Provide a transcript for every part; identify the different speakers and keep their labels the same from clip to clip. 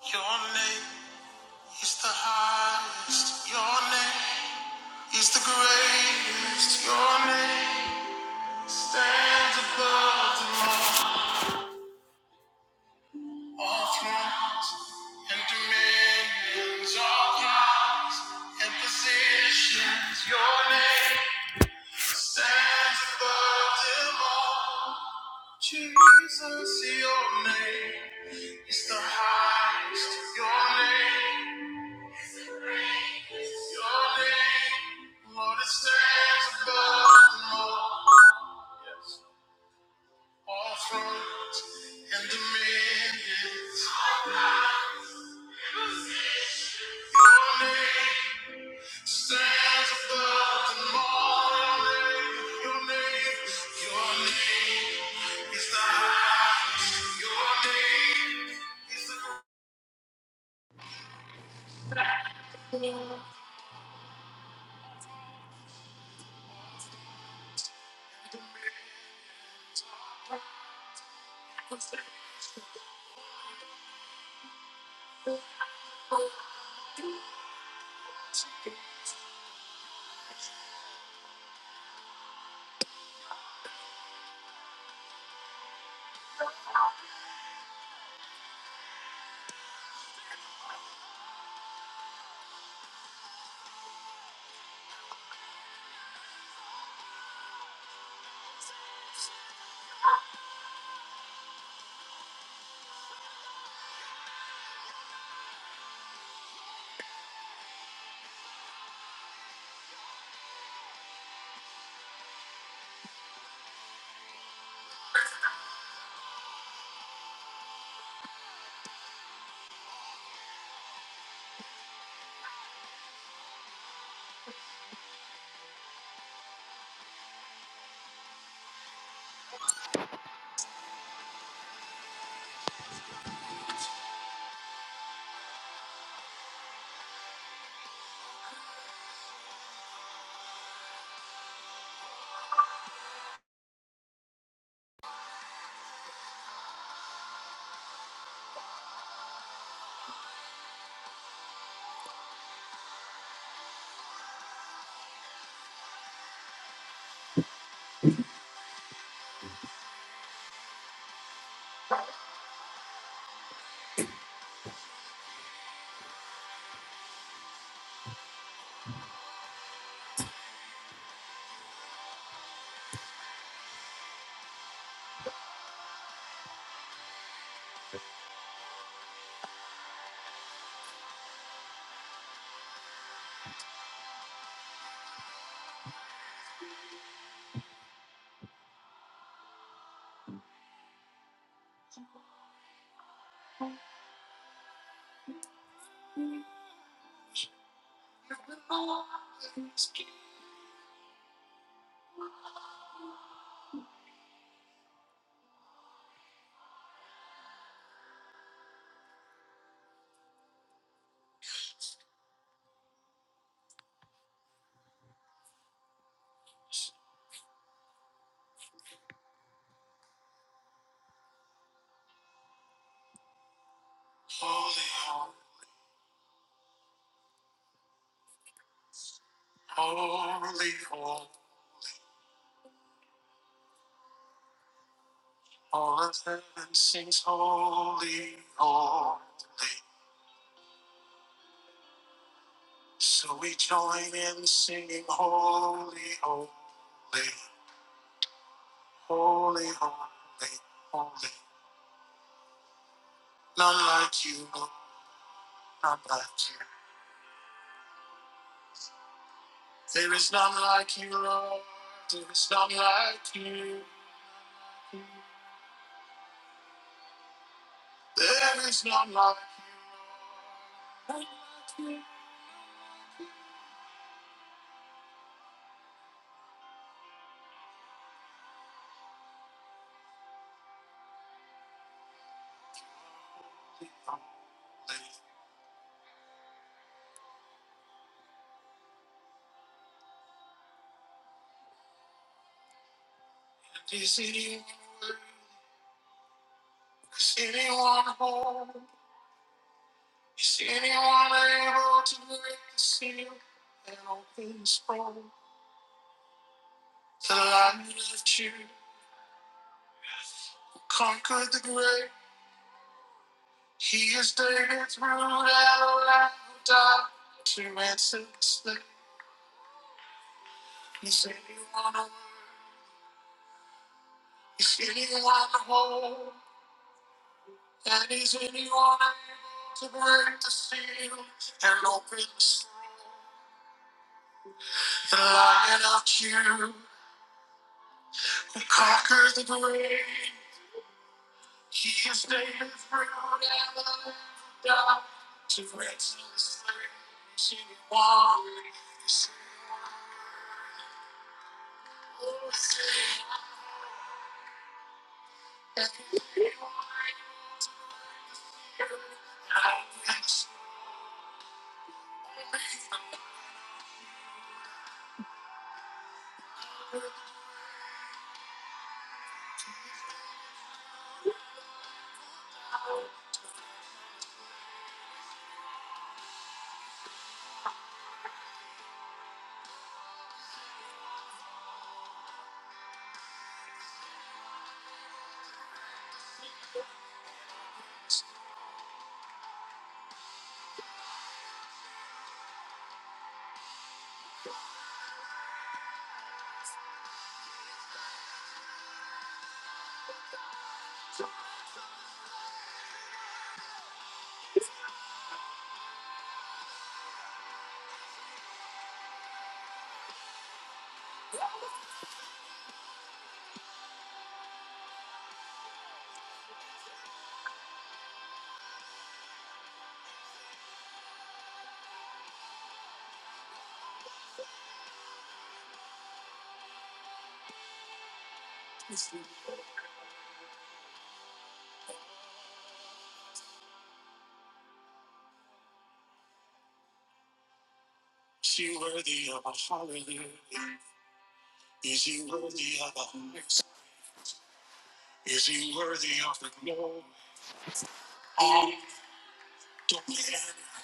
Speaker 1: Your name is the highest. Your name is the greatest. Your name stands above them all. All thrones and dominions, all powers and positions. Your name stands above them all. Jesus, your name is the highest. Your name.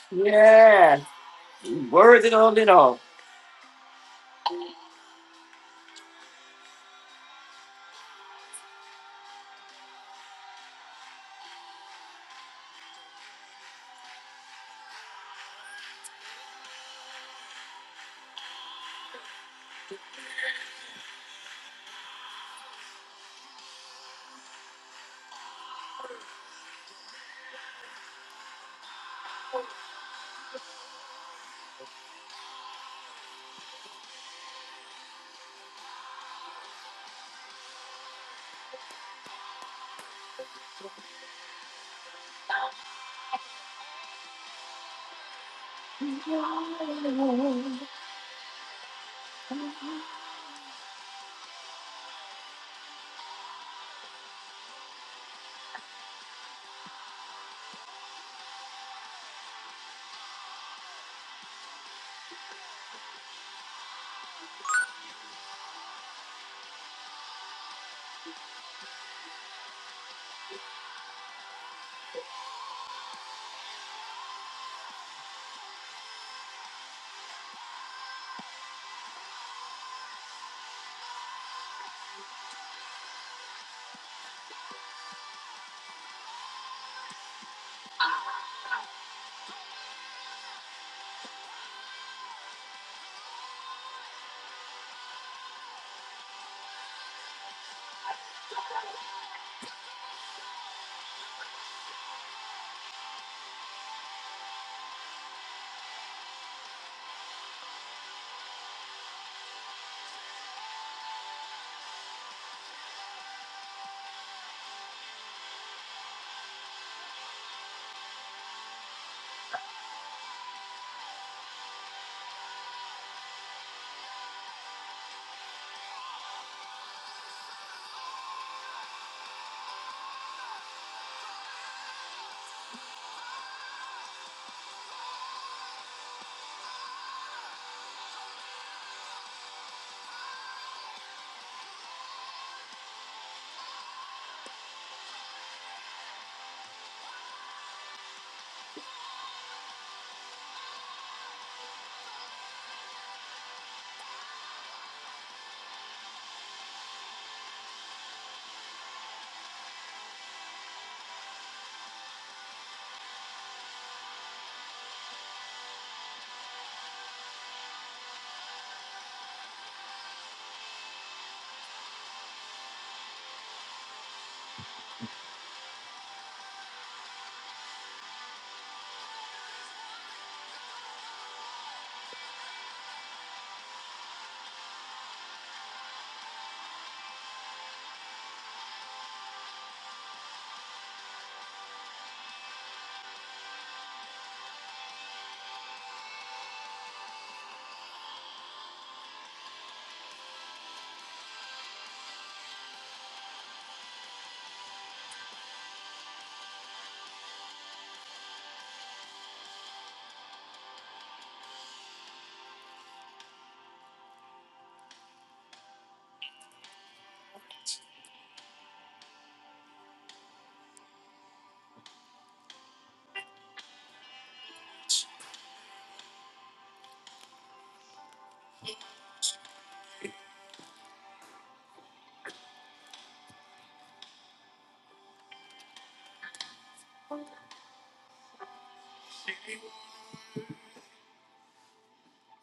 Speaker 1: Yeah, worth it all it all.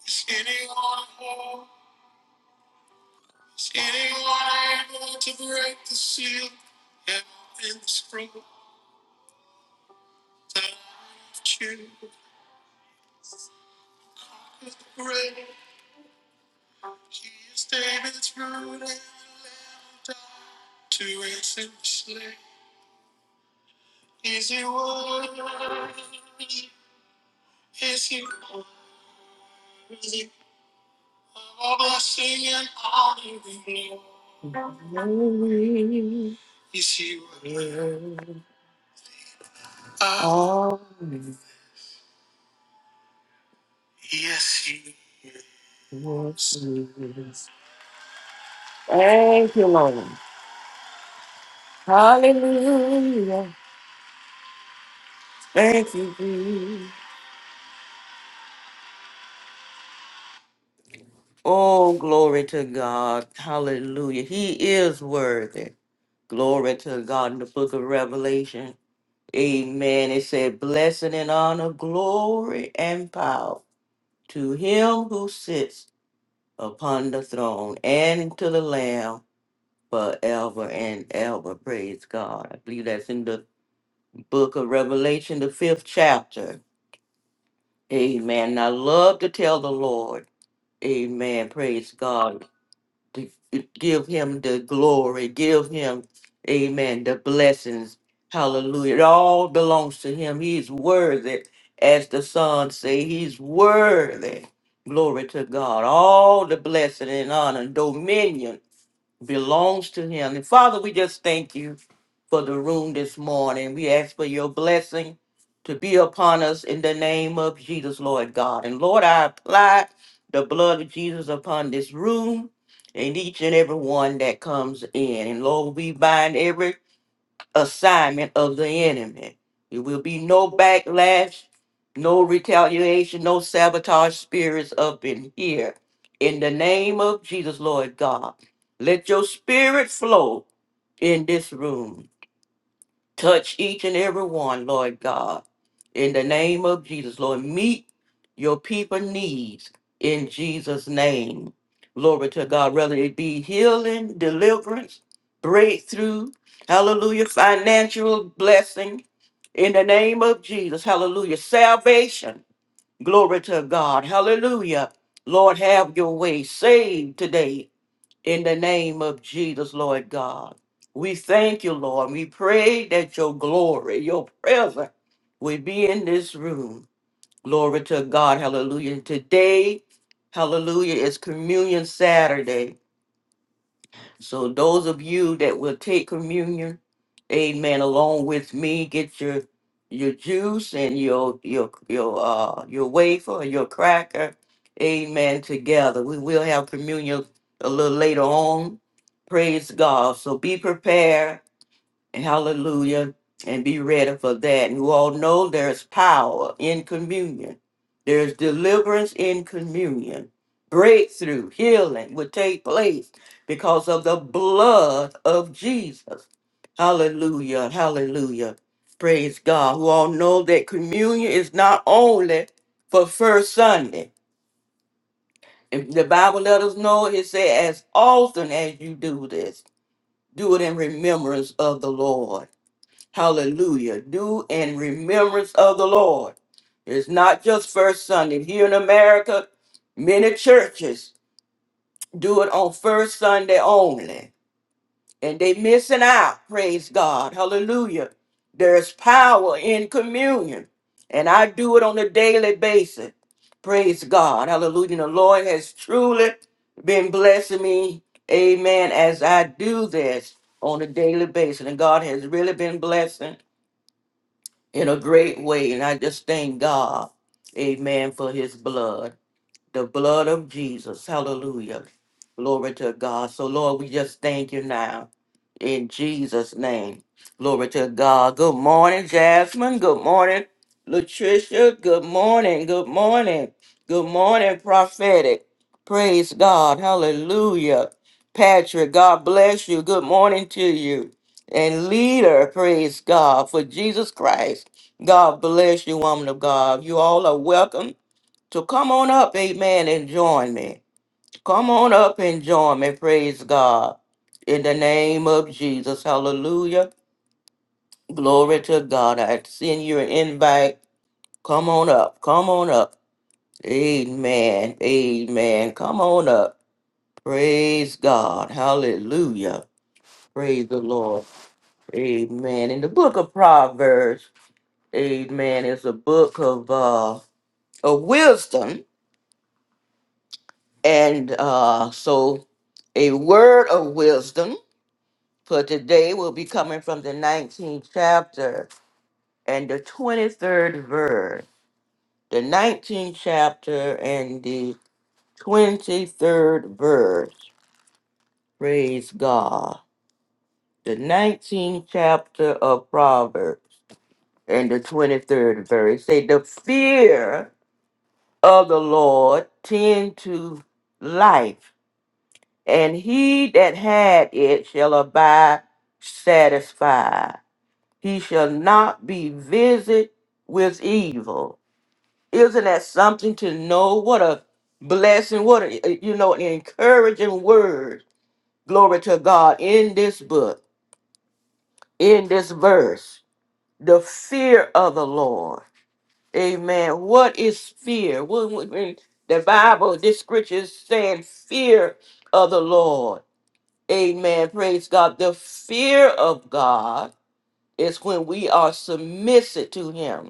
Speaker 1: Is anyone more? Is anyone able to break the seal? And in this room that I've chewed with the bread, he is David's root and the lamb of God. To his enslaved, is he worthy? Is he worthy of all blessing and honor and glory? Is he worthy? Oh, yes, he is. Thank you, Lord. Hallelujah. Thank you, Jesus. Oh, glory to God. Hallelujah. He is worthy. Glory to God in the book of Revelation. Amen. It said, Blessing and honor, glory and power to him who sits upon the throne and to the Lamb forever and ever. Praise God. I believe that's in the book of Revelation, the fifth chapter. Amen. I love to tell the Lord, Amen. Praise God. To give him the glory. Give him, Amen, the blessings. Hallelujah. It all belongs to him. He's worthy. As the son say, he's worthy. Glory to God. All the blessing and honor, dominion belongs to him. And Father, we just thank you for the room this morning. We ask for your blessing to be upon us in the name of Jesus, Lord God. And Lord, I apply the blood of Jesus upon this room and each and every one that comes in. And Lord, we bind every assignment of the enemy. There will be no backlash, no retaliation, no sabotage spirits up in here. In the name of Jesus, Lord God, let your spirit flow in this room. Touch each and every one, Lord God. In the name of Jesus, Lord, meet your people needs in Jesus' name. Glory to God, whether it be healing, deliverance, breakthrough, hallelujah, financial blessing. In the name of Jesus, hallelujah, salvation. Glory to God, hallelujah. Lord, have your way. Save today in the name of Jesus, Lord God. We thank you, Lord. We pray that your glory, your presence, would be in this room. Glory to God. Hallelujah. Today, hallelujah, is Communion Saturday. So those of you that will take communion, amen, along with me, get your your juice and your your your uh your wafer and your cracker, amen, together. We will have communion a little later on. Praise God. So be prepared Hallelujah. And be ready for that. And you all know there's power in communion. There's deliverance in communion. Breakthrough, healing will take place because of the blood of Jesus. Hallelujah. Hallelujah. Praise God. Who all know that communion is not only for first Sunday. If the Bible let us know, it says, as often as you do this, do it in remembrance of the Lord. Hallelujah. Do in remembrance of the Lord. It's not just first Sunday. Here in America, many churches do it on first Sunday only. And they missing out. Praise God. Hallelujah. There's power in communion. And I do it on a daily basis. Praise God. Hallelujah. And The Lord has truly been blessing me. Amen. As I do this on a daily basis. And God has really been blessing in a great way. And I just thank God, amen, for his blood the blood of Jesus. Hallelujah. Glory to God. So, Lord, we just thank you now in Jesus' name. Glory to God. Good morning, Jasmine. Good morning, Latricia. Good morning. Good morning. Good morning, prophetic. Praise God. Hallelujah. Patrick, God bless you. Good morning to you. And leader, praise God, for Jesus Christ. God bless you, woman of God. You all are welcome so come on up, amen, and join me. Come on up and join me. Praise God. In the name of Jesus. Hallelujah. Glory to God. I send you an invite. Come on up. Come on up. Amen. Amen. Come on up. Praise God. Hallelujah. Praise the Lord. Amen. In the book of Proverbs, amen, it's a book of uh of wisdom. And uh so A word of wisdom for today will be coming from the 19th chapter and the 23rd verse. The 19th chapter and the 23rd verse. Praise God. The 19th chapter of Proverbs and the 23rd verse say, The fear of the Lord tend to life, and he that had it shall abide satisfied. He shall not be visited with evil. Isn't that something to know? What a blessing, what a, eh, you know, an encouraging word. Glory to God in this book, in this verse. The fear of the Lord. Amen. What is fear? When, when when the Bible, this scripture is saying fear of the Lord. Amen. Praise God. The fear of God is when we are submissive to Him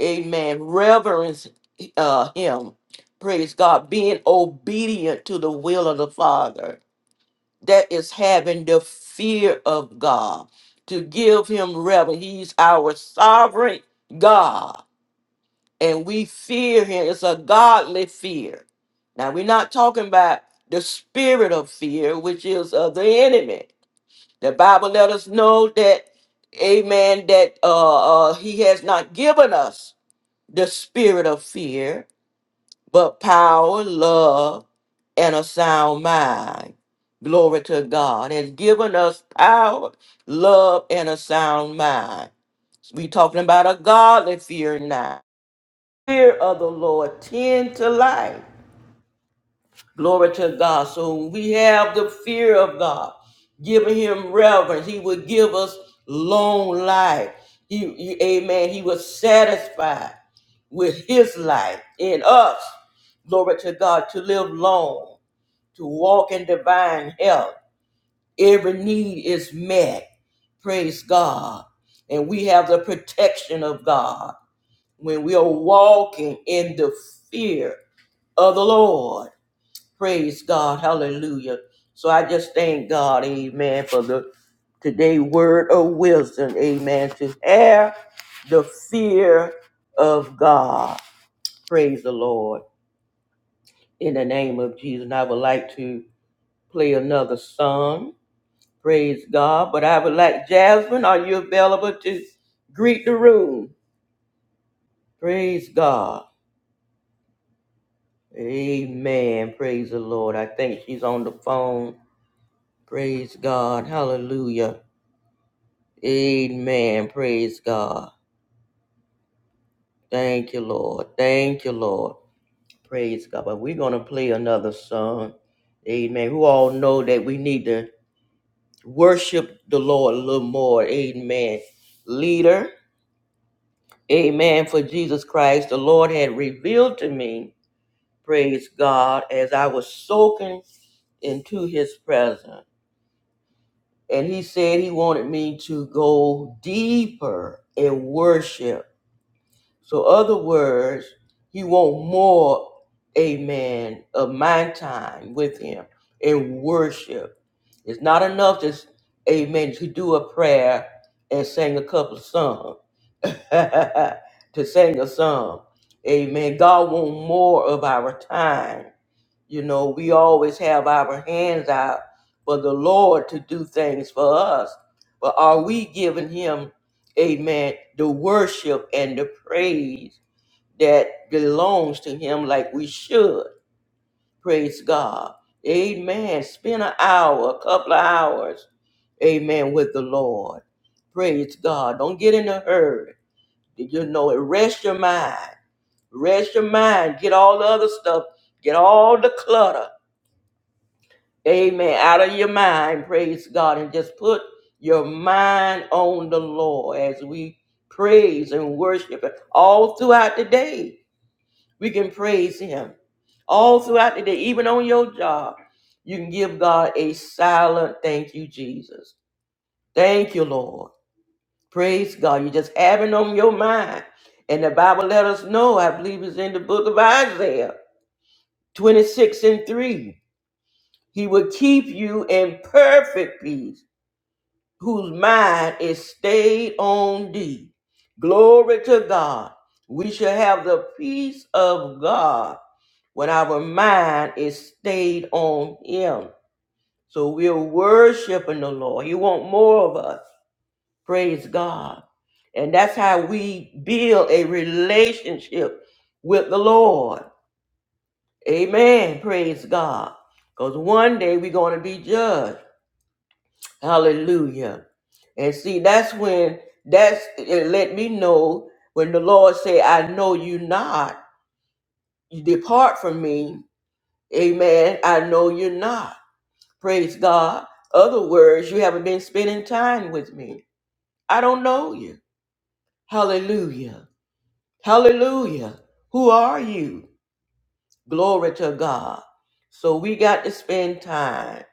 Speaker 1: Amen. Reverence uh, him. Praise God. Being obedient to the will of the Father. That is having the fear of God. To give him reverence. He's our sovereign God. And we fear him. It's a godly fear. Now, we're not talking about the spirit of fear, which is of the enemy. The Bible let us know that, amen, that uh, uh, he has not given us the spirit of fear, but power, love, and a sound mind. Glory to God. Has given us power, love, and a sound mind. We talking about a godly fear now. Fear of the Lord tend to life. Glory to God. So when we have the fear of God, giving him reverence. He will give us long life. He, he- amen. He was satisfied with his life in us. glory to God, to live long, to walk in divine health. Every need is met. Praise God. And we have the protection of God when we are walking in the fear of the Lord. Praise God. Hallelujah. So I just thank God, amen, for the today word of wisdom, amen, to have the fear of God. Praise the Lord. In the name of Jesus. And I would like to play another song. Praise God. But I would like Jasmine, are you available to greet the room? Praise God. Amen. Praise the Lord. I think she's on the phone. Praise God. Hallelujah. Amen. Praise God. Thank you, Lord. Thank you, Lord. Praise God. But we're going to play another song. Amen. Who all know that we need to worship the Lord a little more. Amen. Leader. Amen. For Jesus Christ, the Lord had revealed to me, praise God, as I was soaking into his presence. And he said he wanted me to go deeper in worship so other words, he want more, amen, of my time with him in worship. It's not enough just, amen, to do a prayer and sing a couple of songs, to sing a song. Amen. God want more of our time. You know, we always have our hands out for the Lord to do things for us. But are we giving Him, amen, the worship and the praise that belongs to Him like we should? Praise God. Amen. Spend an hour, a couple of hours, amen, with the Lord. Praise God. Don't get in a hurry. You know it. Rest your mind. Rest your mind. Get all the other stuff. Get all the clutter Amen. Out of your mind, praise God, and just put your mind on the Lord as we praise and worship Him. all throughout the day. We can praise Him all throughout the day, even on your job. You can give God a silent thank you, Jesus. Thank you, Lord. Praise God. You just have it on your mind. And the Bible let us know, I believe it's in the book of Isaiah 26 and 3. He will keep you in perfect peace whose mind is stayed on thee. Glory to God. We shall have the peace of God when our mind is stayed on Him. So we're worshiping the Lord. He wants more of us. Praise God. And that's how we build a relationship with the Lord. Amen. Praise God. Because one day we're going to be judged. Hallelujah. And see, that's when that's it let me know when the Lord say, I know you not. You depart from me. Amen. I know you're not. Praise God. Other words, you haven't been spending time with me. I don't know you. Hallelujah. Hallelujah. Who are you? Glory to God. So we got to spend time.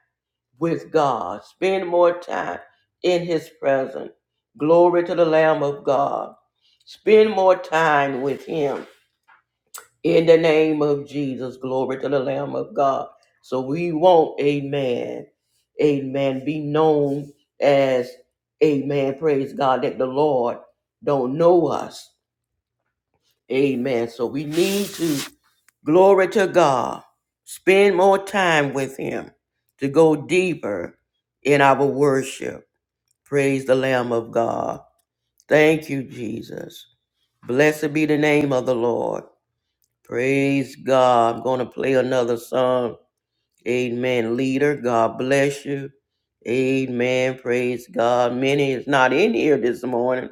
Speaker 1: with God, spend more time in His presence. Glory to the Lamb of God. Spend more time with Him in the name of Jesus. Glory to the Lamb of God. So we want, amen, amen, be known as, amen, praise God, that the Lord don't know us. Amen. So we need to, glory to God, spend more time with Him to go deeper in our worship. Praise the Lamb of God. Thank you, Jesus. Blessed be the name of the Lord. Praise God. I'm going to play another song. Amen. Leader, God bless you. Amen. Praise God. Many is not in here this morning,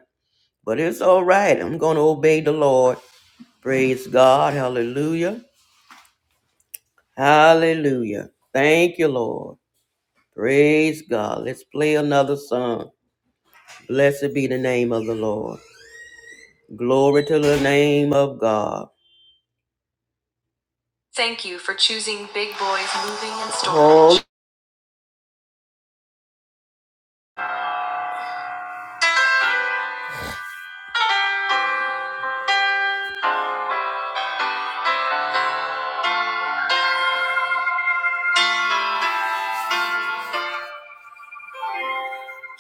Speaker 1: but it's all right. I'm going to obey the Lord. Praise God. Hallelujah. Hallelujah. Thank you, Lord. Praise God. Let's play another song. Blessed be the name of the Lord. Glory to the name of God. Thank you for choosing Big Boys Moving and Storage. Oh.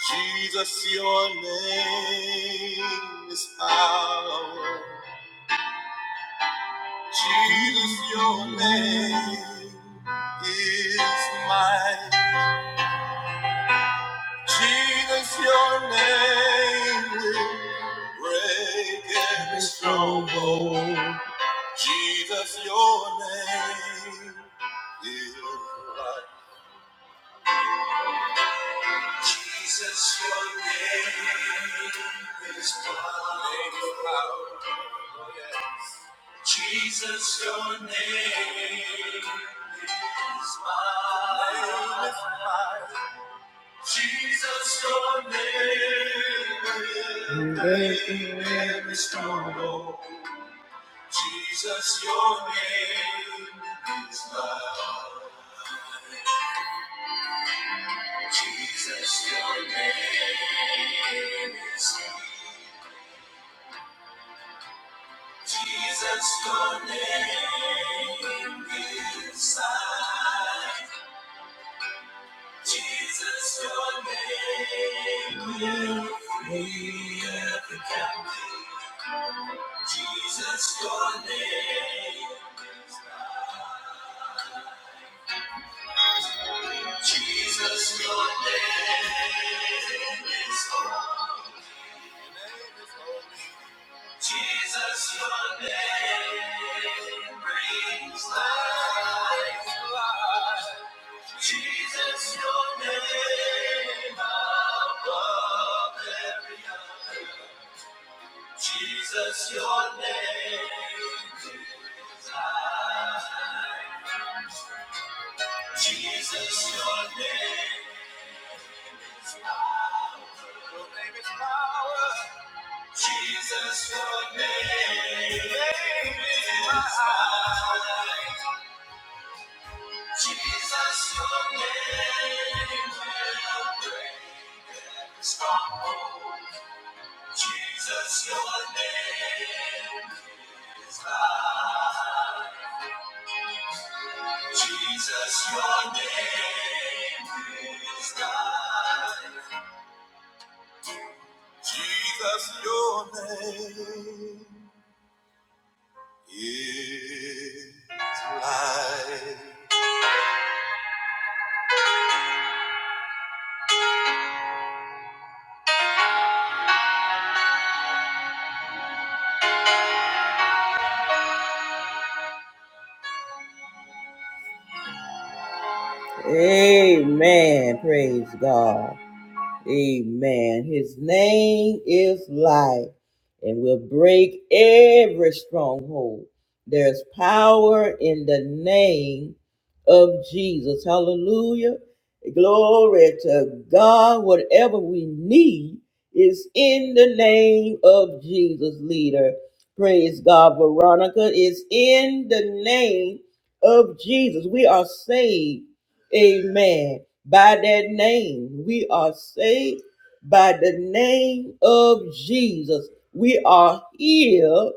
Speaker 1: Jesus, your name is power. Jesus, your name is mine. Jesus, your name will break every stronghold. Jesus, your name is life. Jesus, your name is power. Jesus, your name is mine. Jesus, your name is power. Jesus, your name is mine. Jesus, your name is mine. Jesus, your name is high. Jesus, your name will free every captive. Jesus, your name. is high. Jesus, your name is holy. Your name is holy. Jesus, your name brings life to life. Jesus, your name above every other. Jesus, your name is life. Jesus, your name is power. Your name is power. Jesus, your name is high. Jesus, your name will break every stronghold. Jesus, your name is God. Jesus, your name is God. Jesus, your name is life. Amen. Praise God. Amen. His name is light, and will break every stronghold. There's power in the name of Jesus. Hallelujah. Glory to God. Whatever we need is in the name of Jesus, leader. Praise God. Veronica is in the name of Jesus. We are saved Amen. By that name, we are saved. By the name of Jesus, we are healed.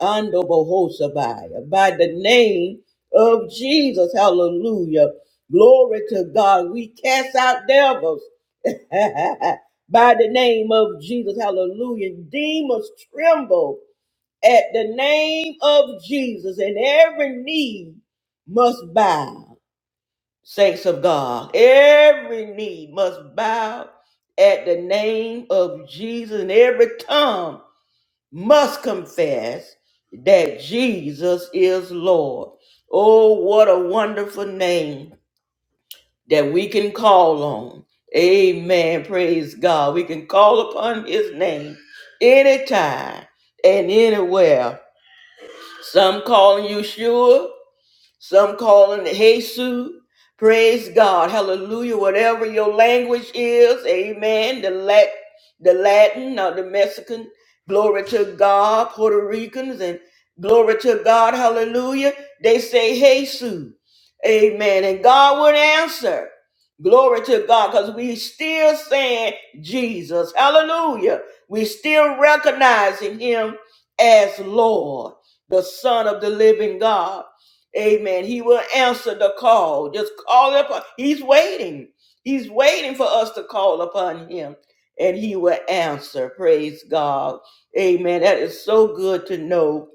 Speaker 1: Ando bohosabaya. By the name of Jesus, hallelujah. Glory to God. We cast out devils. By the name of Jesus, hallelujah. Demons tremble at the name of Jesus, and every knee must bow saints of God. Every knee must bow at the name of Jesus, and every tongue must confess that Jesus is Lord. Oh, what a wonderful name that we can call on. Amen. Praise God. We can call upon his name anytime and anywhere. Some calling you sure. Some call him the Jesus. Praise God. Hallelujah. Whatever your language is, amen. The Lat the Latin or the Mexican. Glory to God. Puerto Ricans and glory to God. Hallelujah. They say Jesus. Amen. And God would answer. Glory to God. Because we still saying Jesus. Hallelujah. We still recognizing him as Lord, the Son of the living God. Amen. He will answer the call. Just call upon. He's waiting. He's waiting for us to call upon him and he will answer. Praise God. Amen. That is so good to know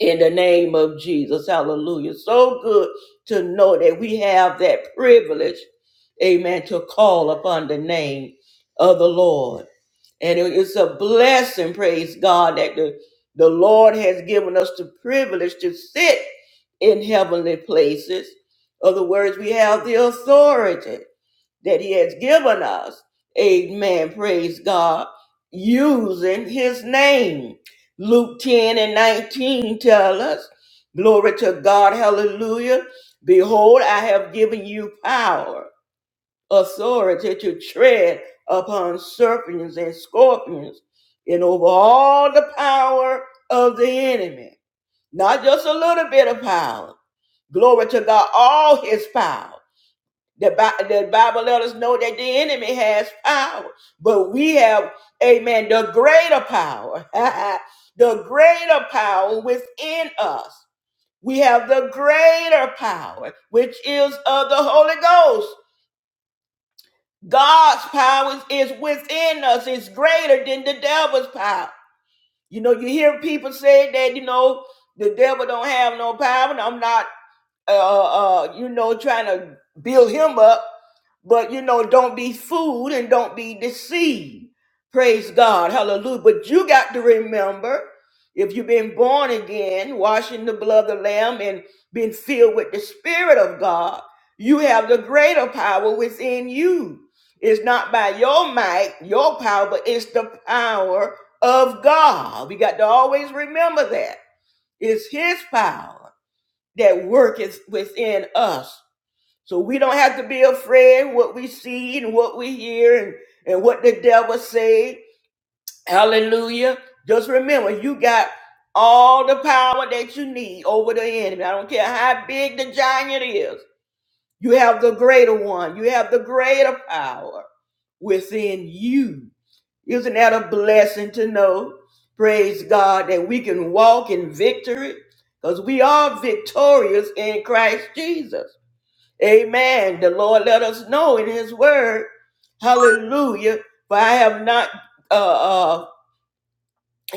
Speaker 1: in the name of Jesus. Hallelujah. So good to know that we have that privilege. Amen. To call upon the name of the Lord. And it's a blessing, praise God, that the, the Lord has given us the privilege to sit in heavenly places. Other words, we have the authority that He has given us. Amen. Praise God. Using His name. Luke 10 and 19 tell us, Glory to God. Hallelujah. Behold, I have given you power authority to tread upon serpents and scorpions and over all the power of the enemy. Not just a little bit of power. Glory to God, all his power. The, the Bible let us know that the enemy has power, but we have, amen, the greater power, the greater power within us. We have the greater power, which is of the Holy Ghost God's power is within us. It's greater than the devil's power. You know, you hear people say that, you know, the devil don't have no power. And I'm not uh, uh, you know, trying to build him up. But, you know, don't be fooled and don't be deceived. Praise God. Hallelujah. But you got to remember if you've been born again, washing the blood of the Lamb and been filled with the Spirit of God, you have the greater power within you. It's not by your might, your power, but it's the power of God. We got to always remember that. It's His power that work is within us. So we don't have to be afraid what we see and what we hear and, and what the devil say. Hallelujah. Just remember, you got all the power that you need over the enemy. I don't care how big the giant is. You have the greater one. You have the greater power within you. Isn't that a blessing to know? Praise God that we can walk in victory because we are victorious in Christ Jesus. Amen. The Lord let us know in His Word. Hallelujah. For I have not uh, uh,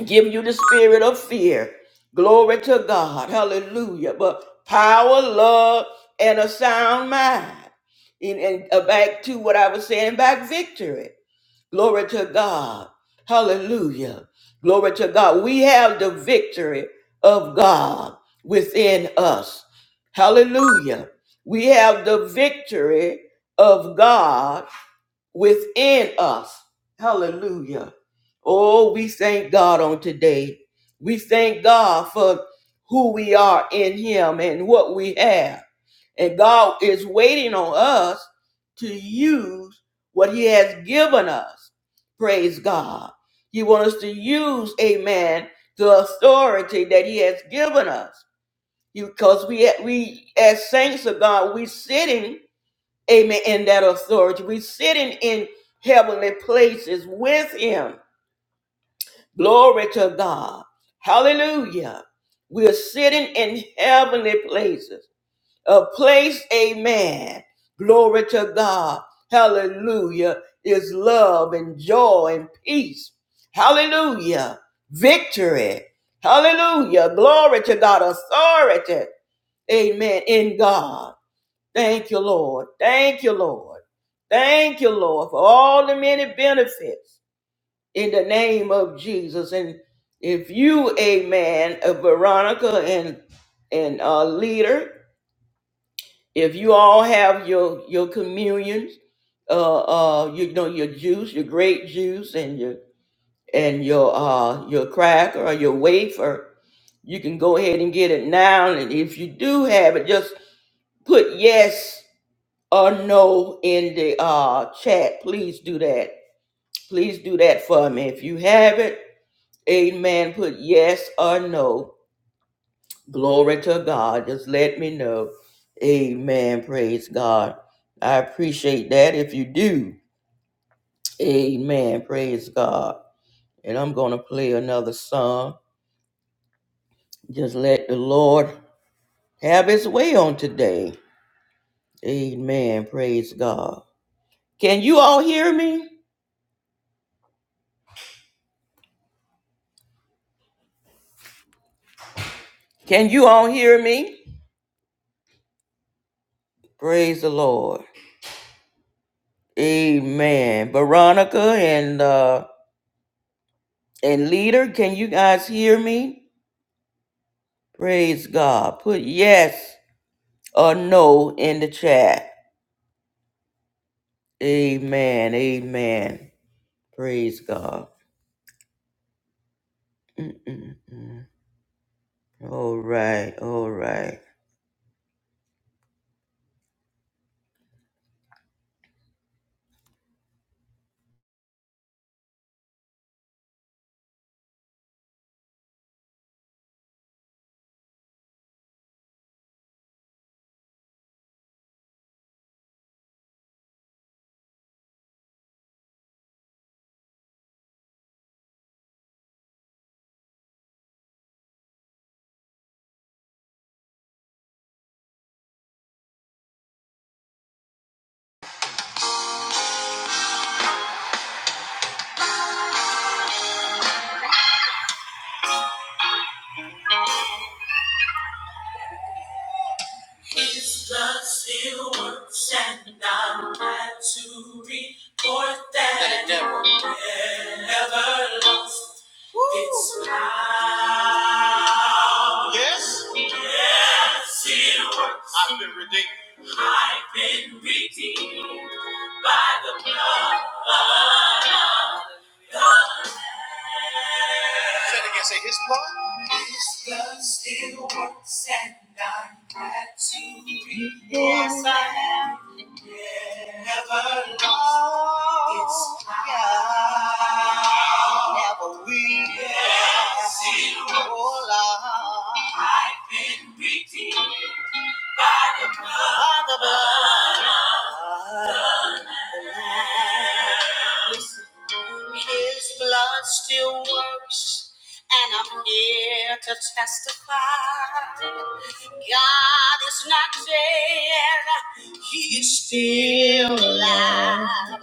Speaker 1: given you the spirit of fear. Glory to God. Hallelujah. But power, love, and a sound mind. And, and uh, back to what I was saying about victory. Glory to God. Hallelujah. Glory to God. We have the victory of God within us. Hallelujah. We have the victory of God within us. Hallelujah. Oh, we thank God on today. We thank God for who we are in Him and what we have. And God is waiting on us to use what He has given us. Praise God. He wants us to use, amen, the authority that He has given us. Because we, we as saints of God, we sitting amen, in that authority. We're sitting in heavenly places with him. Glory to God. Hallelujah. We're sitting in heavenly places. A place, amen. Glory to God. Hallelujah. Is love and joy and peace. Hallelujah. Victory. Hallelujah. Glory to God. Authority. Amen. In God. Thank you, Lord. Thank you, Lord. Thank you, Lord, for all the many benefits in the name of Jesus. And if you, amen, uh, Veronica and and uh, leader, if you all have your your communions, uh, uh, you know your juice, your grape juice, and your and your uh your cracker or your wafer, you can go ahead and get it now. And if you do have it, just put yes or no in the uh chat please do that please do that for me if you have it amen put yes or no glory to god just let me know amen praise god i appreciate that if you do amen praise god and i'm gonna play another song just let the lord have his way on today amen praise god can you all hear me can you all hear me Praise the Lord. Amen. Veronica and uh and leader, can you guys hear me? Praise God. Put yes or no in the chat. Amen. Amen. Praise God. Mm-mm-mm. All right. All right. Yes, I've been redeemed. Say it again. Say his blood. His blood still works and I'm glad to be. Yes, I never lost its power. Never will. Yes, it will. Oh, Lord. I've been Listen, His blood still works, and I'm here to testify. God is not dead, He is still alive.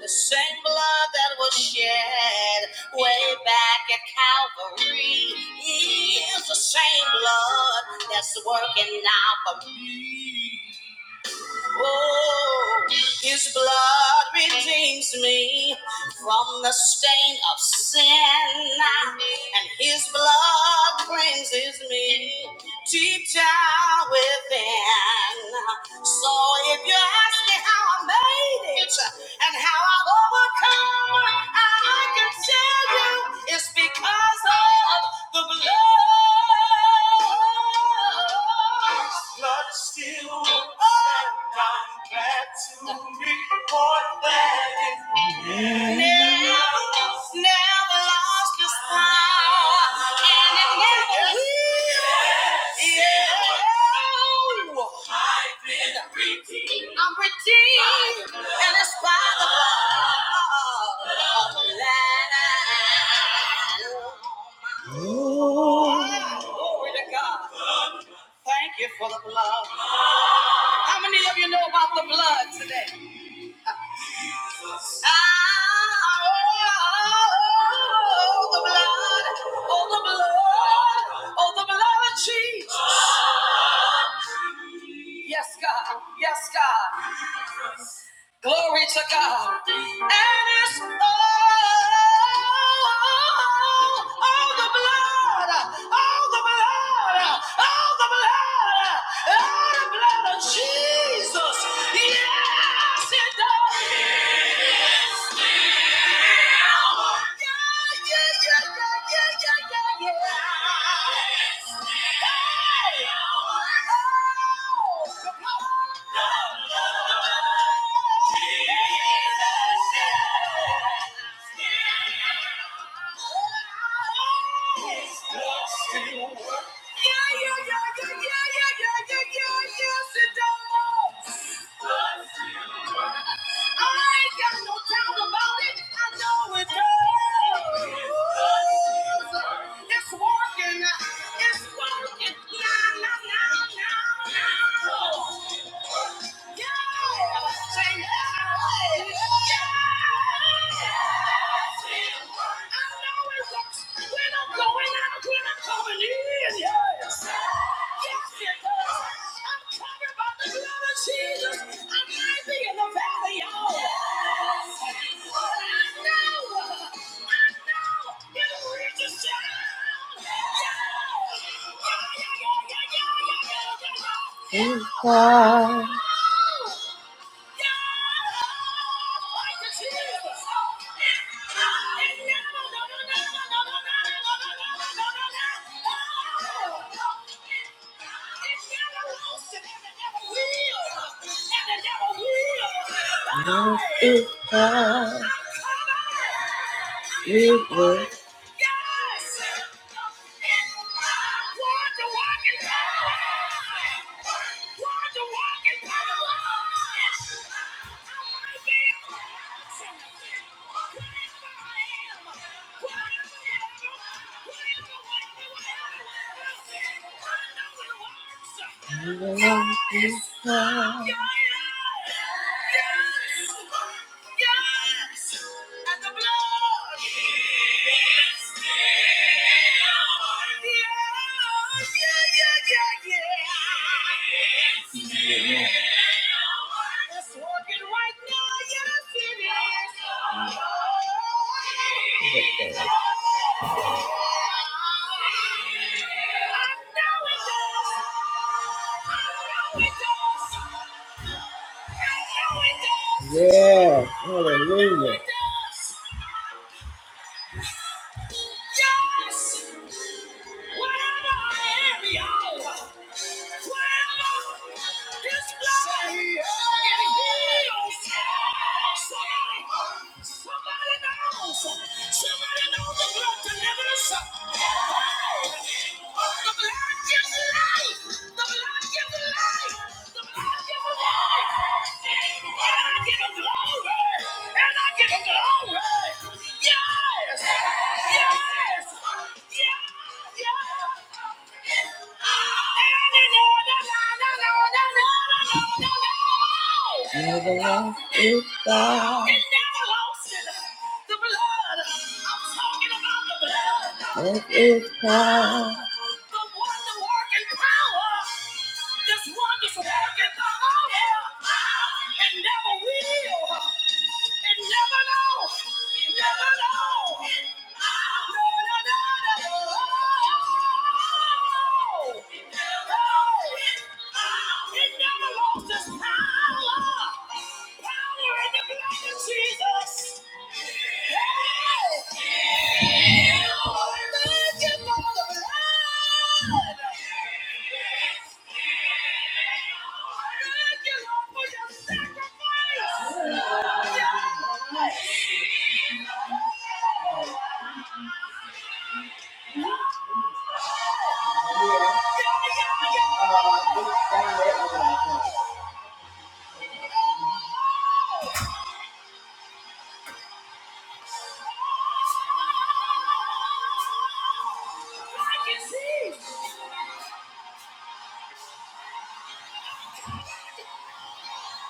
Speaker 1: The same blood that was shed way back at Calvary is the same blood that's working now for me. Oh, his blood redeems me from the stain of sin, and his blood cleanses me deep down within. So if you're asking how I made it and how I've overcome, I can tell you it's because of the blood. Blood is still on my back to report that Glory to God. Thank you for the blood. How many of you know about the blood today? Oh, oh, oh, the the the blood, blood, blood of Jesus. Yes, God. Yes, God. Glory to God. And it's all, all the blood, all the blood, all the blood, all the blood of Jesus. Yes, it does. Yeah, yeah, yeah, yeah, yeah, yeah, yeah. yeah. I ain't got no doubt about it. I know it does. It's working. It's working. Now, now, now, now, now. Yeah. yeah. Yeah. Yeah! yeah, yeah, yeah, yeah, yeah, yeah, yeah, yeah. No, it, it was. I know it does. I know it does. Yes, whatever I am, you Yes! Yes! Yes! Yes! Never lost. It never lost it. The blood. I'm talking about the blood. The wonder working power. This wondrous working power. And never will. And never know. Never know. No, no, no, no. No. No. It never lost its power. Power in the blood of Jesus. I can see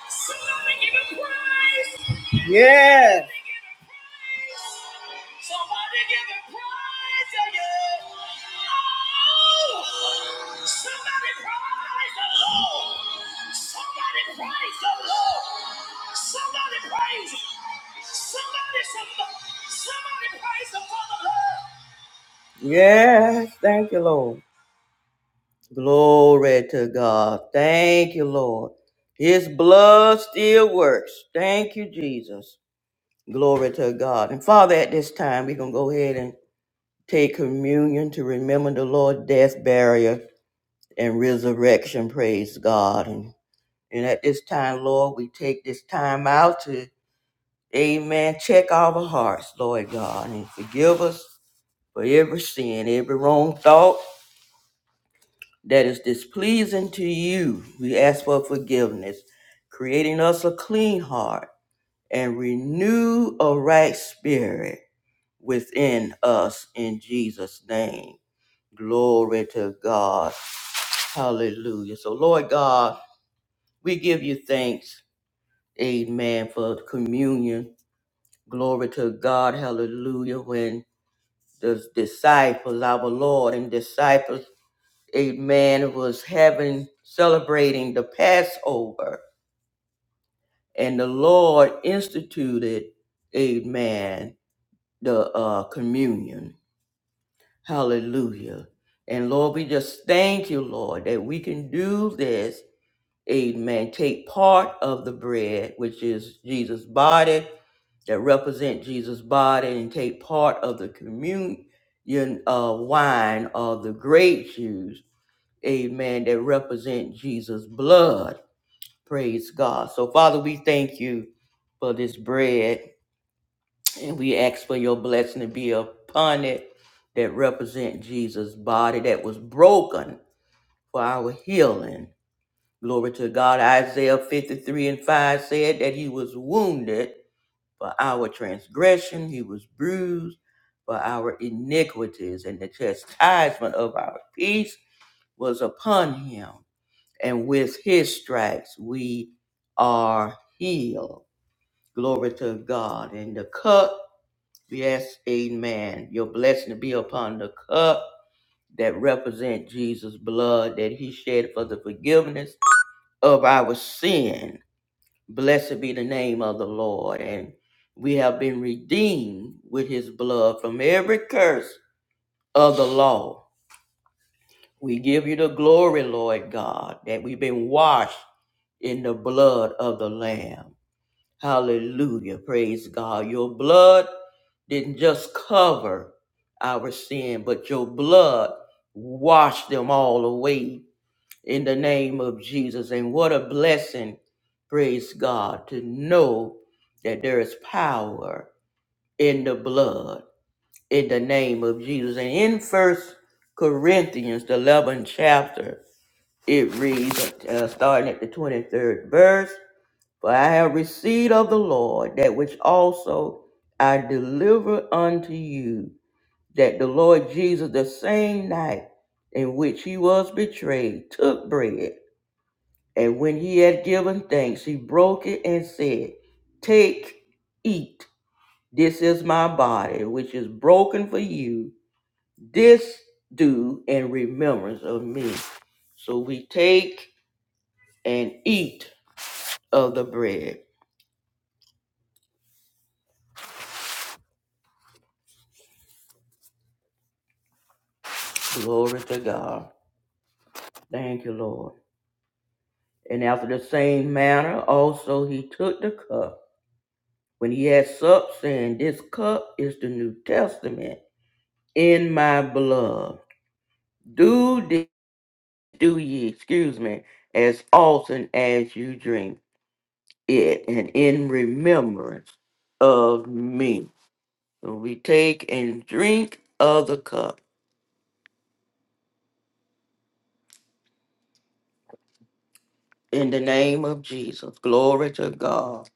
Speaker 1: somebody give a praise. Somebody give him praise you! Oh, somebody praise the Lord. Somebody praise the Lord. Somebody praise. Somebody, somebody, somebody praise the Father Lord. Yes, thank you, Lord. Glory to God. Thank you, Lord. His blood still works. Thank you, Jesus. Glory to God. And Father, at this time, we're going to go ahead and take communion to remember the Lord's death, burial, and resurrection. Praise God. And, and at this time, Lord, we take this time out to, amen, check our hearts, Lord God, and forgive us for every sin, every wrong thought that is displeasing to you. We ask for forgiveness, creating us a clean heart and renew a right spirit within us in Jesus' name. Glory to God. Hallelujah. So, Lord God, we give you thanks. Amen. For communion. Glory to God. Hallelujah. When the disciples, our Lord and disciples, amen, was having, celebrating the Passover, and the Lord instituted, amen, the uh, communion. Hallelujah. And Lord, we just thank you, Lord, that we can do this. Amen. Take part of the bread, which is Jesus' body, that represent Jesus' body, and take part of the communion uh, wine of the grape juice. Amen. That represent Jesus' blood. Praise God. So, Father, we thank you for this bread. And we ask for your blessing to be upon it that represent Jesus' body that was broken for our healing. Glory to God. Isaiah 53 and 5 said that he was wounded for our transgression, he was bruised for our iniquities, and the chastisement of our peace was upon him. And with his stripes we are healed. Glory to God. And the cup Yes, amen. Your blessing to be upon the cup that represent Jesus' blood that he shed for the forgiveness of our sin. Blessed be the name of the Lord. And we have been redeemed with his blood from every curse of the law. We give you the glory, Lord God, that we've been washed in the blood of the Lamb. Hallelujah. Praise God. Your blood didn't just cover our sin, but your blood washed them all away in the name of Jesus. And what a blessing, praise God, to know that there is power in the blood in the name of Jesus. And in First Corinthians, the 11th chapter, it reads, uh, starting at the 23rd verse. For I have received of the Lord that which also I delivered unto you, that the Lord Jesus, the same night in which he was betrayed, took bread. And when he had given thanks, he broke it and said, Take, eat. This is my body, which is broken for you. This do in remembrance of me. So we take and eat of the bread. Glory to God. Thank you, Lord. And after the same manner, also he took the cup when he had supped, saying, This cup is the New Testament in my blood. Do this, do ye, excuse me, as often as you drink it, and in remembrance of me. So we take and drink of the cup in the name of Jesus. Glory to God.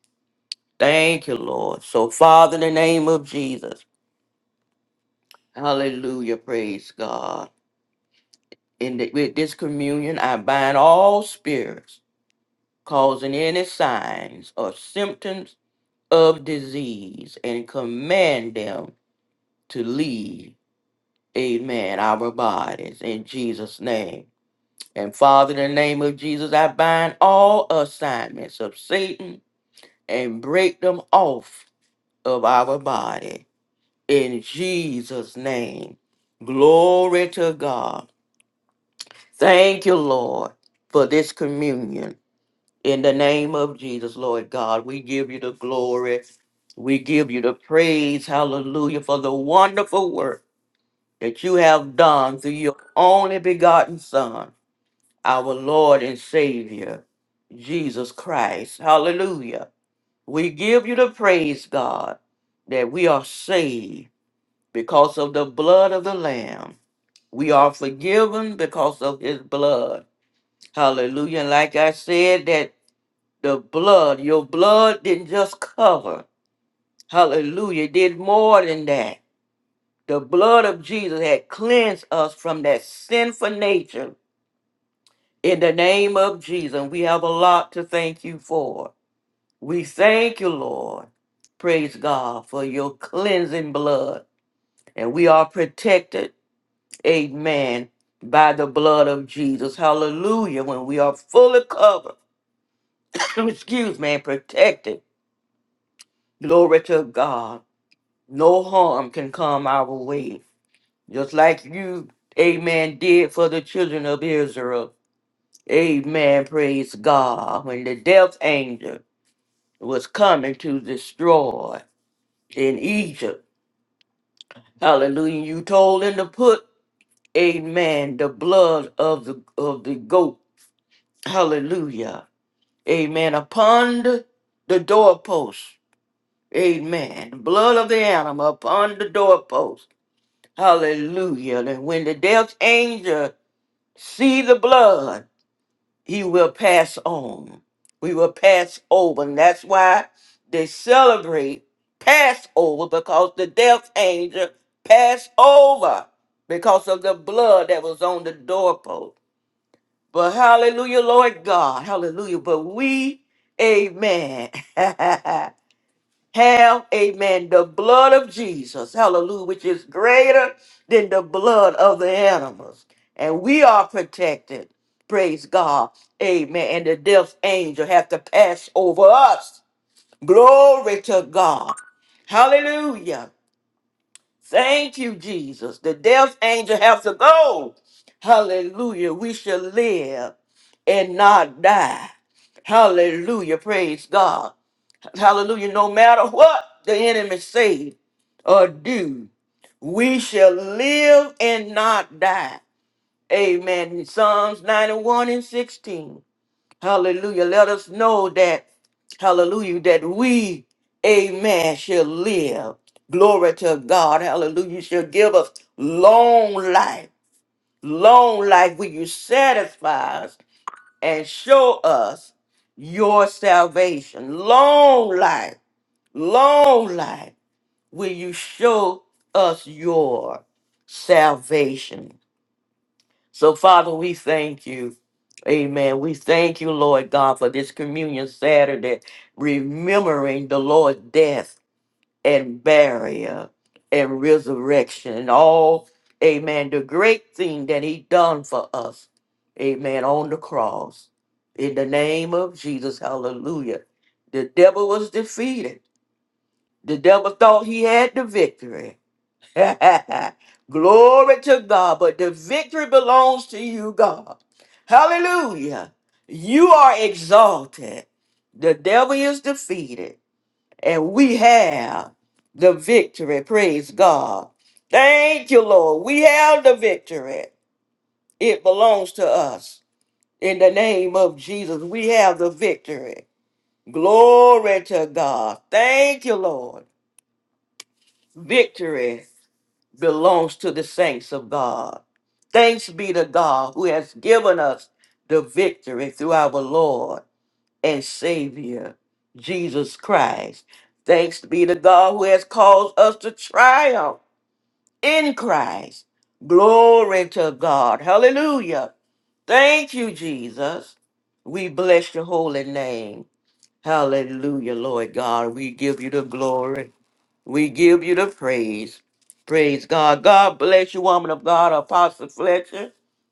Speaker 1: Thank you, Lord. So, Father, in the name of Jesus, hallelujah, praise God. in the, with this communion, I bind all spirits causing any signs or symptoms of disease and command them to leave, amen, our bodies in Jesus' name. And Father, in the name of Jesus, I bind all assignments of Satan and break them off of our body in Jesus' name. Glory to God. Thank you, Lord, for this communion. In the name of Jesus, Lord God, we give you the glory. We give you the praise. Hallelujah for the wonderful work that you have done through your only begotten Son, our Lord and Savior, Jesus Christ. Hallelujah. We give you the praise, God, that we are saved because of the blood of the Lamb. We are forgiven because of his blood. Hallelujah. And like I said, that the blood. Your blood didn't just cover. Hallelujah. It did more than that. The blood of Jesus had cleansed us from that sinful nature. In the name of Jesus, we have a lot to thank you for. We thank you, Lord. Praise God for your cleansing blood. And we are protected, amen, by the blood of Jesus. Hallelujah. When we are fully covered, excuse me, and protected. Glory to God. no harm can come our way. Just like you, amen, did for the children of Israel. Amen, praise God. When the death angel was coming to destroy in Egypt, hallelujah, you told him to put, amen, the blood of the, of the goat, hallelujah, amen, upon the, the doorpost, amen, the blood of the animal upon the doorpost Hallelujah. That when the death angel see the blood, he will pass on. We will pass over. And that's why they celebrate Passover because the death angel passed over because of the blood that was on the doorpost. But hallelujah, Lord God. Hallelujah. But we, amen. Have, amen, the blood of Jesus, hallelujah, which is greater than the blood of the animals. And we are protected, praise God, amen. And the death angel have to pass over us. Glory to God. Hallelujah. Thank you, Jesus. The death angel have to go. Hallelujah. We shall live and not die. Hallelujah. Praise God. Hallelujah. No matter what the enemy say or do, we shall live and not die. Amen. Psalms 91 and 16. Hallelujah. Let us know that, hallelujah, that we, amen, shall live. Glory to God. Hallelujah. You shall give us long life. Long life will you satisfy us and show us your salvation. Long life. Long life will you show us your salvation. So, Father, we thank you. Amen. We thank you, Lord God, for this communion Saturday, remembering the Lord's death and burial and resurrection and all, amen, the great thing that he done for us, amen, on the cross. In the name of Jesus, hallelujah. The devil was defeated the devil thought he had the victory. Glory to God. But the victory belongs to you, God. Hallelujah. You are exalted. The devil is defeated. And we have the victory. Praise God. Thank you, Lord. We have the victory. It belongs to us. In the name of Jesus, we have the victory. Glory to God. Thank you, Lord. Victory belongs to the saints of God. Thanks be to God who has given us the victory through our Lord and Savior, Jesus Christ. Thanks be to God who has caused us to triumph in Christ. Glory to God. Hallelujah. Thank you, Jesus. We bless your holy name. Hallelujah, Lord God. We give you the glory. We give you the praise. Praise God. God bless you, woman of God, Apostle Fletcher.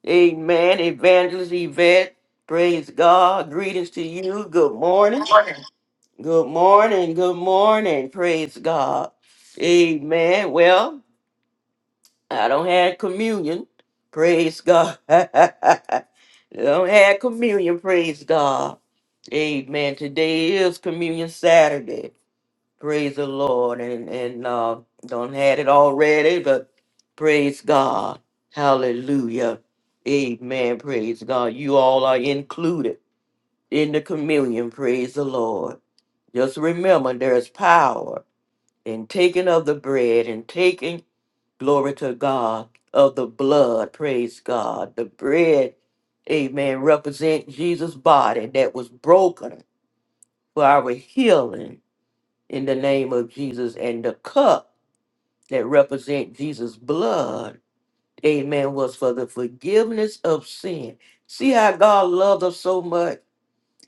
Speaker 1: Amen. Evangelist Yvette. Praise God. Greetings to you. Good morning. Good morning. Good morning. Praise God. Amen. Well, I don't have communion. Praise God. I don't have communion. Praise God. Amen. Today is Communion Saturday. Praise the Lord. And and uh don't had it already, but praise God. Hallelujah. Amen. Praise God. You all are included in the communion. Praise the Lord. Just remember there's power in taking of the bread and taking glory to God of the blood. Praise God. The bread, amen, represent Jesus' body that was broken for our healing in the name of Jesus and the cup. that represent Jesus' blood, amen, was for the forgiveness of sin. See how God loved us so much.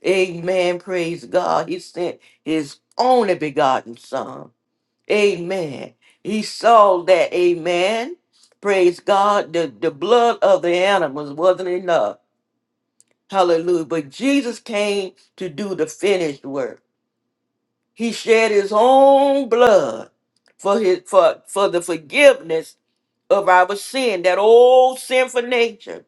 Speaker 1: Amen. Praise God. He sent his only begotten son. Amen. He saw that, amen. Praise God. The, the blood of the animals wasn't enough. Hallelujah. But Jesus came to do the finished work. He shed his own blood for his for, for the forgiveness of our sin, that old sinful nature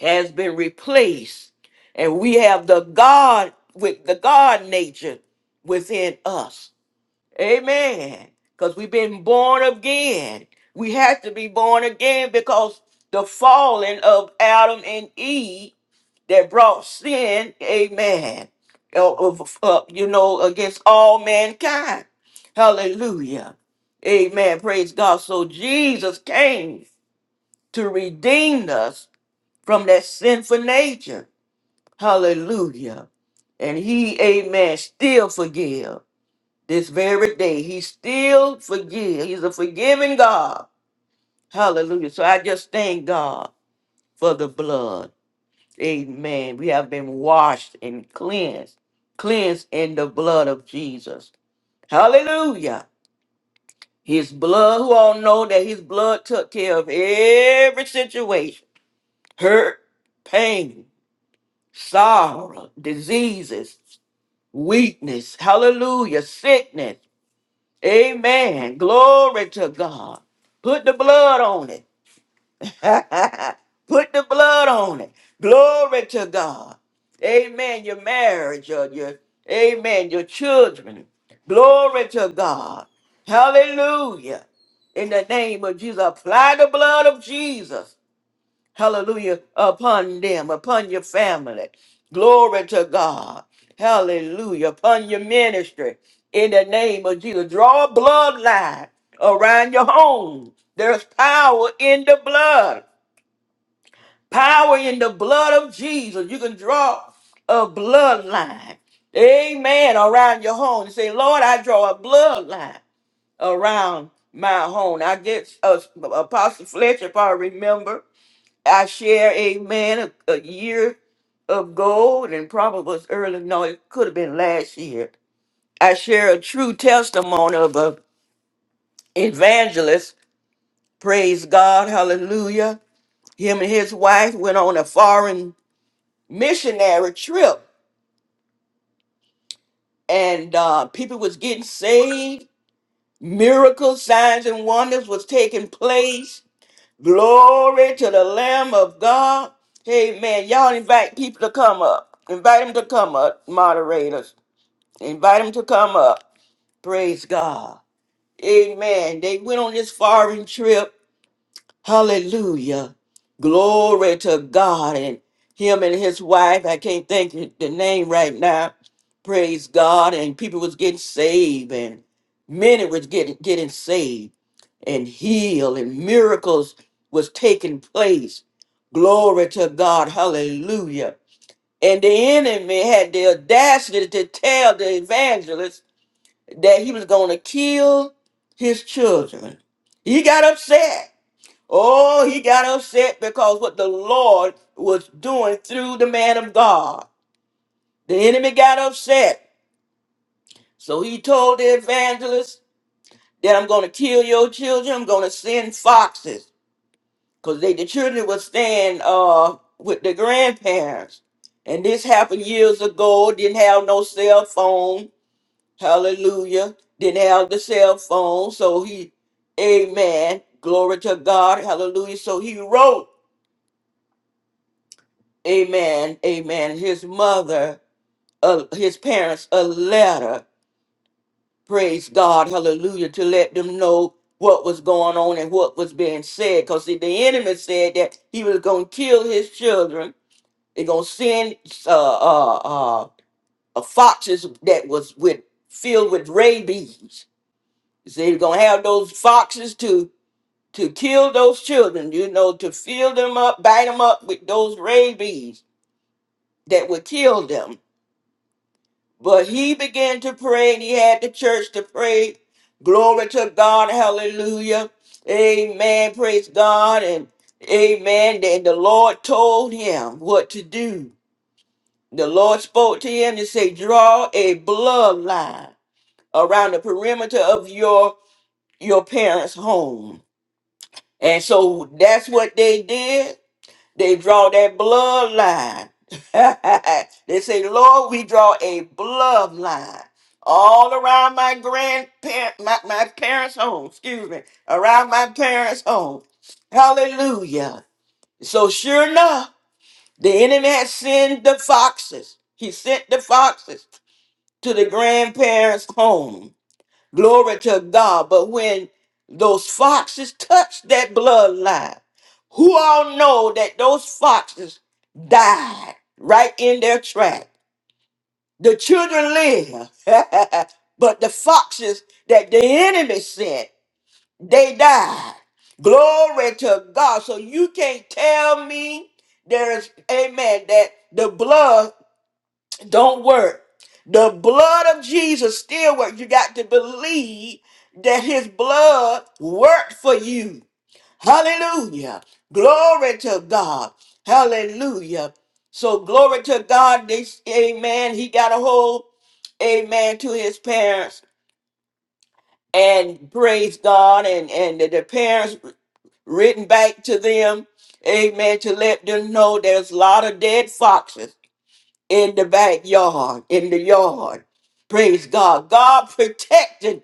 Speaker 1: has been replaced, and we have the God with the God nature within us. Amen. Because we've been born again. We have to be born again because the falling of Adam and Eve that brought sin, amen, uh, of- uh, you know, against all mankind. Hallelujah. Amen. Praise God. So Jesus came to redeem us from that sinful nature. Hallelujah. And he, amen, still forgive. This very day, he still forgive. He's a forgiving God. Hallelujah. So I just thank God for the blood. Amen. We have been washed and cleansed, cleansed in the blood of Jesus. Hallelujah. His blood, who all know that his blood took care of every situation, hurt, pain, sorrow, diseases, weakness, hallelujah, sickness. Amen. Glory to God. Put the blood on it. Put the blood on it. Glory to God. Amen. Your marriage or your amen, your children. Glory to God. Hallelujah. In the name of Jesus, apply the blood of Jesus. Hallelujah. Upon them, upon your family. Glory to God. Hallelujah. Upon your ministry. In the name of Jesus. Draw a bloodline around your home. There's power in the blood. Power in the blood of Jesus. You can draw a bloodline. Amen. Around your home. You say, Lord, I draw a bloodline around my home. I guess uh, Apostle Fletcher, if I remember. I share, amen, a, a year of gold, and probably was early, no, it could have been last year. I share a true testimony of an evangelist. Praise God, hallelujah. Him and his wife went on a foreign missionary trip, and uh, people was getting saved. Miracles, signs, and wonders was taking place Glory to the Lamb of God. Amen. Y'all invite people to come up. Invite them to come up, moderators. Invite them to come up. Praise God. Amen. They went on this foreign trip. Hallelujah. Glory to God and him and his wife. I can't think of the name right now. Praise God. And people was getting saved and many was getting getting saved and heal and miracles was taking place. Glory to God. Hallelujah. And the enemy had the audacity to tell the evangelist that he was going to kill his children. He got upset. Oh, he got upset because what the Lord was doing through the man of God. The enemy got upset. So he told the evangelist that I'm going to kill your children. I'm going to send foxes. because they the children would staying uh with the grandparents and this happened years ago didn't have no cell phone hallelujah didn't have the cell phone so he amen glory to god hallelujah so he wrote amen amen his mother uh, his parents a letter praise god hallelujah to let them know what was going on and what was being said because the enemy said that he was going to kill his children They're gonna send uh, uh, uh, uh, foxes that was with filled with rabies. So they're gonna have those foxes to to kill those children. You know, to fill them up, bite them up with those rabies that would kill them. But he began to pray, and he had the church to pray. Glory to God, Hallelujah, Amen. Praise God, and Amen. And the Lord told him what to do The Lord spoke to him and said, Draw a bloodline around the perimeter of your your parents' home. And so that's what they did. They draw that bloodline. they say, Lord, we draw a bloodline all around my grandparent my, my parents' home. Excuse me. Around my parents' home. Hallelujah. So sure enough, the enemy had sent the foxes. He sent the foxes. to the grandparents' home. Glory to God. But when those foxes touch that bloodline, who all know that those foxes died right in their track? The children live, but the foxes that the enemy sent, they died. Glory to God. So you can't tell me there is, amen, that the blood don't work. The blood of Jesus still works. You got to believe that his blood worked for you. Hallelujah. Glory to God. Hallelujah. So glory to God. This amen. He got a hold. Amen to his parents. And praise God. And and the, the parents written back to them. Amen. To let them know there's a lot of dead foxes in the backyard, in the yard. Praise God. God protected,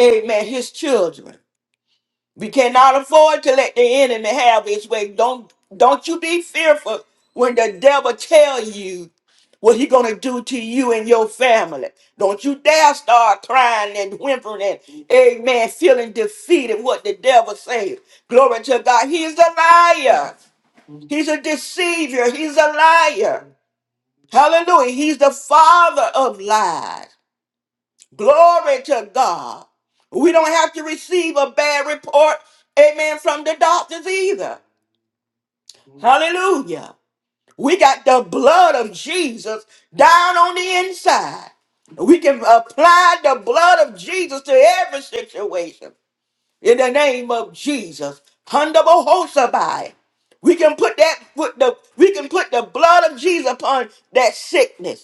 Speaker 1: amen, his children. We cannot afford to let the enemy have his way. Don't don't you be fearful when the devil tell you what he gonna do to you and your family. Don't you dare start crying and whimpering and amen, feeling defeated what the devil says. Glory to God. He's a liar. He's a deceiver. He's a liar. Hallelujah. He's the father of lies. Glory to God. We don't have to receive a bad report, amen, from the doctors either. Hallelujah. We got the blood of Jesus down on the inside. We can apply the blood of Jesus to every situation in the name of Jesus. Hundabohosabai. We can put that put the we can put the blood of Jesus upon that sickness.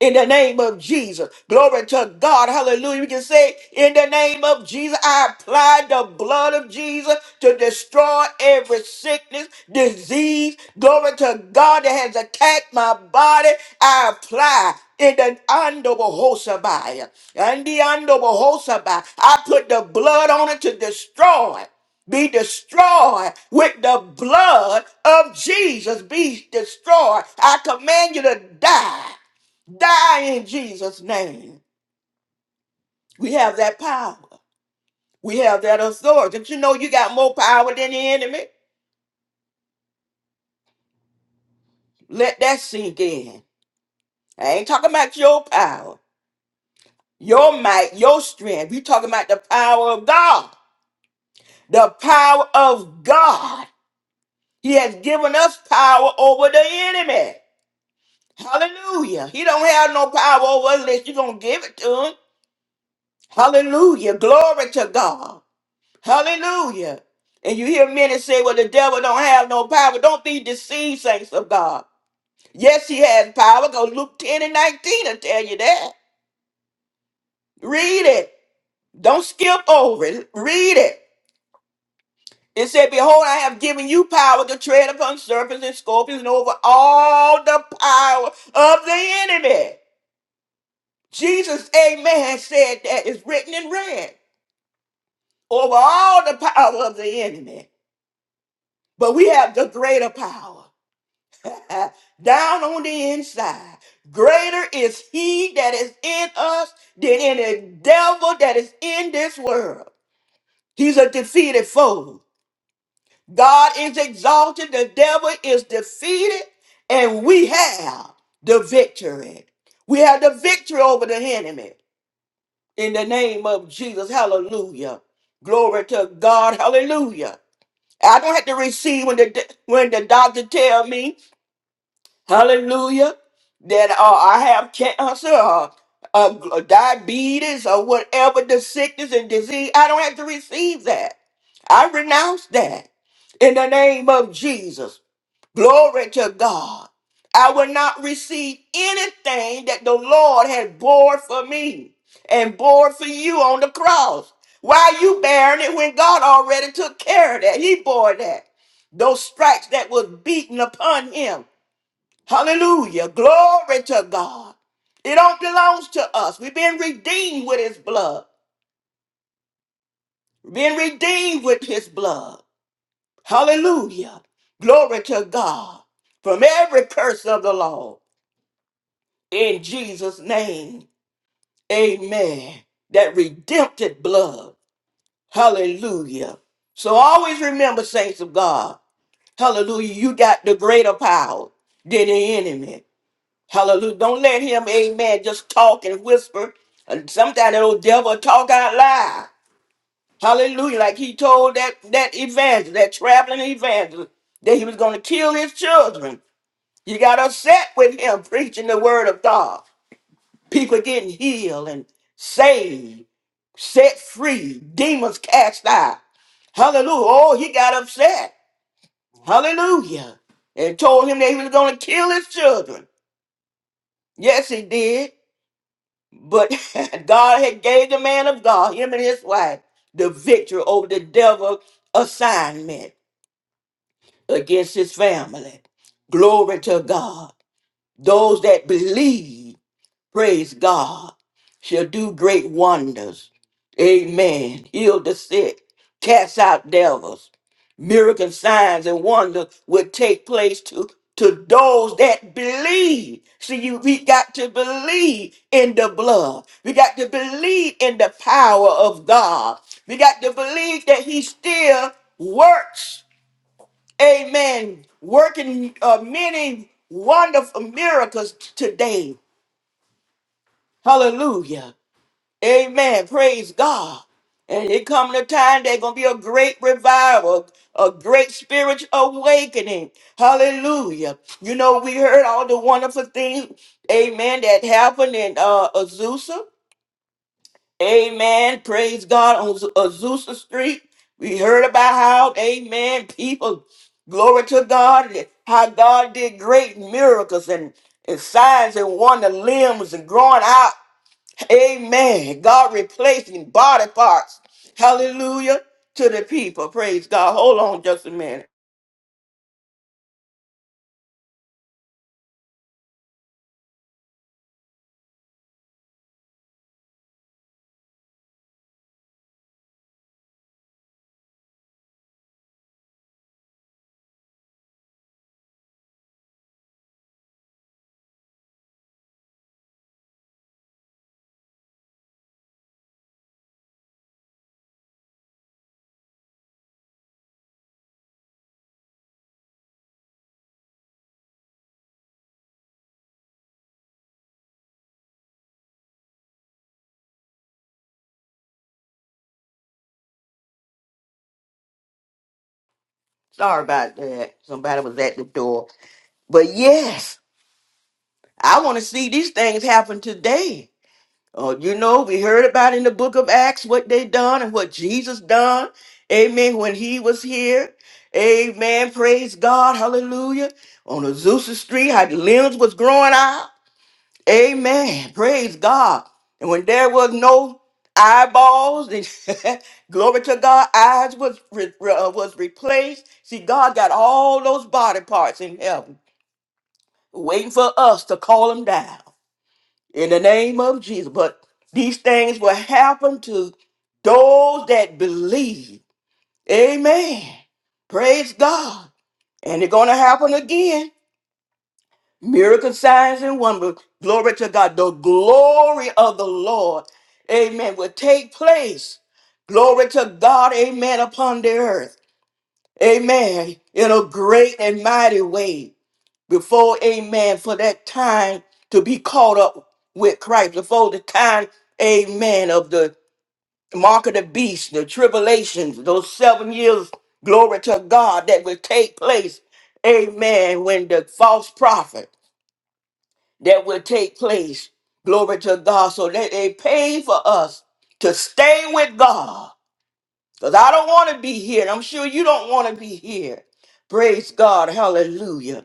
Speaker 1: in the name of Jesus. Glory to God. Hallelujah. We can say, in the name of Jesus, I apply the blood of Jesus to destroy every sickness, disease. Glory to God that has attacked my body. I apply. In the undoable Hosabaya. And the undoable I put the blood on it to destroy be destroyed with the blood of Jesus. Be destroyed. I command you to die. Die in Jesus' name. We have that power. We have that authority. Did you know you got more power than the enemy? Let that sink in. I ain't talking about your power, your might, your strength. We talking about the power of God. The power of God. He has given us power over the enemy. Hallelujah. He don't have no power over us unless you're gonna give it to him. Hallelujah. Glory to God. Hallelujah. And you hear many say, well, the devil don't have no power. Don't be deceived, saints of God. Yes, he has power. Go Luke 10 and 19 will tell you that. Read it. Don't skip over it. Read it. It said, Behold, I have given you power to tread upon serpents and scorpions and over all the power of the enemy. Jesus, amen, said that is written in red over all the power of the enemy. But we have the greater power. uh, down on the inside. Greater is he that is in us than any devil that is in this world. He's a defeated foe. God is exalted, the devil is defeated, and we have the victory. We have the victory over the enemy in the name of Jesus. Hallelujah. Glory to God. Hallelujah. I don't have to receive when the when the doctor tell me hallelujah, that uh, I have cancer or uh, diabetes or whatever the sickness and disease, I don't have to receive that. I renounce that in the name of Jesus. Glory to God. I will not receive anything that the Lord has bore for me and bore for you on the cross. Why you bearing it when God already took care of that? He bore that. Those stripes that was beaten upon him. Hallelujah. Glory to God. It all belongs to us. We've been redeemed with his blood. Been redeemed with his blood. Hallelujah. Glory to God. From every curse of the law. In Jesus' name. Amen. That redemptive blood. Hallelujah. So always remember, saints of God. Hallelujah. You got the greater power than the enemy. Hallelujah. Don't let him, amen, just talk and whisper. And sometimes that old devil talk out loud. Hallelujah. Like he told that, that evangelist, that traveling evangelist, that he was going to kill his children. You got upset with him preaching the word of God. People getting healed and saved, set free, demons cast out. Hallelujah. Oh, he got upset. Hallelujah. And told him that he was going to kill his children. Yes, he did. But God had gave the man of God, him and his wife, the victory over the devil assignment against his family. Glory to God. Those that believe, praise God, shall do great wonders. Amen. Heal the sick, cast out devils Miracle signs and wonder will take place to, to those that believe. See, you we got to believe in the blood. We got to believe in the power of God. We got to believe that He still works. Amen. Working uh, many wonderful miracles today. Hallelujah. Amen. Praise God. And it coming a time there's gonna be a great revival, a great spiritual awakening. Hallelujah. You know, we heard all the wonderful things, amen, that happened in uh Azusa. Amen. Praise God on Z- Azusa Street. We heard about how, amen, people, glory to God, how God did great miracles and, and signs and wonder limbs and growing out. Amen. God replacing body parts. Hallelujah to the people. Praise God. Hold on just a minute. Sorry about that. Somebody was at the door. But yes, I want to see these things happen today. Uh, you know, we heard about in the book of Acts what they done and what Jesus done. Amen. When he was here. Amen. Praise God. Hallelujah. On Azusa Street, how the limbs was growing out. Amen. Praise God. And when there was no eyeballs, glory to God, eyes was re- re- uh, was replaced. See, God got all those body parts in heaven waiting for us to call them down in the name of Jesus. But these things will happen to those that believe. Amen. Praise God. And it's going to happen again Miracle signs and wonders. Glory to God. The glory of the Lord, amen, will take place. Glory to God, amen, upon the earth. Amen. In a great and mighty way. Before, amen, for that time to be caught up with Christ. Before the time, amen, of the mark of the beast, the tribulations, those seven years, glory to God, that will take place. Amen. When the false prophet that will take place. Glory to God. So that they pay for us to stay with God. Because I don't want to be here. And I'm sure you don't want to be here. Praise God. Hallelujah.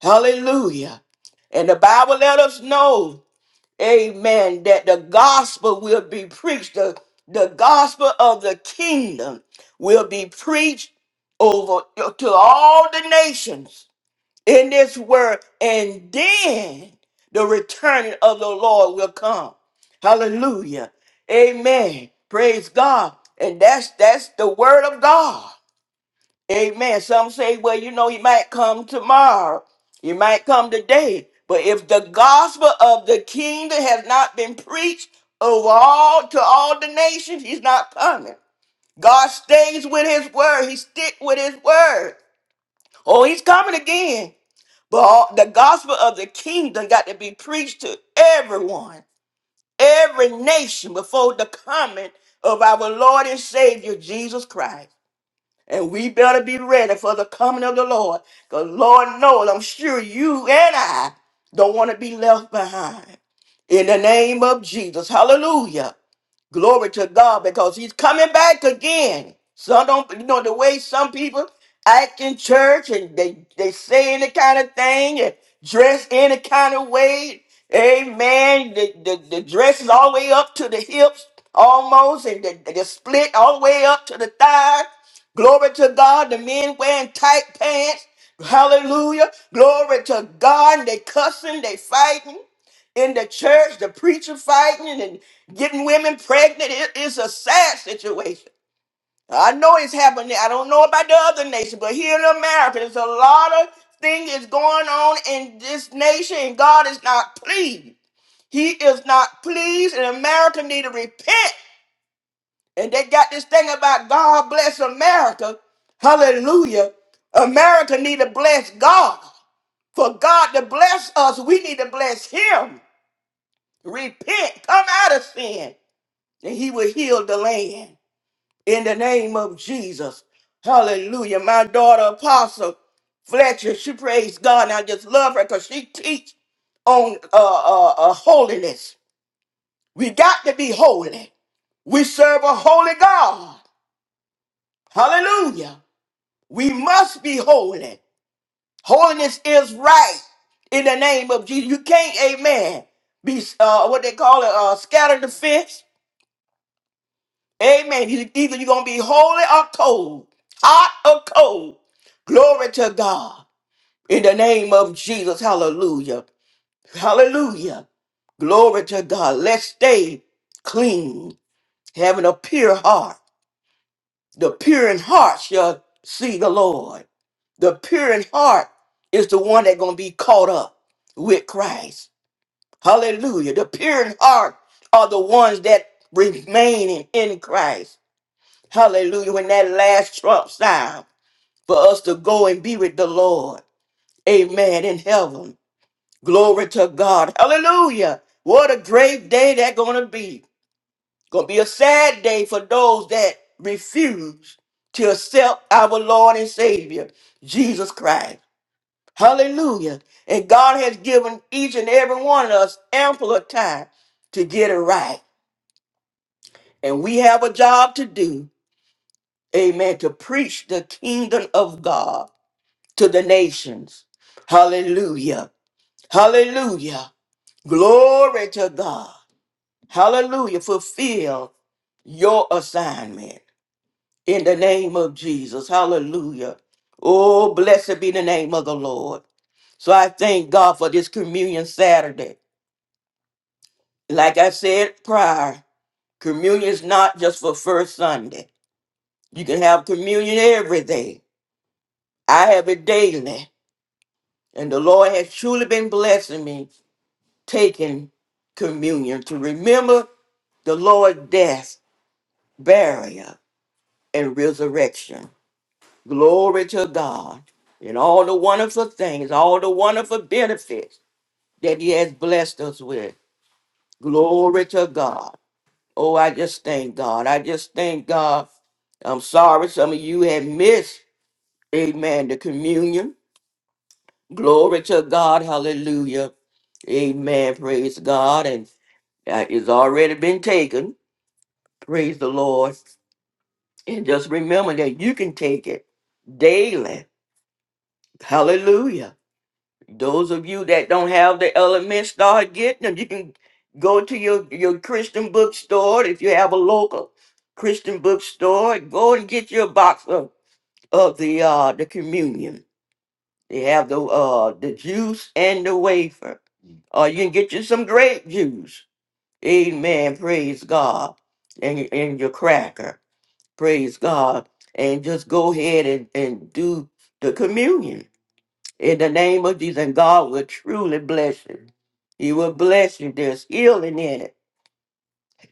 Speaker 1: Hallelujah. And the Bible let us know, amen, that the gospel will be preached. The, the gospel of the kingdom will be preached over to all the nations in this world, and then the returning of the Lord will come. Hallelujah. Amen. Praise God. And that's that's the word of God. Amen. Some say, well, you know, he might come tomorrow. He might come today. But if the gospel of the kingdom has not been preached over all to all the nations, he's not coming. God stays with his word. He stick with his word. Oh, he's coming again. But all, the gospel of the kingdom got to be preached to everyone, every nation before the coming of our Lord and Savior Jesus Christ. And we better be ready for the coming of the Lord. Because Lord knows, I'm sure you and I don't want to be left behind. In the name of Jesus. Hallelujah. Glory to God because he's coming back again. So don't you know the way some people act in church and they, they say any kind of thing and dress any kind of way. Amen. The, the, the dress is all the way up to the hips almost and the, the split all the way up to the thigh. Glory to God. The men wearing tight pants. Hallelujah. Glory to God. They cussing, they fighting in the church, the preacher fighting and getting women pregnant. It- it's a sad situation. I know it's happening. I don't know about the other nation, but here in America, there's a lot of things is going on in this nation, and God is not pleased. He is not pleased, and America need to repent. And they got this thing about God bless America. Hallelujah. America need to bless God. For God to bless us, we need to bless Him. Repent, come out of sin, and he will heal the land. In the name of Jesus. Hallelujah. My daughter apostle Fletcher, she praise God. And I just love her because she teach on uh, uh, uh, holiness. We got to be holy. We serve a holy God. Hallelujah. We must be holy. Holiness is right in the name of Jesus. You can't, amen, be uh, what they call it, uh, scatter the fish. Amen. You- Either you're going to be holy or cold, hot or cold. Glory to God. In the name of Jesus. Hallelujah. Hallelujah. Glory to God. Let's stay clean, having a pure heart. The pure in heart shall see the Lord. The pure in heart is the one that's going to be caught up with Christ. Hallelujah. The pure in heart are the ones that remain in Christ. Hallelujah. When that last trump sound for us to go and be with the Lord. Amen. In heaven. Glory to God. Hallelujah. What a great day that's going to be. Going to be a sad day for those that refuse to accept our Lord and Savior, Jesus Christ. Hallelujah. And God has given each and every one of us ample of time to get it right. And we have a job to do. Amen. To preach the kingdom of God. to the nations. Hallelujah. Hallelujah. Glory to God. Hallelujah. Fulfill your assignment in the name of Jesus. Hallelujah. Oh, blessed be the name of the Lord. So I thank God for this communion Saturday. Like I said prior, communion is not just for first Sunday. You can have communion every day. I have it daily. And the Lord has truly been blessing me taking communion to remember the Lord's death, burial, and resurrection. Glory to God and all the wonderful things, all the wonderful benefits that He has blessed us with. Glory to God. Oh, I just thank God. I just thank God. I'm sorry some of you have missed, amen, the communion. Glory to God. Hallelujah. Amen. Praise God. And uh, it's already been taken. Praise the Lord. And just remember that you can take it daily. Hallelujah. Those of you that don't have the elements, start getting them. You can go to your, your Christian bookstore if you have a local Christian bookstore. Go and get your box of, of the uh the communion. They have the uh the juice and the wafer. Or you can get you some grape juice. Amen. Praise God. And, and your cracker. Praise God. And just go ahead and, and do the communion in the name of Jesus. And God will truly bless you. He will bless you. There's healing in it,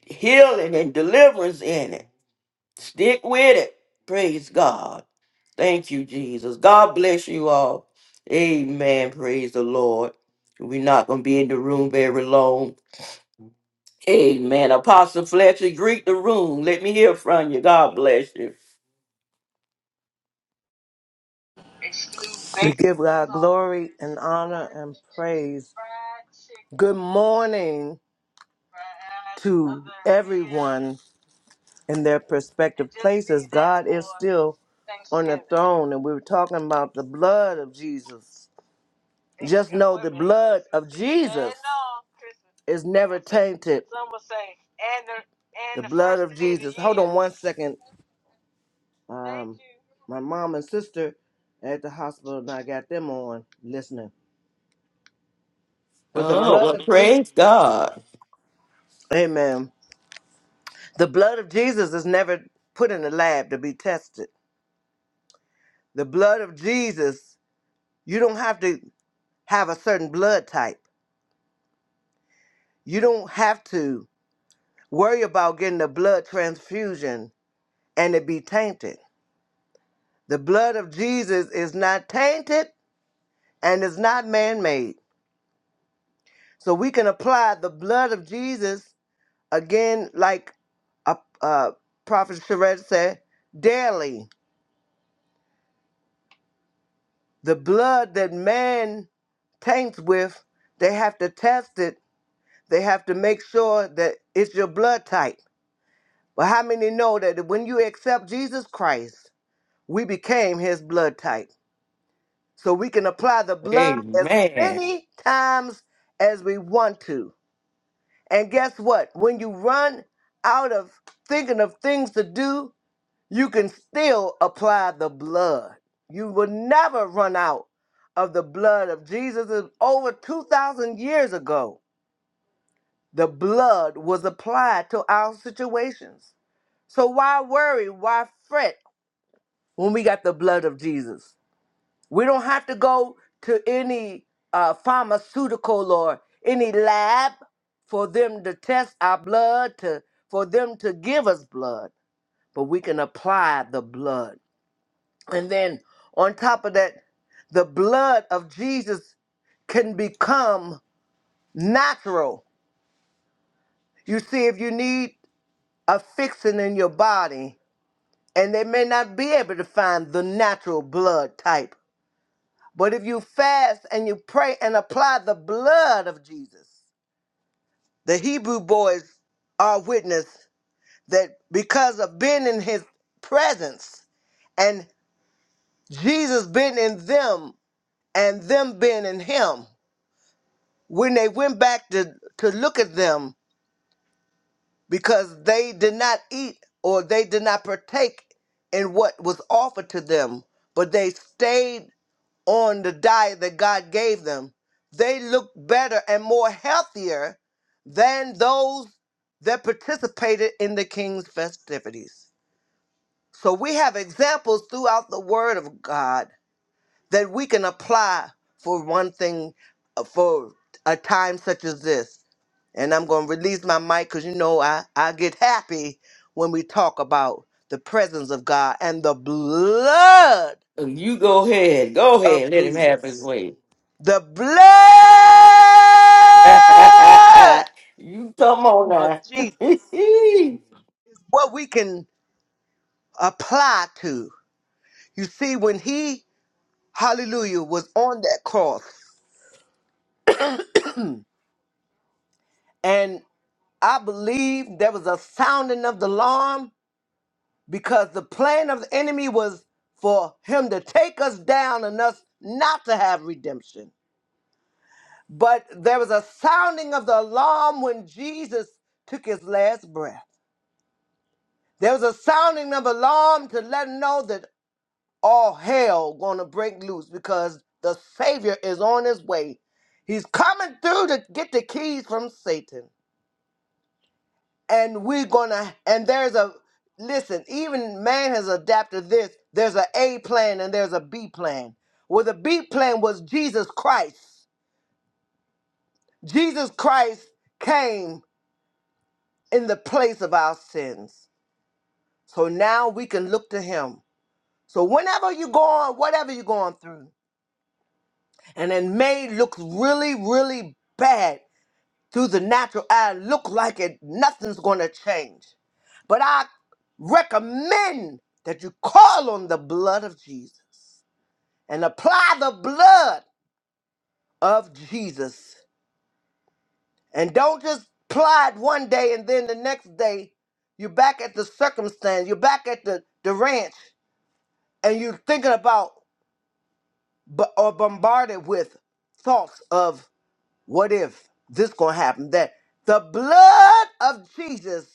Speaker 1: healing and deliverance in it. Stick with it. Praise God. Thank you, Jesus. God bless you all. Amen. Praise the Lord. We're not going to be in the room very long. Amen. Apostle Fletcher, greet the room. Let me hear from you. God bless you.
Speaker 2: We give God glory and honor and praise. Good morning to everyone in their respective places. God is still on the throne, and we were talking about the blood of Jesus. Just know the blood of Jesus is never tainted. The blood of Jesus. Hold on one second. Um, my mom and sister at the hospital, and I got them on listening. But the
Speaker 1: Oh,
Speaker 2: blood Oh,
Speaker 1: well,
Speaker 2: of Jesus,
Speaker 1: praise God.
Speaker 2: amen. The blood of Jesus is never put in the lab to be tested. The blood of Jesus, you don't have to have a certain blood type. You don't have to worry about getting a blood transfusion and it be tainted. The blood of Jesus is not tainted and is not man made. So we can apply the blood of Jesus again, like uh, uh, Prophet Sherette said, daily. The blood that man taints with, they have to test it. They have to make sure that it's your blood type. But how many know that when you accept Jesus Christ, we became his blood type? So we can apply the blood as
Speaker 1: Amen.
Speaker 2: many times as we want to. And guess what? When you run out of thinking of things to do you can still apply the blood. You will never run out of the blood of Jesus. It's Over 2,000 years ago, the blood was applied to our situations. So why worry? Why fret when we got the blood of Jesus? We don't have to go to any uh, pharmaceutical or any lab for them to test our blood, to, for them to give us blood, but we can apply the blood. And then on top of that, the blood of Jesus can become natural. You see, if you need a fixing in your body, and they may not be able to find the natural blood type, but if you fast and you pray and apply the blood of Jesus, the Hebrew boys are witness that because of being in his presence and Jesus being in them and them being in him, when they went back to, to look at them because they did not eat or they did not partake in what was offered to them, but they stayed on the diet that God gave them, they looked better and more healthier than those that participated in the king's festivities. So we have examples throughout the word of God that we can apply for one thing, uh, for a time such as this and I'm going to release my mic because you know I, I get happy when we talk about the presence of God and the blood
Speaker 1: So You go ahead. Go
Speaker 2: of
Speaker 1: ahead. Let him have his
Speaker 2: Jesus.
Speaker 1: way.
Speaker 2: The blood
Speaker 1: you come on
Speaker 2: of
Speaker 1: now.
Speaker 2: Jesus. What we can apply to. You see, when he, hallelujah, was on that cross, and I believe there was a sounding of the alarm because the plan of the enemy was for him to take us down and us not to have redemption. But there was a sounding of the alarm when Jesus took his last breath. There was a sounding of alarm to let him know that all hell gonna break loose because the Savior is on his way. He's coming through to get the keys from Satan. and we're gonna and there's a listen even man has adapted this there's a a plan and there's a b plan well the b plan was jesus christ jesus christ came in the place of our sins so now we can look to him so whenever you're going whatever you're going through and it may look really really bad through the natural eye look like it nothing's gonna change But I recommend that you call on the blood of Jesus and apply the blood of Jesus. And don't just apply it one day and then the next day you're back at the circumstance, you're back at the, the ranch, and you're thinking about bu- or bombarded with thoughts of what if this gonna happen, that the blood of Jesus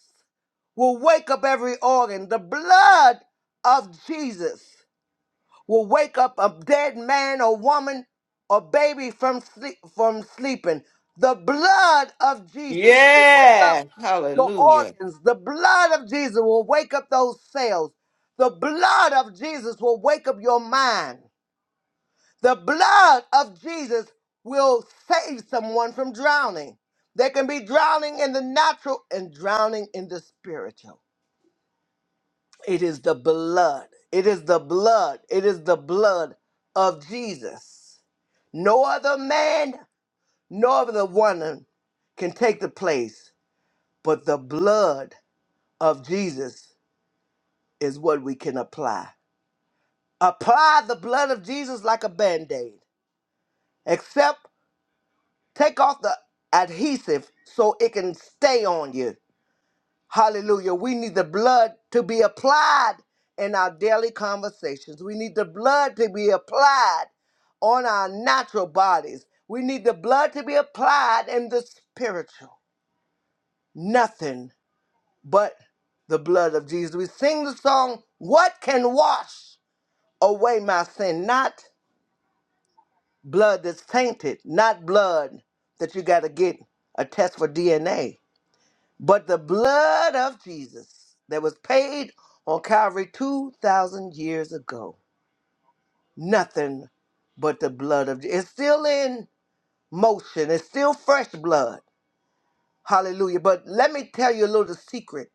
Speaker 2: will wake up every organ. The blood of Jesus. will wake up a dead man or woman or baby from sleep, from sleeping. The blood of Jesus will wake up
Speaker 1: yeah.
Speaker 2: your
Speaker 1: Hallelujah.
Speaker 2: organs. The blood of Jesus will wake up those cells. The blood of Jesus will wake up your mind. The blood of Jesus will save someone from drowning. They can be drowning in the natural and drowning in the spiritual. It is the blood. It is the blood. It is the blood of Jesus. No other man, no other woman can take the place, but the blood of Jesus is what we can apply. Apply the blood of Jesus like a band aid, except take off the adhesive so it can stay on you. Hallelujah. We need the blood to be applied in our daily conversations. We need the blood to be applied on our natural bodies. We need the blood to be applied in the spiritual. Nothing but the blood of Jesus. We sing the song, What Can Wash Away My Sin? Not blood that's tainted, not blood that you got to get a test for DNA But the blood of Jesus that was paid on Calvary 2,000 years ago, nothing but the blood of Jesus. It's still in motion, it's still fresh blood. Hallelujah. But let me tell you a little secret.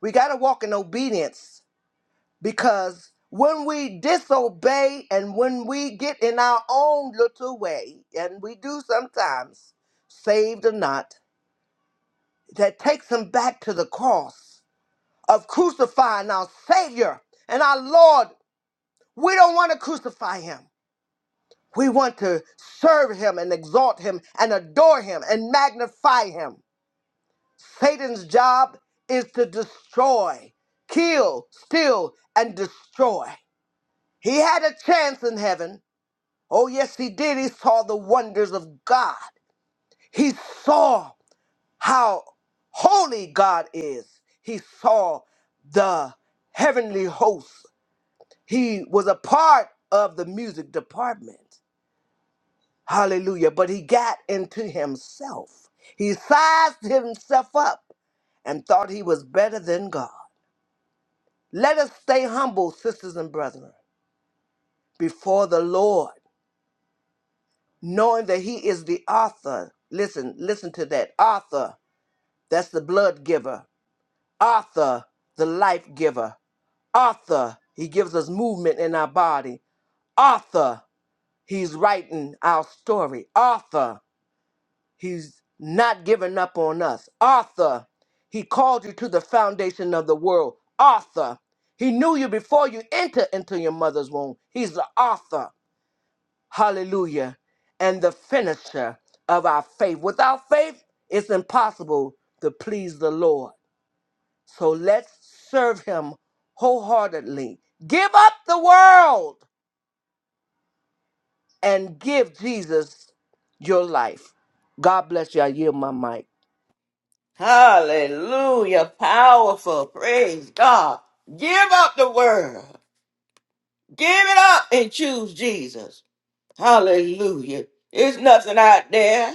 Speaker 2: We got to walk in obedience because when we disobey and when we get in our own little way, and we do sometimes, saved or not, that takes them back to the cross of crucifying our Savior and our Lord. We don't want to crucify him. We want to serve him and exalt him and adore him and magnify him. Satan's job is to destroy, kill, steal, and destroy. He had a chance in heaven. Oh, yes, he did. He saw the wonders of God. He saw how holy God is. He saw the heavenly hosts He was a part of the music department. Hallelujah. But he got into himself. He sized himself up and thought he was better than God. Let us stay humble, sisters and brethren, before the Lord, knowing that he is the author. Listen, listen to that. Author, that's the blood giver. Author, the life giver. Author, he gives us movement in our body. Author, he's writing our story. Author, He's not giving up on us. Arthur, he called you to the foundation of the world. Arthur, he knew you before you entered into your mother's womb. He's the author, hallelujah, and the finisher of our faith. Without faith, it's impossible to please the Lord. So let's serve him wholeheartedly. Give up the world and give Jesus your life. God bless you. I yield my mic.
Speaker 1: Hallelujah. Powerful. Praise God. Give up the world. Give it up and choose Jesus. Hallelujah. It's nothing out there.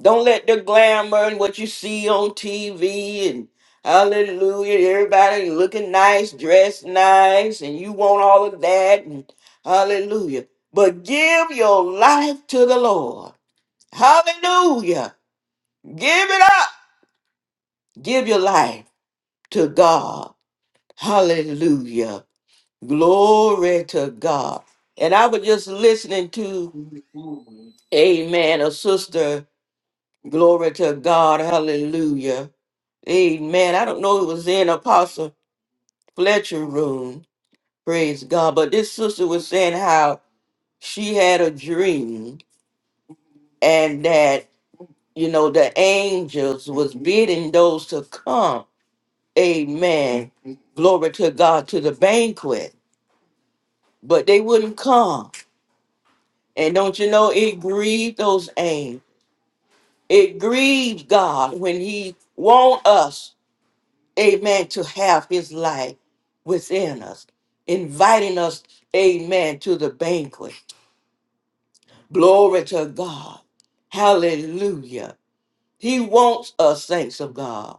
Speaker 1: Don't let the glamour and what you see on TV and hallelujah, everybody looking nice, dressed nice, and you want all of that and hallelujah. But give your life to the Lord. Hallelujah. Give it up. Give your life to God. Hallelujah. Glory to God. And I was just listening to, amen, a sister, glory to God, hallelujah Amen. I don't know it was in Apostle Fletcher room. Praise God. But this sister was saying how she had a dream and that, you know, the angels was bidding those to come. Amen. Glory to God to the banquet. But they wouldn't come. And don't you know it grieved those angels. It grieves God when He want us. amen, to have his life within us, inviting us, amen, to the banquet. Glory to God. Hallelujah. He wants us, saints of God.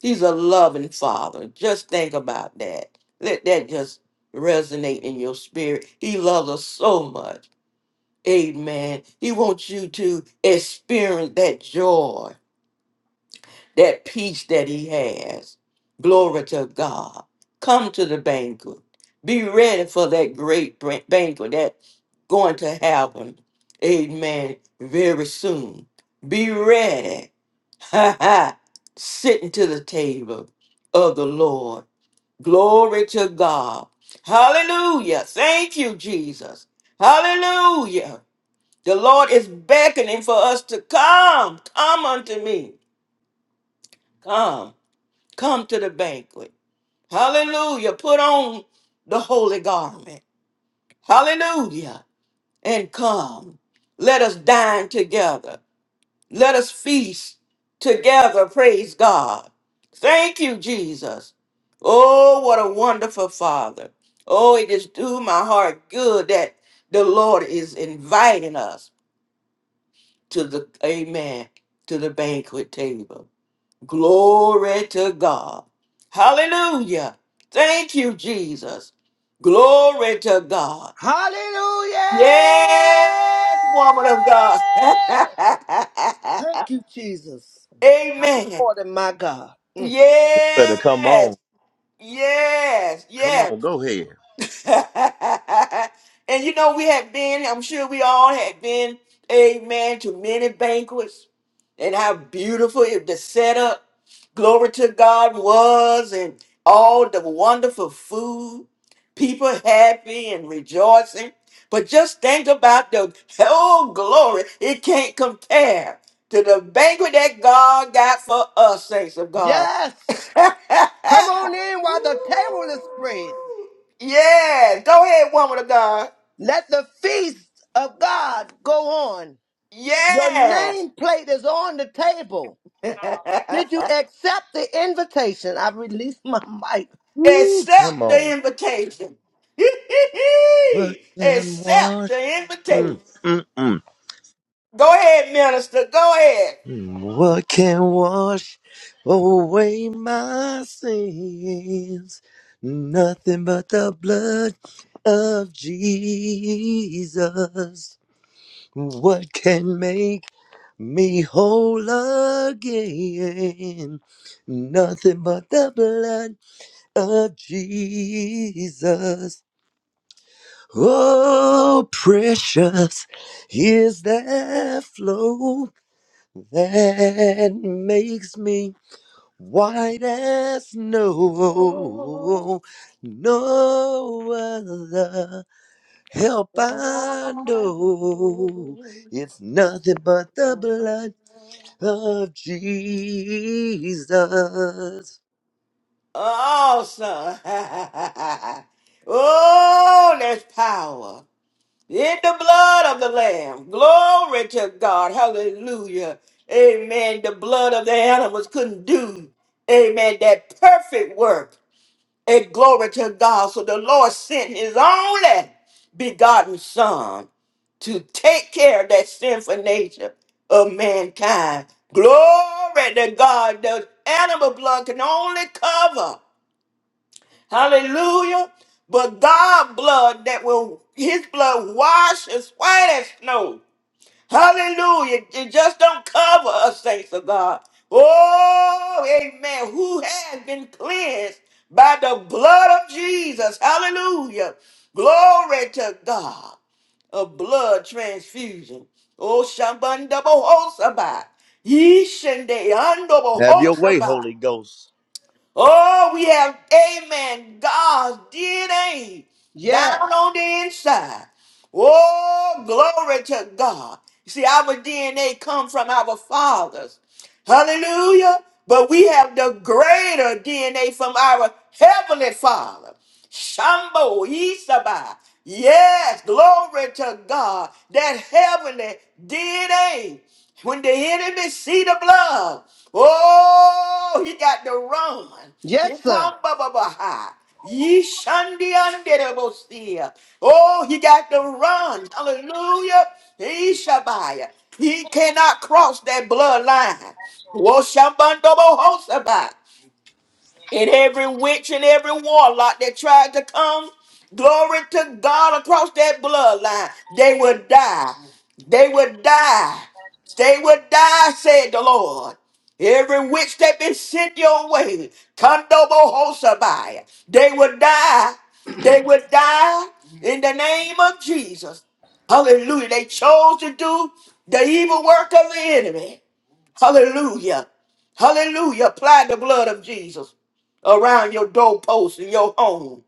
Speaker 1: He's a loving father. Just think about that. Let that just resonate in your spirit. He loves us so much. Amen. He wants you to experience that joy that peace that he has. Glory to God. Come to the banquet. Be ready for that great bran- banquet that's going to happen. Amen. Very soon. Be ready. Ha ha. Sitting to the table of the Lord. Glory to God. Hallelujah. Thank you, Jesus. Hallelujah. The Lord is beckoning for us to come. Come unto me. Come. Come to the banquet. Hallelujah. Put on the holy garment. Hallelujah. And come. Let us dine together. Let us feast together. Praise God. Thank you, Jesus. Oh, what a wonderful Father. Oh, it is to my heart good that the Lord is inviting us to the, amen, to the banquet table. Glory to God. Hallelujah. Thank you, Jesus. Glory to God.
Speaker 2: Hallelujah!
Speaker 1: Yes, woman of God.
Speaker 2: Thank you, Jesus. My
Speaker 1: Amen.
Speaker 2: Lord and my God. Mm.
Speaker 3: Better come on.
Speaker 1: Yes. Yes.
Speaker 3: Come
Speaker 1: Yes.
Speaker 3: on, go ahead.
Speaker 1: and you know, we had been, I'm sure we all had been, amen, to many banquets and how beautiful it, the setup, glory to God was, and all the wonderful food, people happy and rejoicing. But just think about the whole glory, it can't compare to the banquet that God got for us, saints of God.
Speaker 2: Yes! Come on in while the table is spread.
Speaker 1: yeah, go ahead, woman of God.
Speaker 2: Let the feast of God go on. Your
Speaker 1: Yeah,
Speaker 2: nameplate is on the table. Did you
Speaker 1: accept
Speaker 2: accept the invitation? I released my mic.
Speaker 3: Woo, come
Speaker 1: the
Speaker 3: on.
Speaker 1: invitation.
Speaker 3: What can
Speaker 1: accept
Speaker 3: wash?
Speaker 1: the
Speaker 3: Mm,
Speaker 1: invitation.
Speaker 3: mm, mm.
Speaker 1: Go ahead, minister. Go ahead.
Speaker 3: Mm, What can wash away my sins? Nothing but the blood of Jesus. What can make me whole again? Nothing but the blood of Jesus. Oh, precious is that flow that makes me white as snow. No other help I know. It's nothing but the blood of Jesus.
Speaker 1: Awesome. oh, there's power. In the blood of the Lamb. Glory to God. Hallelujah. Amen. The blood of the animals couldn't do, amen, that perfect work. And glory to God. So the Lord sent his only begotten Son to take care of that sinful nature of mankind. Glory to God. The animal blood can only cover. Hallelujah. But God blood that will his blood wash as white as snow. Hallelujah. It just don't cover us, saints of God. Oh, amen. Who has been cleansed by the blood of Jesus. Hallelujah. Glory to God A blood transfusion. Oh, Shabanda Bohosaba. Yishende
Speaker 3: Have your way,
Speaker 1: Ando
Speaker 3: Holy Ghost.
Speaker 1: Oh, we have, amen, God's DNA down
Speaker 2: Yeah.
Speaker 1: on the inside. Oh, glory to God. You See, our DNA come from our fathers. Hallelujah. But we have the greater DNA from our Heavenly Father. Shambo Isaba. Yes, glory to God. That heavenly DNA. When the enemy see the blood, oh, he got to run.
Speaker 2: Yes, sir.
Speaker 1: Yitamba-ba-ba-ha. Yishandianderabosia. Oh, he got to run. Hallelujah. He Ishabaya. He cannot cross that bloodline. Wo Woshambandobohosaba and every witch and every warlock that tried to come, glory to God across that bloodline, they would die. They would die. They would die, said the Lord. Every witch that been sent your way, Kandobohosabai, they would die. They would die in the name of Jesus. Hallelujah. They chose to do the evil work of the enemy. Hallelujah. Hallelujah. Apply the blood of Jesus around your doorpost in your home,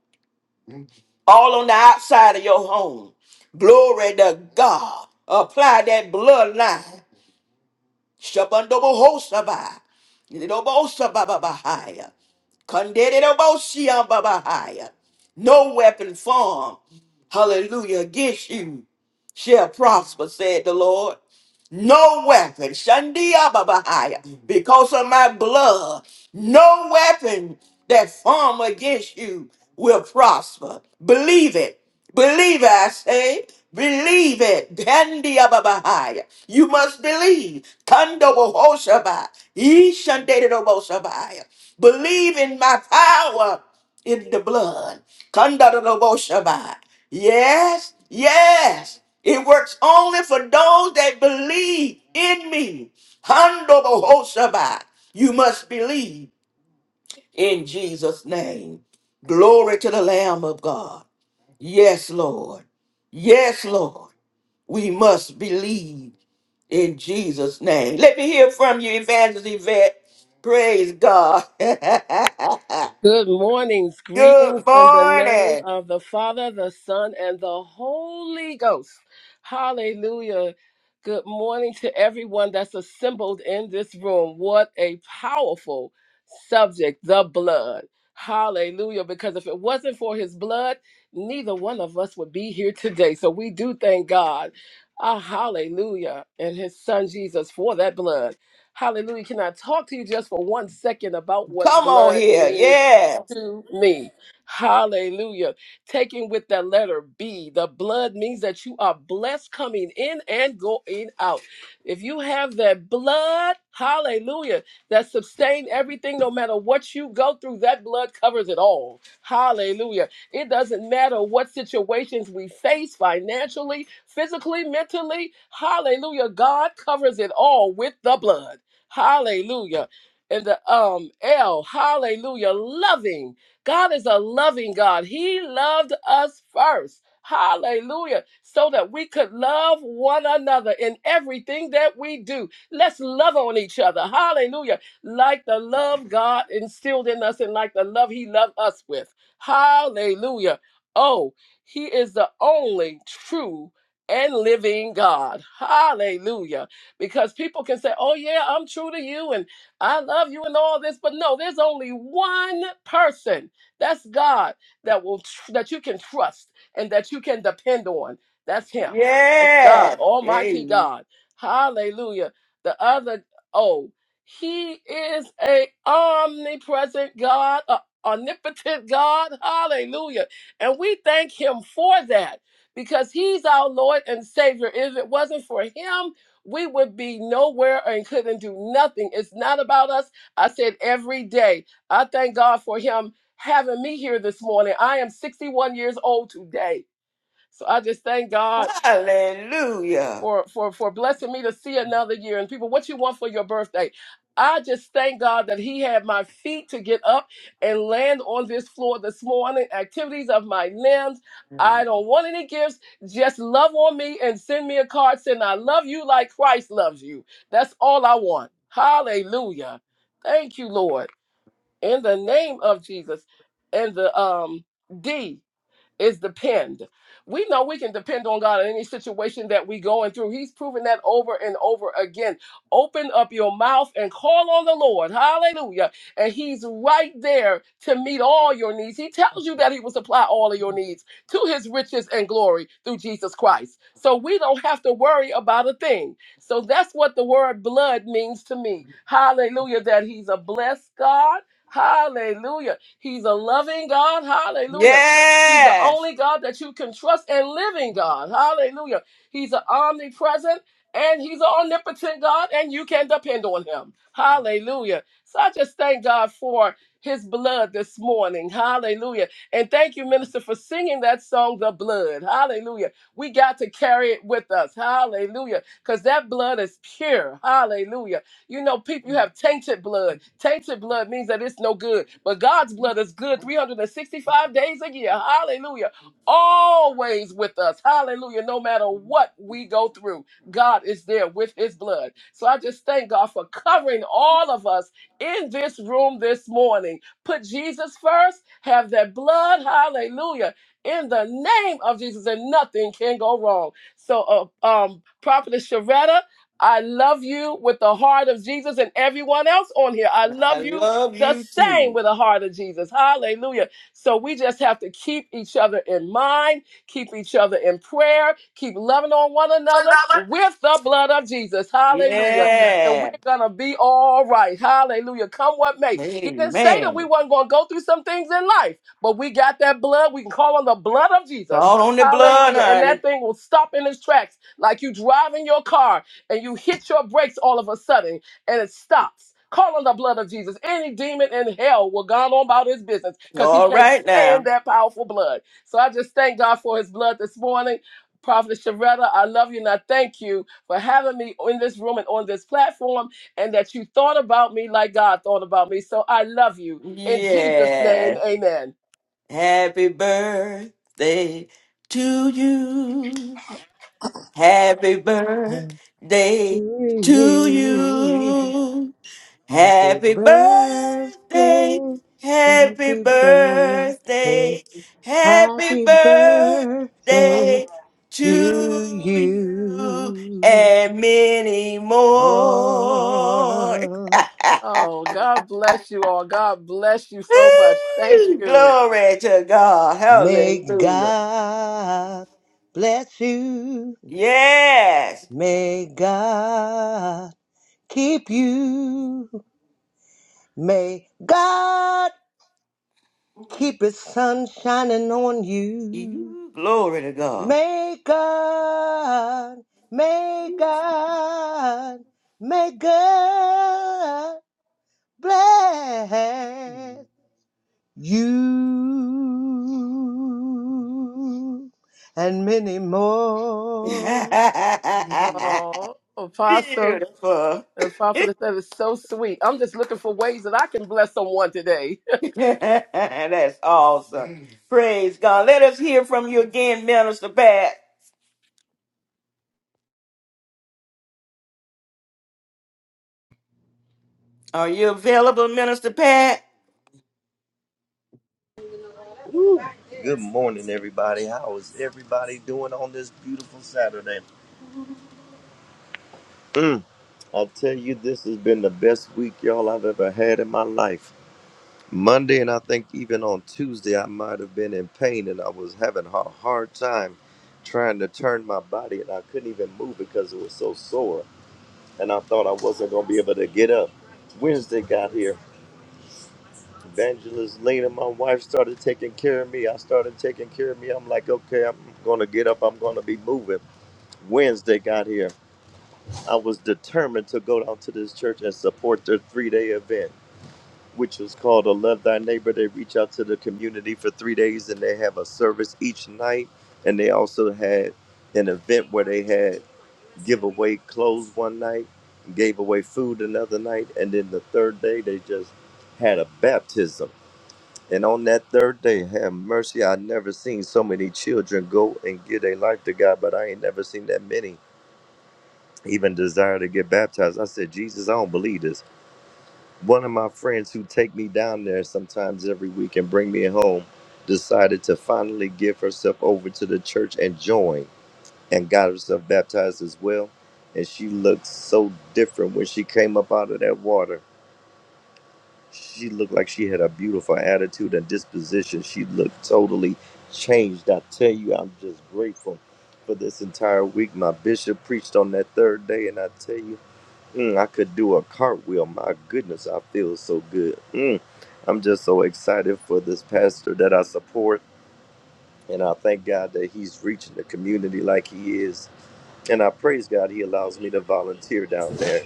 Speaker 1: all on the outside of your home. Glory to God. Apply that bloodline. Shabandobohosabai. Nidobosabababahaya. Kandedobosiababahaya. No weapon formed, hallelujah, against you shall prosper, said the Lord. No weapon, Shandia Babahaya, because of my blood, no weapon that form against you will prosper. Believe it. Believe it, I say. Believe it. Dandia Babahaya. You must believe. Kandobo Hoshaba. Ishandated Believe in my power in the blood. Kandadadoboshabai. Yes, yes. It works only for those that believe in me. Handobohosabai. You must believe in Jesus' name. Glory to the Lamb of God. Yes, Lord. Yes, Lord. We must believe in Jesus' name. Let me hear from you, Evangelist Yvette. Praise God. Good
Speaker 4: Good mornings. Greetings in the name
Speaker 1: morning.
Speaker 4: of the Father, the Son, and the Holy Ghost. Hallelujah. Good morning to everyone that's assembled in this room. What a powerful subject, the blood. Hallelujah. Because if it wasn't for his blood, neither one of us would be here today. So we do thank God. Ah, hallelujah. And his son Jesus for that blood. Hallelujah. Can I talk to you just for one second about what
Speaker 1: Come on
Speaker 4: blood
Speaker 1: here.
Speaker 4: means?
Speaker 1: Yeah.
Speaker 4: to me. Hallelujah. Taking with the letter B, the blood means that you are blessed coming in and going out. If you have that blood, hallelujah, that sustain everything, no matter what you go through, that blood covers it all. Hallelujah. It doesn't matter what situations we face financially, physically, mentally. Hallelujah. God covers it all with the blood. Hallelujah and the um L, hallelujah, loving. God is a loving God. He loved us first. Hallelujah. So that we could love one another in everything that we do. Let's love on each other. Hallelujah. Like the love God instilled in us and like the love He loved us with. Hallelujah. Oh, He is the only true and living God. Hallelujah. Because people can say, oh, yeah, I'm true to you. And I love you and all this, but no, there's only one person. That's God that will tr- that you can trust and that you can depend on. That's Him. That's God,
Speaker 1: Yes.
Speaker 4: Almighty
Speaker 1: Amen.
Speaker 4: God. Hallelujah. The other oh, He is a omnipresent God, a omnipotent God. Hallelujah. And we thank Him for that because He's our Lord and Savior. If it wasn't for Him, we would be nowhere and couldn't do nothing. It's not about us. I said every day. I thank God for Him having me here this morning. I am 61 years old today. So I just thank God
Speaker 1: Hallelujah.
Speaker 4: for for for blessing me to see another year and people what you want for your birthday i just thank god that he had my feet to get up and land on this floor this morning activities of my limbs i don't want any gifts just love on me and send me a card saying i love you like christ loves you that's all i want hallelujah thank you lord in the name of jesus and the um d is depend. We know we can depend on God in any situation that we going through. He's proven that over and over again. Open up your mouth and call on the Lord. Hallelujah. And he's right there to meet all your needs. He tells you that he will supply all of your needs to his riches and glory through Jesus Christ. So we don't have to worry about a thing. So that's what the word blood means to me. Hallelujah that he's a blessed God. Hallelujah. He's a loving God. Hallelujah He's the
Speaker 1: Yes.
Speaker 4: only God that you can trust and living God. Hallelujah. He's an omnipresent and he's an omnipotent God, and you can depend on him. Hallelujah. So I just thank God for his blood this morning. Hallelujah. And thank you, minister, for singing that song, The Blood. Hallelujah. We got to carry it with us. Hallelujah. Because that blood is pure. Hallelujah you know, people, you have tainted blood. Tainted blood means that it's no good, but God's blood is good 365 days a year. Hallelujah. Always with us. Hallelujah. No matter what we go through, God is there with his blood. So I just thank God for covering all of us in this room this morning. Put Jesus first, have that blood. Hallelujah. In the name of Jesus, and nothing can go wrong. So, uh, um, Prophetess Sharetta, I love you with the heart of Jesus and everyone else on here. I
Speaker 1: I
Speaker 4: love you
Speaker 1: love
Speaker 4: the
Speaker 1: you
Speaker 4: same
Speaker 1: too.
Speaker 4: with the heart of Jesus. Hallelujah. So we just have to keep each other in mind, keep each other in prayer, keep loving on one another with the blood of Jesus. Hallelujah. And we're
Speaker 1: Yes,
Speaker 4: gonna be all right. Hallelujah. Come what may. He didn't say
Speaker 1: Amen.
Speaker 4: that we weren't gonna go through some things in life, but we got that blood. We can call on the blood of
Speaker 1: It's
Speaker 4: Jesus.
Speaker 1: all on the blood,
Speaker 4: Hallelujah. And
Speaker 1: honey.
Speaker 4: that thing will stop in its tracks like you driving your car and you hit your brakes all of a sudden and it stops. Call on the blood of Jesus. Any demon in hell will go on about his business because he
Speaker 1: All
Speaker 4: can't
Speaker 1: right
Speaker 4: stand
Speaker 1: now.
Speaker 4: that powerful blood. So I just thank God for his blood this morning. Prophet Sharetta, I love you and I thank you for having me in this room and on this platform and that you thought about me like God thought about me. So I love you. In Jesus' name,
Speaker 1: Yes,
Speaker 4: amen.
Speaker 1: Happy birthday to you. Happy
Speaker 2: To
Speaker 1: birthday to
Speaker 2: you.
Speaker 1: you.
Speaker 2: Happy
Speaker 1: Happy birthday,
Speaker 2: birthday,
Speaker 1: happy
Speaker 2: happy birthday,
Speaker 1: birthday, happy
Speaker 2: happy birthday
Speaker 1: birthday to
Speaker 2: to
Speaker 1: you
Speaker 2: you,
Speaker 1: and many more.
Speaker 2: Lord.
Speaker 4: Oh, God bless you all. God bless you so much. Thank
Speaker 1: Woo!
Speaker 4: you.
Speaker 1: Glory to God.
Speaker 2: May
Speaker 1: Hallelujah.
Speaker 2: God bless you.
Speaker 1: Yes.
Speaker 2: May God keep you. May God keep his sun shining on you.
Speaker 1: You- Glory to God.
Speaker 2: May God, may God, may God bless you and many more.
Speaker 4: Oh, Apostle.
Speaker 1: Beautiful.
Speaker 4: Uh, Prophetess, that is so sweet. I'm just looking for ways that I can bless someone today.
Speaker 1: That's awesome. Praise God. Let us hear from you again, Minister Pat. Are you available, Minister Pat?
Speaker 3: Good morning, everybody. How is everybody doing on this beautiful Saturday? Mm. I tell you, this has been the best week, y'all, I've ever had in my life. Monday, and I think even on Tuesday, I might have been in pain and I was having a hard time trying to turn my body, and I couldn't even move because it was so sore. And I thought I wasn't going to be able to get up. Wednesday got here. Evangelist Lena, my wife, started taking care of me. I started taking care of me. I'm like, okay, I'm going to get up. I'm going to be moving. Wednesday got here. I was determined to go down to this church and support their three day event. which is called a Love Thy Neighbor. They reach out to the community for three days and they have a service each night. And they also had an event where they had give away clothes one night, gave away food another night, and then the third day they just had a baptism. And on that third day, have mercy, I never seen so many children go and give their life to God, but I ain't never seen that many even desire to get baptized. I said, Jesus, I don't believe this. One of my friends who take me down there sometimes every week and bring me home decided to finally give herself over to the church and join and got herself baptized as well. And she looked so different when she came up out of that water. She looked like she had a beautiful attitude and disposition. She looked totally changed. I tell you, I'm just grateful for this entire week. My bishop preached on that third day, and I tell you, Mm, I could do a cartwheel. My goodness, I feel so good. Mm, I'm just so excited for this pastor that I support. And I thank God that he's reaching the community like he is. And I praise God he allows me to volunteer down there.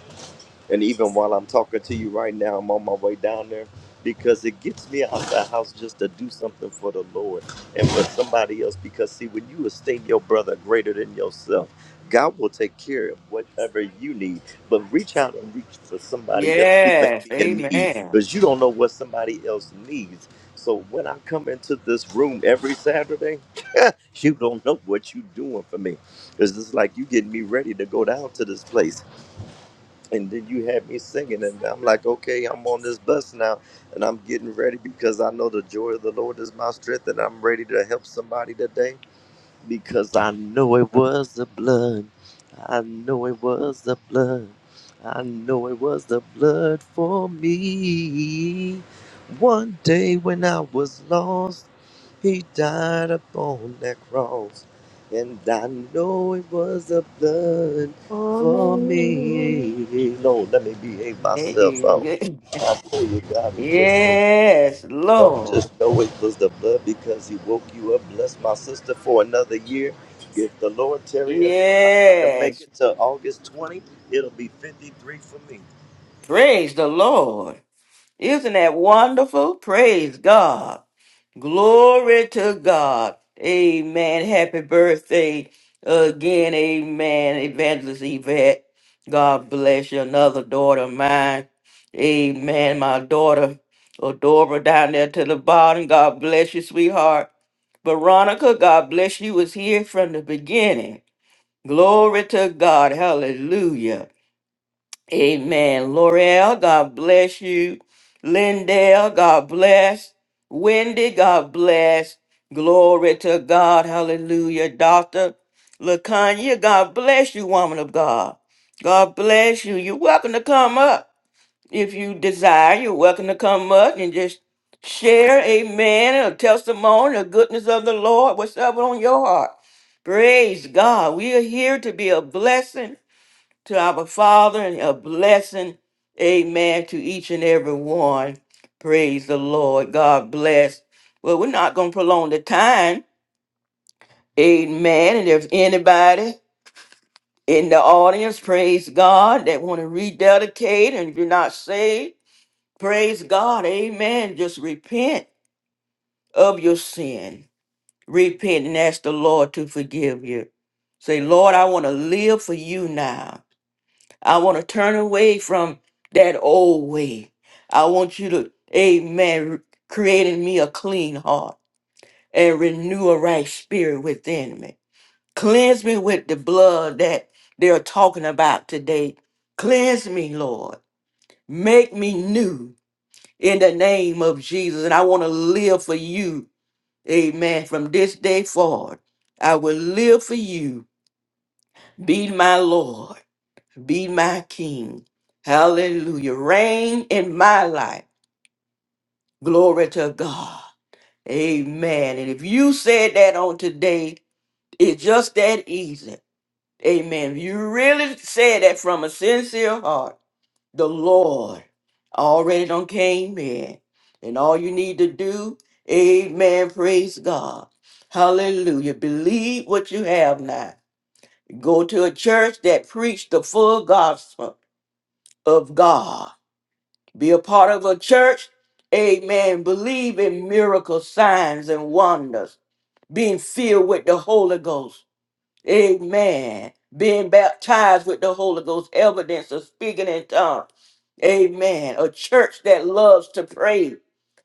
Speaker 3: And even while I'm talking to you right now, I'm on my way down there because it gets me out the house just to do something for the Lord and for somebody else. Because, see, when you esteem your brother greater than yourself, God will take care of whatever you need. But reach out and reach for somebody else who may
Speaker 1: Yes.
Speaker 3: be in need
Speaker 1: Amen.
Speaker 3: because you don't know what somebody else needs. So when I come into this room every Saturday, you don't know what you're doing for me. It's just like you getting me ready to go down to this place and then you had me singing and i'm like okay i'm on this bus now and i'm getting ready because i know the joy of the lord is my strength and i'm ready to help somebody today because I know it was the blood. I know it was the blood. I know it was the blood for me. One day when I was lost, he died upon that cross. And I know it was the blood
Speaker 1: For
Speaker 3: for
Speaker 1: me.
Speaker 3: me. Lord, let me behave myself out.
Speaker 1: Amen.
Speaker 3: I tell you, God is just so good.
Speaker 1: Yes,
Speaker 3: Don't
Speaker 1: Lord.
Speaker 3: just know it was the blood because He woke you up. Bless my sister for another year. If the Lord Terry allow me to make
Speaker 1: Yes.
Speaker 3: it to August 20, it'll be 53 for me.
Speaker 1: Praise the Lord. Isn't that wonderful? Praise God. Glory to God. Amen. Happy birthday again. Amen. Evangelist Yvette. God bless you. Another daughter of mine. Amen. My daughter, Adora, down there to the bottom. God bless you, sweetheart. Veronica, God bless you, was here from the beginning. Glory to God. Hallelujah. Amen. L'Oreal, God bless you. Lindell, God bless. Wendy, God bless. Glory to God. Hallelujah. Doctor LaConya, God bless you, woman of God. God bless you. You're welcome to come up if you desire. You're welcome to come up and just share, amen, a testimony, the goodness of the Lord, what's up on your heart. Praise God. We are here to be a blessing to our Father and a blessing, amen, to each and every one. Praise the Lord. God bless. Well, we're not going to prolong the time. Amen. And if anybody in the audience, praise God, that want to rededicate and if you're not saved, praise God. Amen. Just repent of your sin. Repent and ask the Lord to forgive you. Say, Lord, I want to live for you now. I want to turn away from that old way. I want you to, amen, create in me a clean heart and renew a right spirit within me. Cleanse me with the blood that they're talking about today. Cleanse me, Lord. Make me new in the name of Jesus. And I want to live for you, amen, from this day forward. I will live for you. Be my Lord. Be my king. Hallelujah. Reign in my life. Glory to God. Amen. And if you said that on today, it's just that easy. Amen. If you really said that from a sincere heart, the Lord already done came in. And all you need to do, amen, praise God. Hallelujah. Believe what you have now. Go to a church that preach the full gospel of God. Be a part of a church. Amen. Believe in miracles, signs, and wonders. Being filled with the Holy Ghost. Amen. Being baptized with the Holy Ghost. Evidence of speaking in tongues. Amen. A church that loves to pray.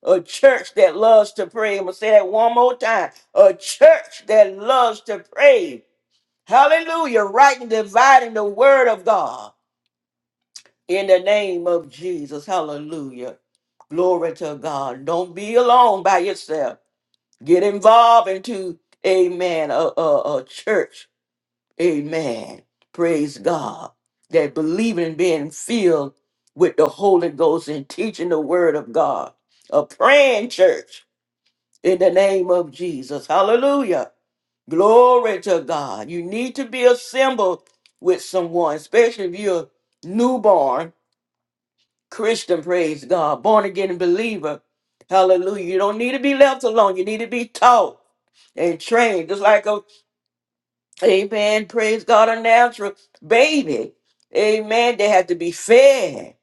Speaker 1: A church that loves to pray. I'm going to say that one more time. A church that loves to pray. Hallelujah. Right and dividing the word of God in the name of Jesus. Hallelujah. Glory to God. Don't be alone by yourself. Get involved into, amen, a, a, a church. Amen. Praise God. That believing and being filled with the Holy Ghost and teaching the word of God. A praying church in the name of Jesus. Hallelujah. Glory to God. You need to be assembled with someone, especially if you're newborn Christian, praise God, born again believer. Hallelujah. You don't need to be left alone. You need to be taught and trained. Just like a amen, praise God, a natural baby. Amen. They have to be fed.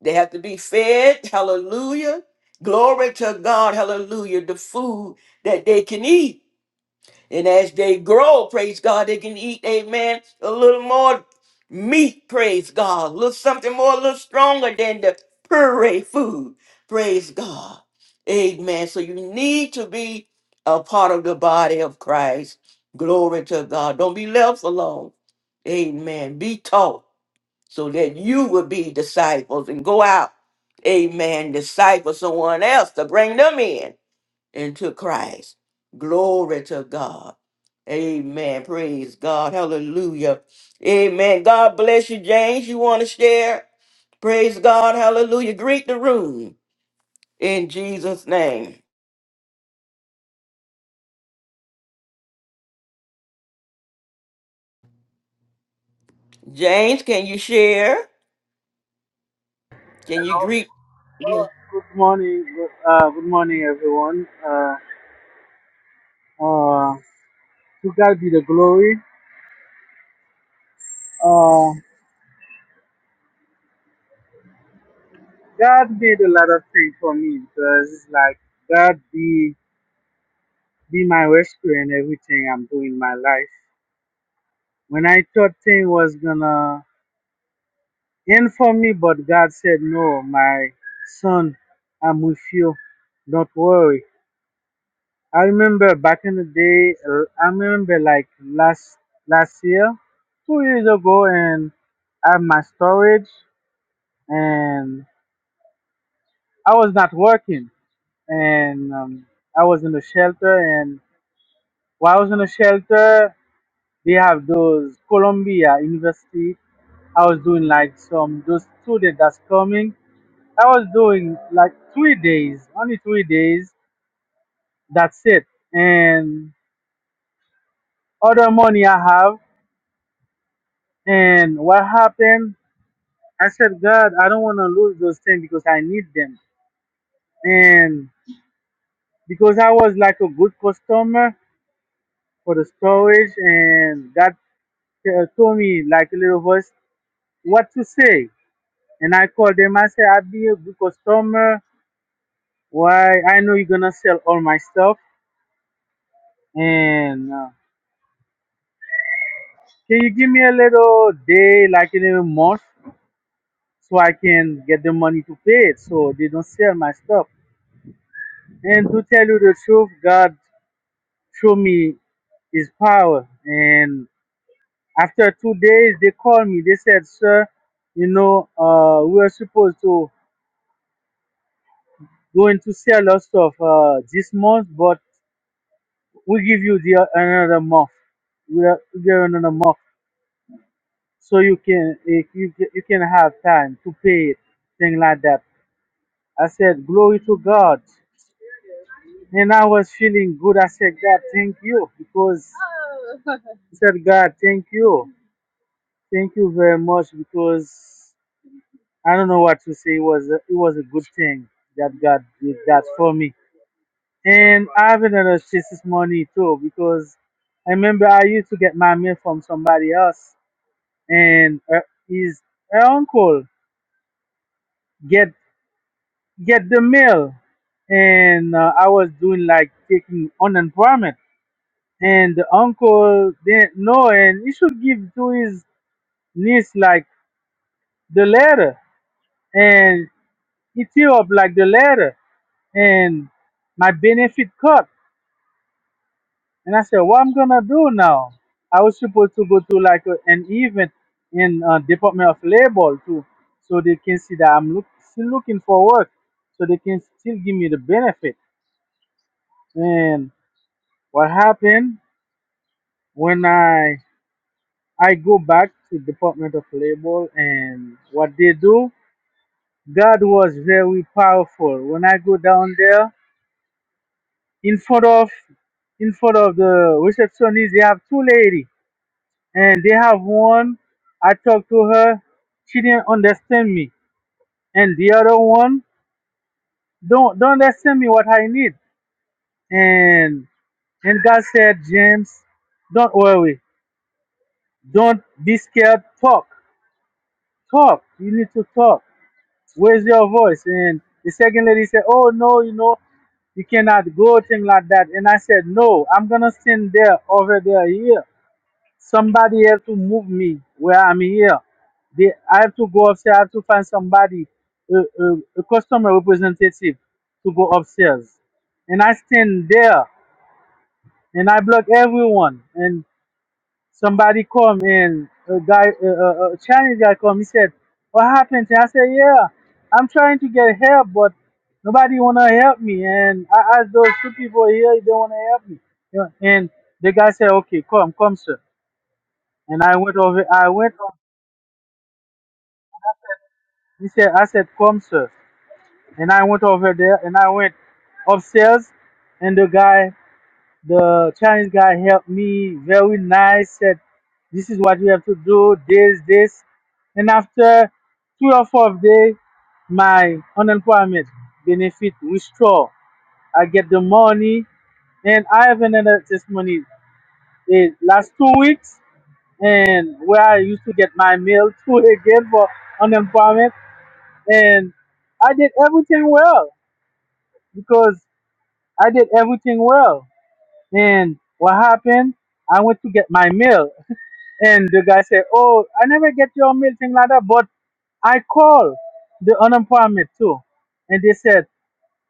Speaker 1: They have to be fed. Hallelujah. Glory to God. Hallelujah. The food that they can eat. And as they grow, praise God, they can eat, amen, a little more meat, praise God. A little something more, a little stronger than the puree food, praise God. Amen. So you need to be a part of the body of Christ. Glory to God. Don't be left alone. Amen. Be taught so that you will be disciples and go out. Amen. Disciple someone else to bring them in into Christ. Glory to God. Amen. Praise God. Hallelujah. Amen. God bless you, James. You want to share? Praise God. Hallelujah. Greet the room in Jesus' name. James, can you share? Can you greet?
Speaker 5: Oh, good morning, good, uh, good morning, everyone. Uh, uh, to God be the glory. Uh, God made a lot of things for me because it's like God be be my rescuer in everything I'm doing in my life. When I thought thing was gonna end for me, but God said, "No, my son, I'm with you. Don't worry." I remember back in the day. uh, I remember like last last year, two years ago, and I have my storage, and I was not working, and um, I was in the shelter, and while I was in the shelter, they have those Columbia University. I was doing like some those students that's coming. I was doing like three days, only three days. That's it, and other money I have. And what happened? I said, God, I don't want to lose those things because I need them. And because I was like a good customer for the storage, and God uh, told me, like a little voice, what to say. And I called them. I said, I'll be a good customer. Why? I know you're going to sell all my stuff. And uh, can you give me a little day, like a little month, so I can get the money to pay it so they don't sell my stuff? And to tell you the truth, God show me his power. And after two days, they called me. They said, "Sir, you know, uh, we are supposed to going to sell our stuff uh, this month, but we give you the another month. We are- we give you another month, so you can eh, you ca- you can have time to pay it, thing like that." I said, "Glory to God." And I was feeling good. I said, God, thank you. Because I said, God, thank you. Thank you very much because I don't know what to say. It was a, it was a good thing that God did that for me. And I have another chassis money too because I remember I used to get my mail from somebody else and her, his her uncle get get the mail and uh, I was doing like taking unemployment and the uncle didn't know and he should give to his niece like the letter and. He threw up like the letter and my benefit cup. And I said, what I'm gonna do now? I was supposed to go to like a, an event in uh, Department of Labor too, so they can see that I'm look, still looking for work, so they can still give me the benefit. And what happened when I I go back to Department of Labor and what they do? God was very powerful. When I go down there, in front of in front of the receptionist they have two lady and they have one i talked to her she didn't understand me and the other one don't don't understand me what i need and and god said james don't worry don't be scared talk talk you need to talk where's your voice and the second lady said oh no you know you cannot go thing like that and i said no i'm gonna stand there over there here Somebody have to move me where I'm here. They, I have to go upstairs. I have to find somebody, a, a, a customer representative, to go upstairs. And I stand there and I block everyone. And somebody come and a guy, a, a, a Chinese guy come. He said, "What happened?" I said, "Yeah, I'm trying to get help, but nobody wanna help me." And I asked those two people here if they wanna help me. You know, And the guy said, "Okay, come, come, sir." And I went over. I went He said, I said, come, sir. And I went over there and I went upstairs and the guy, the Chinese guy helped me very nice, said, this is what you have to do, this, this. And after three or four days, my unemployment benefit restored. I get the money and I have another testimony eh, last two weeks and where I used to get my mail through again for unemployment and I did everything well because I did everything well. And what happened? I went to get my mail, and the guy said, "Oh, I never get your mail, thing like that." But I called the unemployment too, and they said,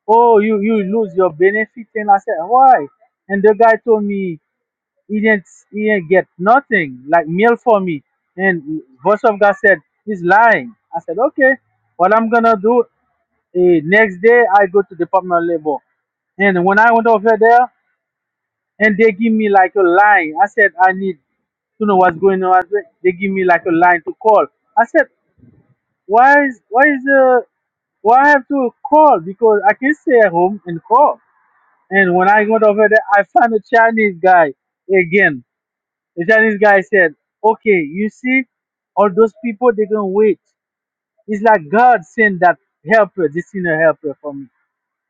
Speaker 5: "Oh, you you lose your benefit." And I said, "Why?" And the guy told me he didn't he didn't get nothing like mail for me. And voice of God said he's lying. I said, "Okay, what I'm gonna do? Eh, next day, I go to Department of Labor. And when I went over there, and they give me like a line. I said, I need to know what's going on. They give me like a line to call. I said, why is why is the why I have to call because I can stay at home and call. And when I went over there, I found a Chinese guy again. The Chinese guy said, "Okay, you see, all those people they gonna wait. It's like God sent that helper, this inner helper for me."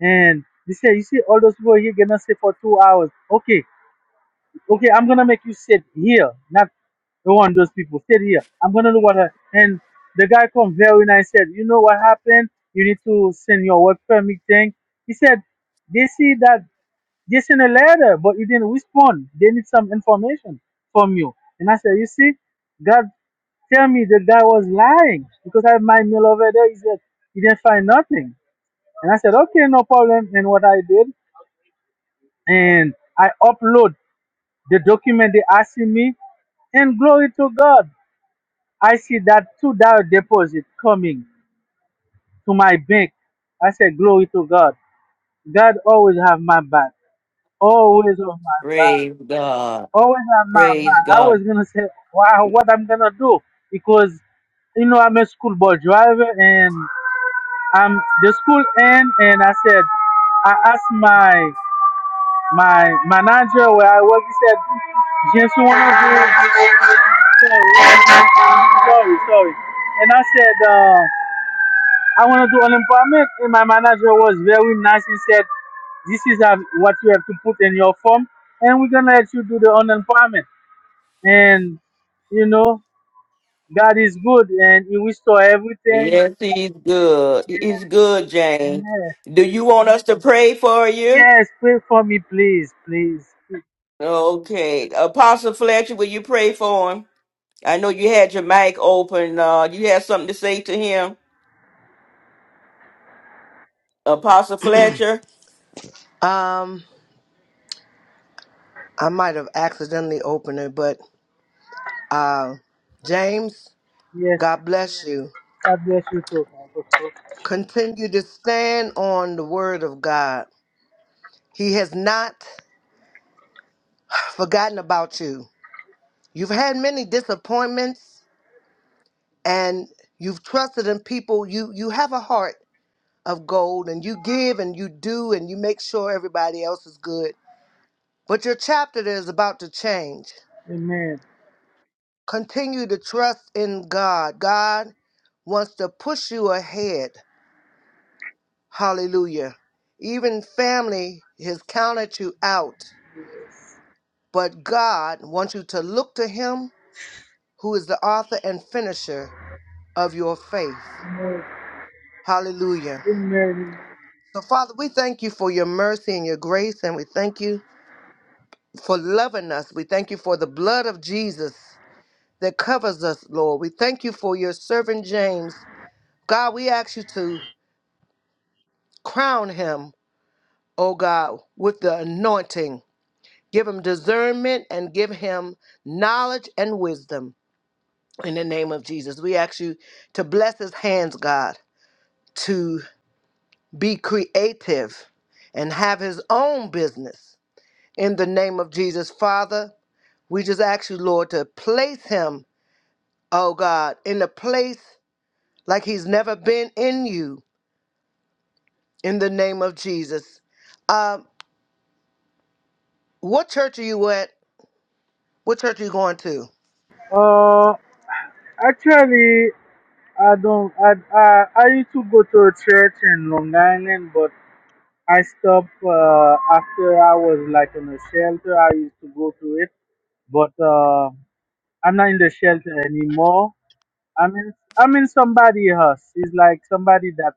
Speaker 5: And they said, you see, all those people here gonna stay for two hours. Okay, okay, I'm gonna make you sit here, not the one those people sit here. I'm gonna do what. I, and the guy come very nice. Said, you know what happened? You need to send your work permit thing. He said, they see that they sent a letter, but you didn't respond. They need some information from you. And I said, you see, God tell me the guy was lying because I have my mail over there. He said he didn't find nothing. And I said, okay, no problem. And what I did, and I upload the document they asking me, and glory to God, I see that two dollar deposit coming to my bank. I said, glory to God. God always have my back. Always on my back.
Speaker 1: Praise God.
Speaker 5: Always have my
Speaker 1: Praise
Speaker 5: back. I
Speaker 1: God.
Speaker 5: was gonna say, wow, what I'm gonna do? Because you know I'm a school bus driver and I'm the school end and I said I asked my my manager where I work, he said, yes, you want to do, sorry, sorry, sorry. And I said, uh, I want to do unemployment. And my manager was very nice. He said, this is have- what you have to put in your form, and we're going to let you do the unemployment. And, you know, God is good, and He restore everything.
Speaker 1: Yes, he's good. He's good, James.
Speaker 5: Yes,
Speaker 1: Do you want us to pray for you?
Speaker 5: yes, pray for me, please, please.
Speaker 1: Okay. Apostle Fletcher, will you pray for him? I know you had your mic open. Uh, you had something to say to him, Apostle Fletcher.
Speaker 2: Um, I might have accidentally opened it, but uh, James,
Speaker 5: Yes,
Speaker 2: God bless you.
Speaker 5: God bless you too.
Speaker 2: Continue to stand on the word of God. He has not forgotten about you. You've had many disappointments and you've trusted in people. You you have a heart of gold and you give and you do and you make sure everybody else is good. But your chapter is about to change.
Speaker 5: Amen.
Speaker 2: Continue to trust in God. God wants to push you ahead. Hallelujah. Even family has counted you out, but God wants you to look to him who is the author and finisher of your faith.
Speaker 5: Amen.
Speaker 2: Hallelujah.
Speaker 5: Amen.
Speaker 2: So, Father, we thank you for your mercy and your grace, and we thank you for loving us. We thank you for the blood of Jesus that covers us, Lord. We thank you for your servant James. God, we ask you to crown him, oh God, with the anointing. Give him discernment and give him knowledge and wisdom in the name of Jesus. We ask you to bless his hands, God, to be creative and have his own business in the name of Jesus, Father. We just ask you, Lord, to place him, oh God, in a place like he's never been in you, in the name of Jesus. Um, what church are you at? What church are you going to?
Speaker 5: Uh, actually, I don't. I, I I used to go to a church in Long Island, but I stopped uh, after I was like in a shelter. I used to go to it, but uh, I'm not in the shelter anymore. I'm in I'm in somebody else. It's like somebody that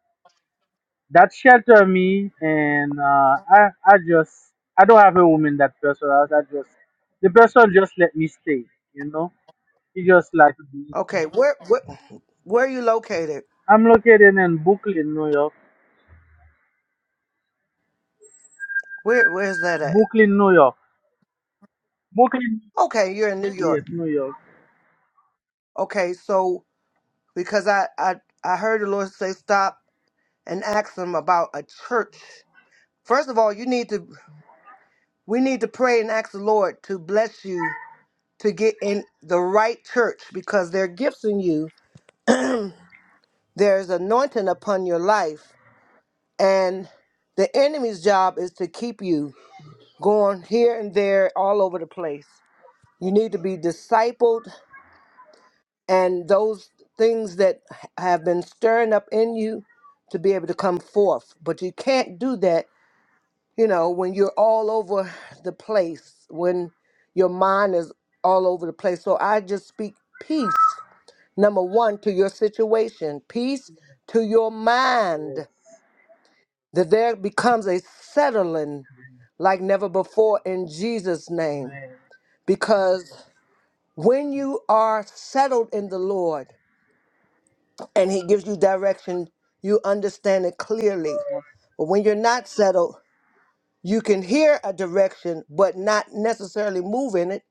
Speaker 5: that shelter me, and uh, I I just I don't have a woman that person. I, I just the person just let me stay. You know, he just like
Speaker 2: Okay, where where, where are you located?
Speaker 5: I'm located in Brooklyn, New York.
Speaker 2: Where where's that at?
Speaker 5: Brooklyn, New York. Brooklyn.
Speaker 2: Okay, you're in New
Speaker 5: Yes,
Speaker 2: York.
Speaker 5: New York.
Speaker 2: Okay, so because I I I heard the Lord say stop and ask him about a church. First of all, you need to we need to pray and ask the Lord to bless you to get in the right church because they're in you. There's anointing upon your life. And the enemy's job is to keep you going here and there, all over the place. You need to be discipled, and those things that have been stirring up in you to be able to come forth. But you can't do that, you know, when you're all over the place, when your mind is all over the place. So I just speak peace Number one, to your situation, peace to your
Speaker 5: Yes.
Speaker 2: mind, that there becomes a settling like never before in Jesus' name.
Speaker 5: Man.
Speaker 2: Because when you are settled in the Lord and He gives you direction, you understand it clearly. But when you're not settled, you can hear a direction, but not necessarily move in it.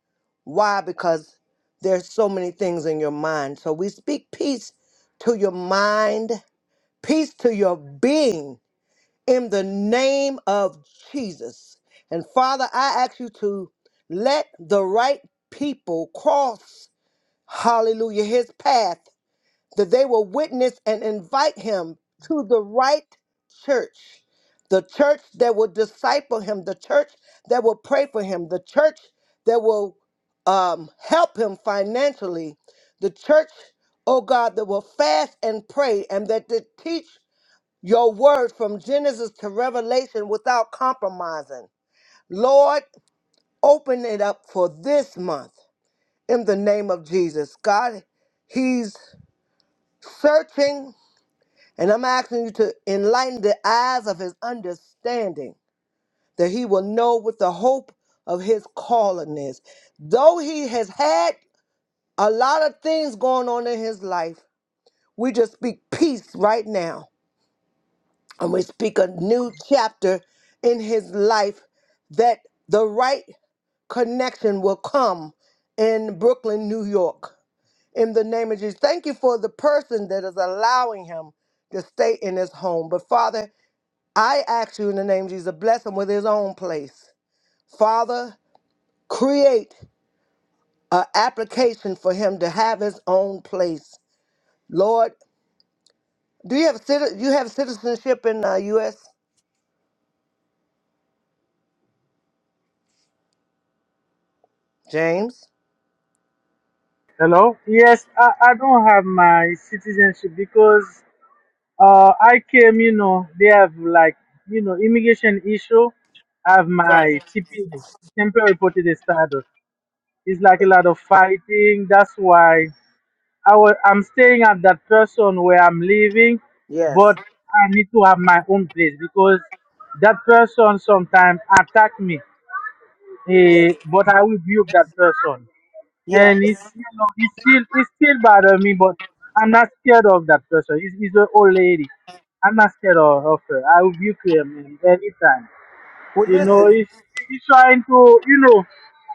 Speaker 2: Why? Because there's so many things in your mind. So we speak peace to your mind peace to your being in the name of Jesus. And Father, I ask you to let the right people cross, hallelujah, his path, that they will witness and invite him to the right church, the church that will disciple him, the church that will pray for him, the church that will um, help him financially, the church, oh God, that will fast and pray and that they teach your word from Genesis to Revelation without compromising. Lord, open it up for this month in the name of Jesus. God, He's searching, and I'm asking you to enlighten the eyes of His understanding that He will know what the hope of His calling is. Though He has had a lot of things going on in His life, we just speak peace right now And we speak a new chapter in his life that the right connection will come in Brooklyn, New York. In the name of Jesus, thank you for the person that is allowing him to stay in his home. But Father, I ask you in the name of Jesus, to bless him with his own place. Father, create an application for him to have his own place. Lord, do you have citi- you have citizenship in the U.S. James?
Speaker 5: Hello? Yes, I, I don't have my citizenship because uh, I came, you know, they have like, you know, immigration issue. I have my
Speaker 2: Right.
Speaker 5: TP, temporary protected status. It's like a lot of fighting. That's why I was I'm staying at that person where I'm living,
Speaker 2: Yes.
Speaker 5: but I need to have my own place because that person sometimes attack me. eh, but I rebuke that person,
Speaker 2: Yes.
Speaker 5: and it's you know it's still it's still bother me, but I'm not scared of that person. It's, it's an old lady. I'm not scared of, of her. I rebuke her man, anytime.
Speaker 2: Well,
Speaker 5: You know,
Speaker 2: listen.
Speaker 5: he's, he's trying to, you know,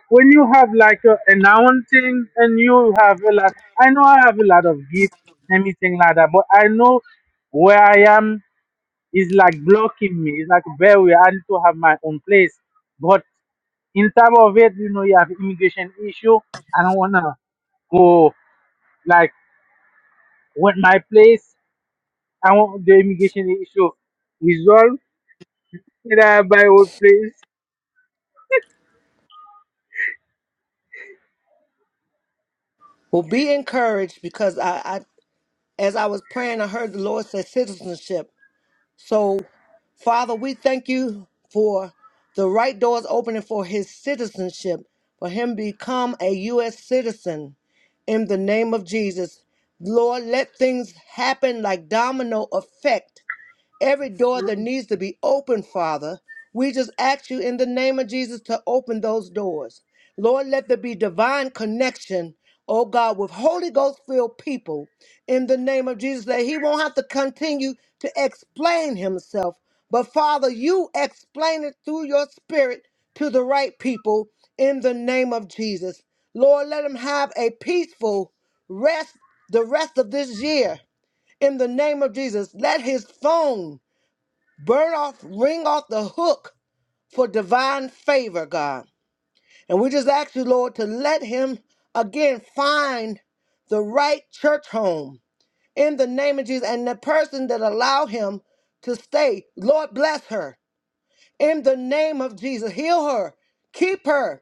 Speaker 5: when you have like a announcing and you have a lot, I know I have a lot of gifts, anything like that, but I know where I am is like blocking me. It's like a barrier. I need to have my own place. But in terms of it, you know, you have immigration issue. I don't wanna go like with my place. I want the immigration issue resolved. Then I buy own place.
Speaker 2: Well, be encouraged because I, I, as I was praying, I heard the Lord say citizenship. So, Father, we thank you for the right doors opening for his citizenship, for him become a U.S. citizen in the name of Jesus. Lord, let things happen like domino effect Every door that needs to be opened, Father, we just ask you in the name of Jesus to open those doors. Lord, let there be divine connection, oh God, with Holy Ghost filled people in the name of Jesus, that he won't have to continue to explain himself. But Father, you explain it through your spirit to the right people in the name of Jesus. Lord, let them have a peaceful rest the rest of this year in the name of Jesus. Let his phone burn off, ring off the hook for divine favor, God. And we just ask you, Lord, to let him again find the right church home in the name of Jesus and the person that allow him to stay. Lord, bless her in the name of Jesus. Heal her, keep her.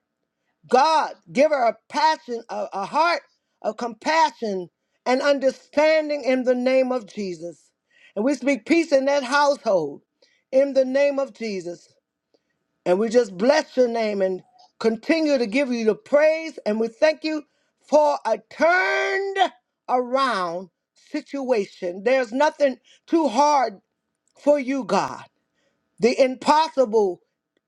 Speaker 2: God, give her a passion, a, a heart of compassion and understanding in the name of Jesus. And we speak peace in that household in the name of Jesus. And we just bless your name and continue to give you the praise. And we thank you for a turned around situation. There's nothing too hard for you, God. The impossible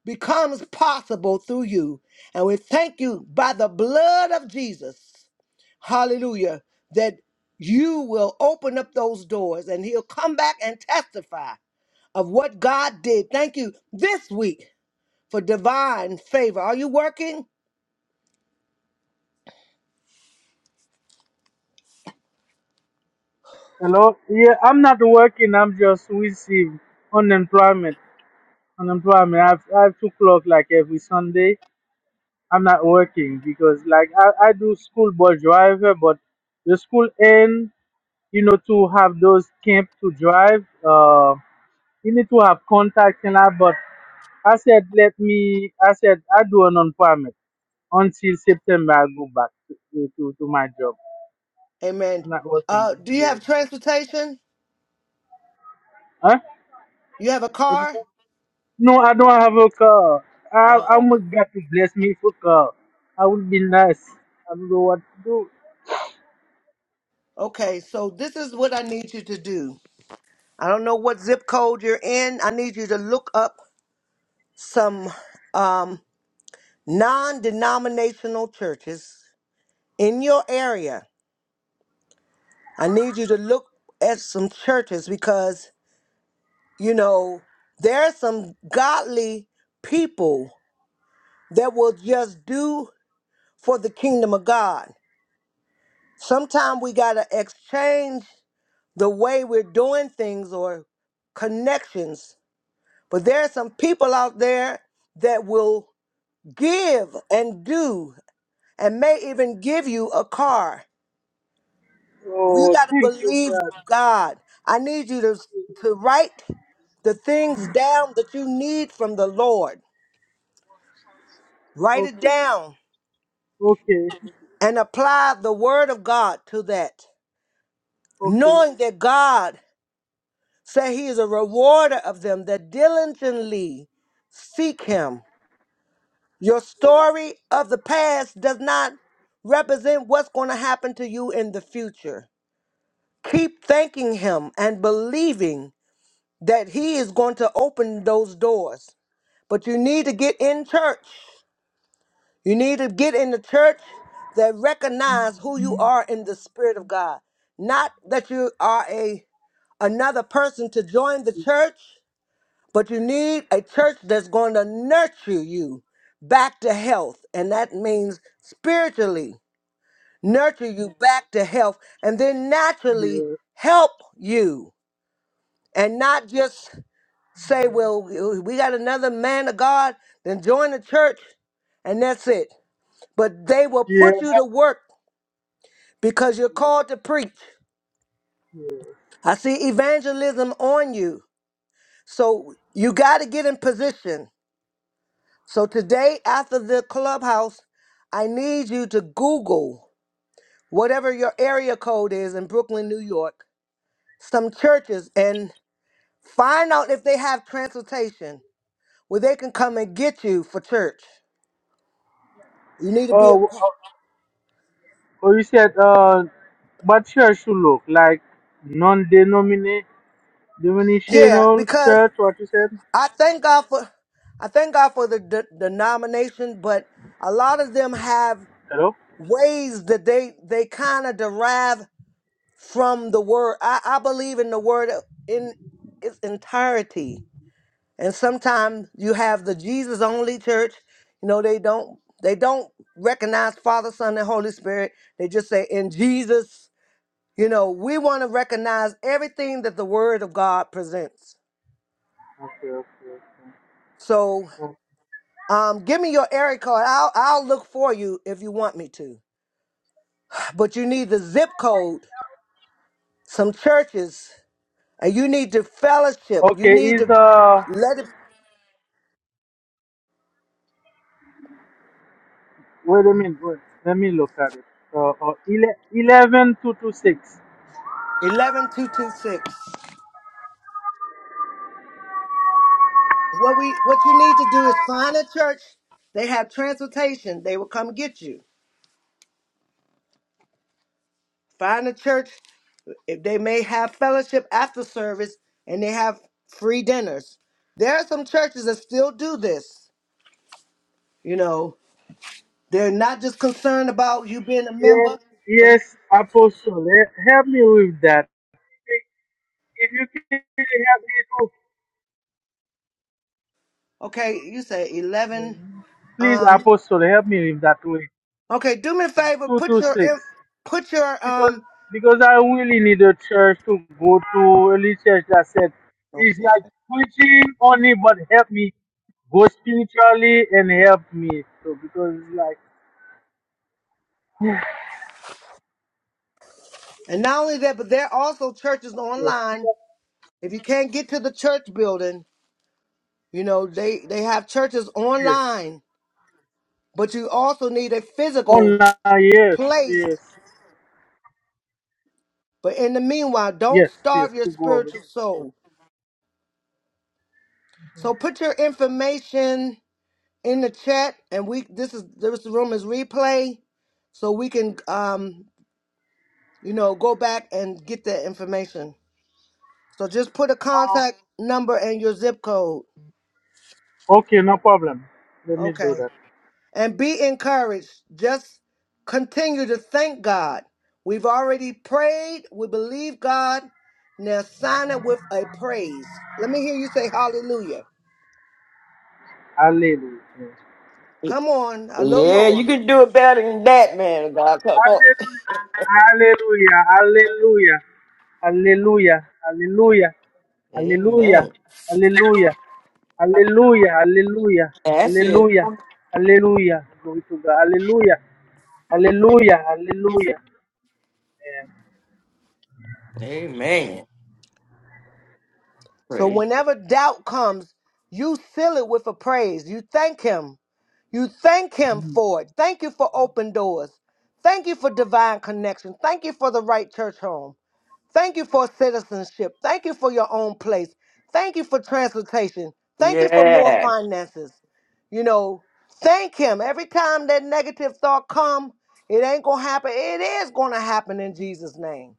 Speaker 2: becomes possible through you. And we thank you by the blood of Jesus. Hallelujah. That you will open up those doors and he'll come back and testify of what God did. Thank you this week for divine favor. Are you working?
Speaker 5: Hello? Yeah, I'm not working. I'm just receiving unemployment. Unemployment. I have, I have to clock like every Sunday. I'm not working because like I, I do school bus driver, but the school end, you know, to have those camp to drive. Uh, you need to have contact and that. But I said, let me, I said, I do an unemployment until September. I go back to, to, to my job.
Speaker 2: Amen.
Speaker 5: I'm not working.
Speaker 2: Uh, do you
Speaker 5: Yeah.
Speaker 2: have transportation?
Speaker 5: Huh?
Speaker 2: You have a
Speaker 5: What you
Speaker 2: car?
Speaker 5: say? No, I don't have a car. I,
Speaker 2: Oh,
Speaker 5: I'm a God to bless me for car. I would be nice. I don't know what to do.
Speaker 2: okay. So this is what I need you to do. I don't know what zip code you're in. I need you to look up some um, non-denominational churches in your area. I need you to look at some churches because you know there are some godly people that will just do for the kingdom of God. Sometimes we got to exchange the way we're doing things or connections. But there are some people out there that will give and do and may even give you a car. We
Speaker 5: Oh,
Speaker 2: got to
Speaker 5: thank you,
Speaker 2: believe
Speaker 5: God.
Speaker 2: God. I need you to, to write the things down that you need from the Lord. Write it
Speaker 5: Okay,
Speaker 2: down
Speaker 5: okay,
Speaker 2: and apply the word of God to that,
Speaker 5: okay.
Speaker 2: knowing that God Say he is a rewarder of them that diligently seek him. Your story of the past does not represent what's going to happen to you in the future. Keep thanking him and believing that he is going to open those doors. But you need to get in church. You need to get in the church that recognize who you are in the spirit of God. Not that you are a another person to join the church But you need a church that's going to nurture you back to health. And that means spiritually nurture you Mhm. back to health and then naturally
Speaker 5: Yeah,
Speaker 2: help you and not just say, well, we got another man of God, then join the church and that's it. But they will
Speaker 5: yeah.
Speaker 2: put you to work because you're called to preach. I see evangelism on you. So you got to get in position So today, after the clubhouse, I need you to Google whatever your area code is in Brooklyn, New York, some churches, and find out if they have transportation where they can come and get you for church. You need to be a
Speaker 5: Oh,
Speaker 2: part.
Speaker 5: oh, oh, you said uh, what church should look like? Non-denominational
Speaker 2: yeah,
Speaker 5: denominational
Speaker 2: because
Speaker 5: church? What you said?
Speaker 2: I thank God for I thank God for the de- denomination, but a lot of them have
Speaker 5: Hello.
Speaker 2: ways that they they kind of derive from the word. I, I believe in the word in its entirety. And sometimes you have the Jesus only church. You know, they don't they don't recognize Father, Son, and Holy Spirit. They just say in Jesus. You know, we want to recognize everything that the Word of God presents.
Speaker 5: Okay, okay, okay.
Speaker 2: So,
Speaker 5: Oh,
Speaker 2: um, give me your area code. I'll I'll look for you if you want me to. But you need the zip code, some churches, and you need to fellowship. You
Speaker 5: Okay,
Speaker 2: need
Speaker 5: is
Speaker 2: to
Speaker 5: uh,
Speaker 2: let it
Speaker 5: wait a minute. Wait, let me look at it. Uh, uh, ele- eleven two two six.
Speaker 2: 11226. What we what you need to do is find a church. They have transportation. They will come get you. Find a church. If they may have fellowship after service and they have free dinners. There are some churches that still do this. You know, they're not just concerned about you being a
Speaker 5: Yes,
Speaker 2: member, but
Speaker 5: yes, Apostle. he- Help me with that. If you can really help
Speaker 2: okay, you say
Speaker 5: me
Speaker 2: 11
Speaker 5: to, Please,
Speaker 2: um
Speaker 5: Apostle, help me with that way.
Speaker 2: okay, do me a favor, put your
Speaker 5: 226.
Speaker 2: in- put your
Speaker 5: Because
Speaker 2: um
Speaker 5: because I really need a church to go to, early church that said, it's like preaching only, but help me go spiritually and help me. So, because it's like,
Speaker 2: and not only that, but there are also churches
Speaker 5: yes,
Speaker 2: online If you can't get to the church building, you know, they, they have churches
Speaker 5: yes,
Speaker 2: online, but you also need a physical
Speaker 5: online, yes,
Speaker 2: place.
Speaker 5: yes,
Speaker 2: But in the meanwhile, don't
Speaker 5: yes, yes,
Speaker 2: starve your
Speaker 5: to go over.
Speaker 2: spiritual soul. So put your information in the chat and we this is this room is replay so we can um you know go back and get that information. So just put a contact number and your zip code.
Speaker 5: Okay, no problem. Let me do
Speaker 2: Okay.
Speaker 5: that.
Speaker 2: and be encouraged. Just continue to thank God. We've already prayed. We believe God. Now sign it with a praise. Let me hear you say hallelujah.
Speaker 5: Hallelujah.
Speaker 2: Come on, a little
Speaker 1: Yeah, you
Speaker 2: more.
Speaker 1: can do it better than that, man. of God, come on.
Speaker 5: Hallelujah. Hallelujah. Hallelujah. Hallelujah.
Speaker 1: Amen.
Speaker 5: Hallelujah. Hallelujah. Hallelujah. Hallelujah. Hallelujah.
Speaker 1: That's it.
Speaker 5: Hallelujah. Hallelujah. Glory to God. Hallelujah. Hallelujah. Hallelujah.
Speaker 1: Amen.
Speaker 2: So
Speaker 1: Praise.
Speaker 2: whenever doubt comes, you fill it with a praise. You thank Him. You thank Him
Speaker 5: Amen.
Speaker 2: for it. Thank you for open doors. Thank you for divine connection. Thank you for the right church home. Thank you for citizenship. Thank you for your own place. Thank you for transportation. Thank you for more
Speaker 1: Yeah.
Speaker 2: finances. You know, thank him. Every time that negative thought come, it ain't going to happen. It is going to happen in Jesus name.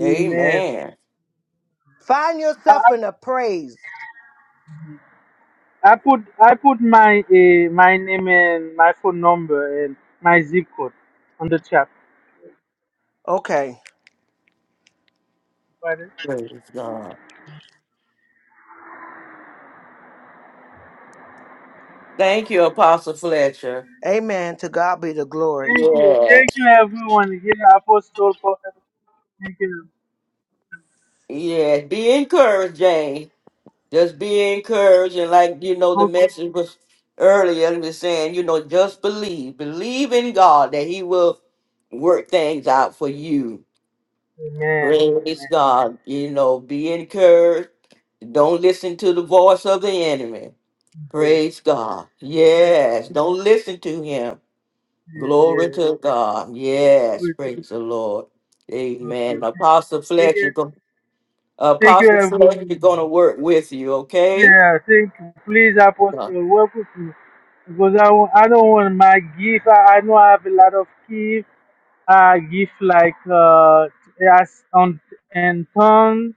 Speaker 5: Amen.
Speaker 2: Find
Speaker 5: I,
Speaker 2: yourself
Speaker 5: I
Speaker 2: in a praise.
Speaker 5: I put I put my uh, my name and my phone number and my zip code on the chat.
Speaker 2: Okay.
Speaker 1: Praise God. Thank you, Apostle Fletcher.
Speaker 2: Amen. To God be the glory.
Speaker 5: Thank you. Thank
Speaker 1: Yes.
Speaker 5: you, everyone. Again, Apostle Prophet. Thank you.
Speaker 1: Yes. Be encouraged, Jane. Just be encouraged, and like you know, the
Speaker 5: Okay.
Speaker 1: message was earlier. It was saying, you know, just believe, believe in God that He will work things out for you.
Speaker 5: Amen.
Speaker 1: Praise
Speaker 5: Amen.
Speaker 1: God. You know, be encouraged. Don't listen to the voice of the enemy.
Speaker 5: Yes.
Speaker 1: Praise God.
Speaker 5: Yes.
Speaker 1: Yes, don't listen to him.
Speaker 5: Yes.
Speaker 1: Glory
Speaker 5: yes.
Speaker 1: to God. Yes,
Speaker 5: Good.
Speaker 1: praise the Lord.
Speaker 5: Okay.
Speaker 1: Amen. Apostle
Speaker 5: Thank
Speaker 1: Fletcher,
Speaker 5: you.
Speaker 1: go-
Speaker 5: Thank you,
Speaker 1: Apostle
Speaker 5: everyone.
Speaker 1: Fletcher, going to work with you. Okay.
Speaker 5: Yeah. Thank you. Please, Apostle, work with me. Because I, wa- I don't want my gift. I, I know I have a lot of gift. I give like uh, as on and tons.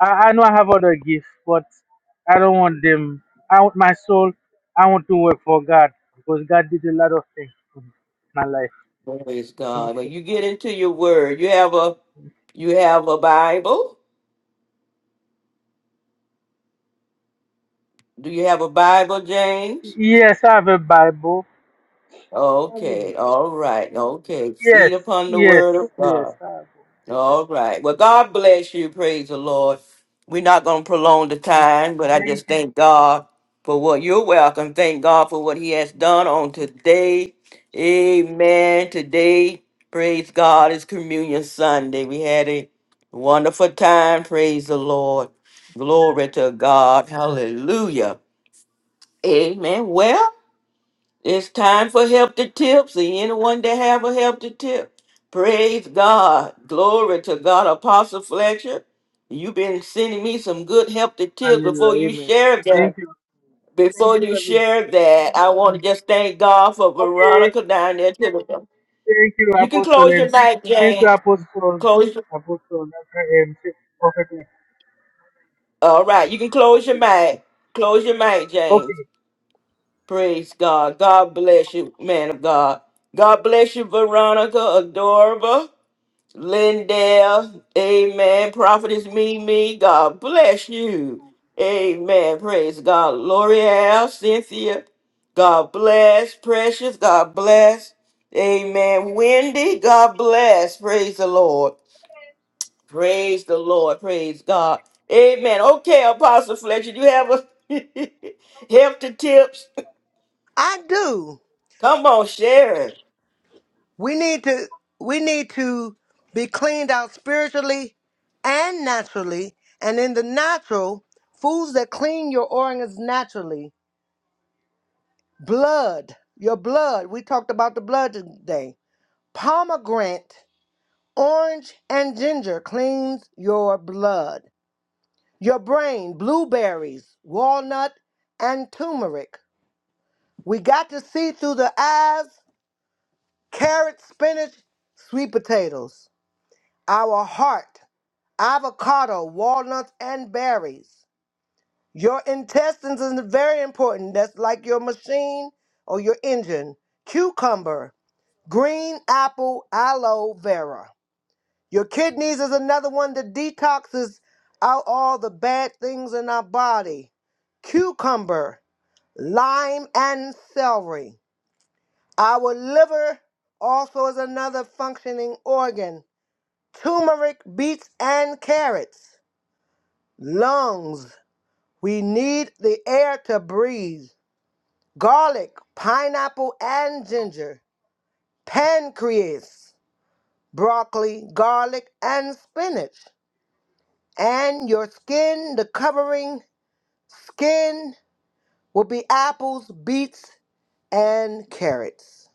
Speaker 5: I, I know I have other gifts, but I don't want them. I want my soul. I want to work for God because God did a lot of things in my life.
Speaker 1: Praise God. When you get into your word, you have a you have a Bible? Do you have a Bible, James?
Speaker 5: yes, I have a Bible. I have a
Speaker 1: Okay,
Speaker 5: Bible.
Speaker 1: all right, okay.
Speaker 5: Yes,
Speaker 1: Feed upon the word
Speaker 5: yes,
Speaker 1: of God.
Speaker 5: yes, I have. a- Bible.
Speaker 1: All right. Well, God bless you. Praise the Lord. We're not going to prolong the
Speaker 5: Okay.
Speaker 1: time, but I
Speaker 5: Thank
Speaker 1: just
Speaker 5: you.
Speaker 1: thank God for what you're welcome. Thank God for what He has done on today. Amen. Today, praise God, is Communion Sunday. We had a wonderful time. Praise the Lord. Glory to God. Hallelujah. Amen. Well, it's time for help to tipsy. Anyone that have a help to tip, praise God. Glory to God. Apostle Fletcher, you've been sending me some good help to tips before
Speaker 5: Hallelujah.
Speaker 1: you
Speaker 5: Amen.
Speaker 1: share that.
Speaker 5: Thank you. Thank
Speaker 1: Before
Speaker 5: you,
Speaker 1: you
Speaker 5: Reverend.
Speaker 1: share that, I want to just thank God for
Speaker 5: Okay.
Speaker 1: Veronica down there. To the,
Speaker 5: Thank you,
Speaker 1: you can
Speaker 5: Apostle.
Speaker 1: close your
Speaker 5: And
Speaker 1: mic,
Speaker 5: thank you,
Speaker 1: James.
Speaker 5: Apostle.
Speaker 1: Close. your-
Speaker 5: Apostle. Um, Prophet.
Speaker 1: All right, you can close your
Speaker 5: Okay.
Speaker 1: mic. Close your mic, James.
Speaker 5: Okay.
Speaker 1: Praise God. God bless you, man of God. God bless you, Veronica, adorable. Lindell, amen. Prophetess Mimi, God bless you. Amen. Praise God. L'Oreal, Cynthia, God bless. Precious, God bless. Amen. Wendy, God bless. Praise the Lord. Praise the Lord. Praise God. Amen. Okay, Apostle Fletcher, do you have a help to tips?
Speaker 2: I do.
Speaker 1: Come on, share it.
Speaker 2: We need to we need to be cleaned out spiritually and naturally. And in the natural, foods that clean your organs naturally. Blood, your blood. We talked about the blood today. Pomegranate, orange, and ginger cleans your blood. Your brain, blueberries, walnut, and turmeric. We got to see through the eyes, carrot, spinach, sweet potatoes. Our heart. avocado, walnuts, and berries. Your intestines is very important. That's like your machine or your engine. Cucumber, green apple, aloe vera. Your kidneys is another one that detoxes out all the bad things in our body. Cucumber, lime, and celery. Our liver also is another functioning organ. Turmeric, beets, and carrots. Lungs. We need the air to breathe. Garlic, pineapple, and ginger. Pancreas, broccoli, garlic, and spinach. And your skin, the covering skin will be apples, beets, and carrots.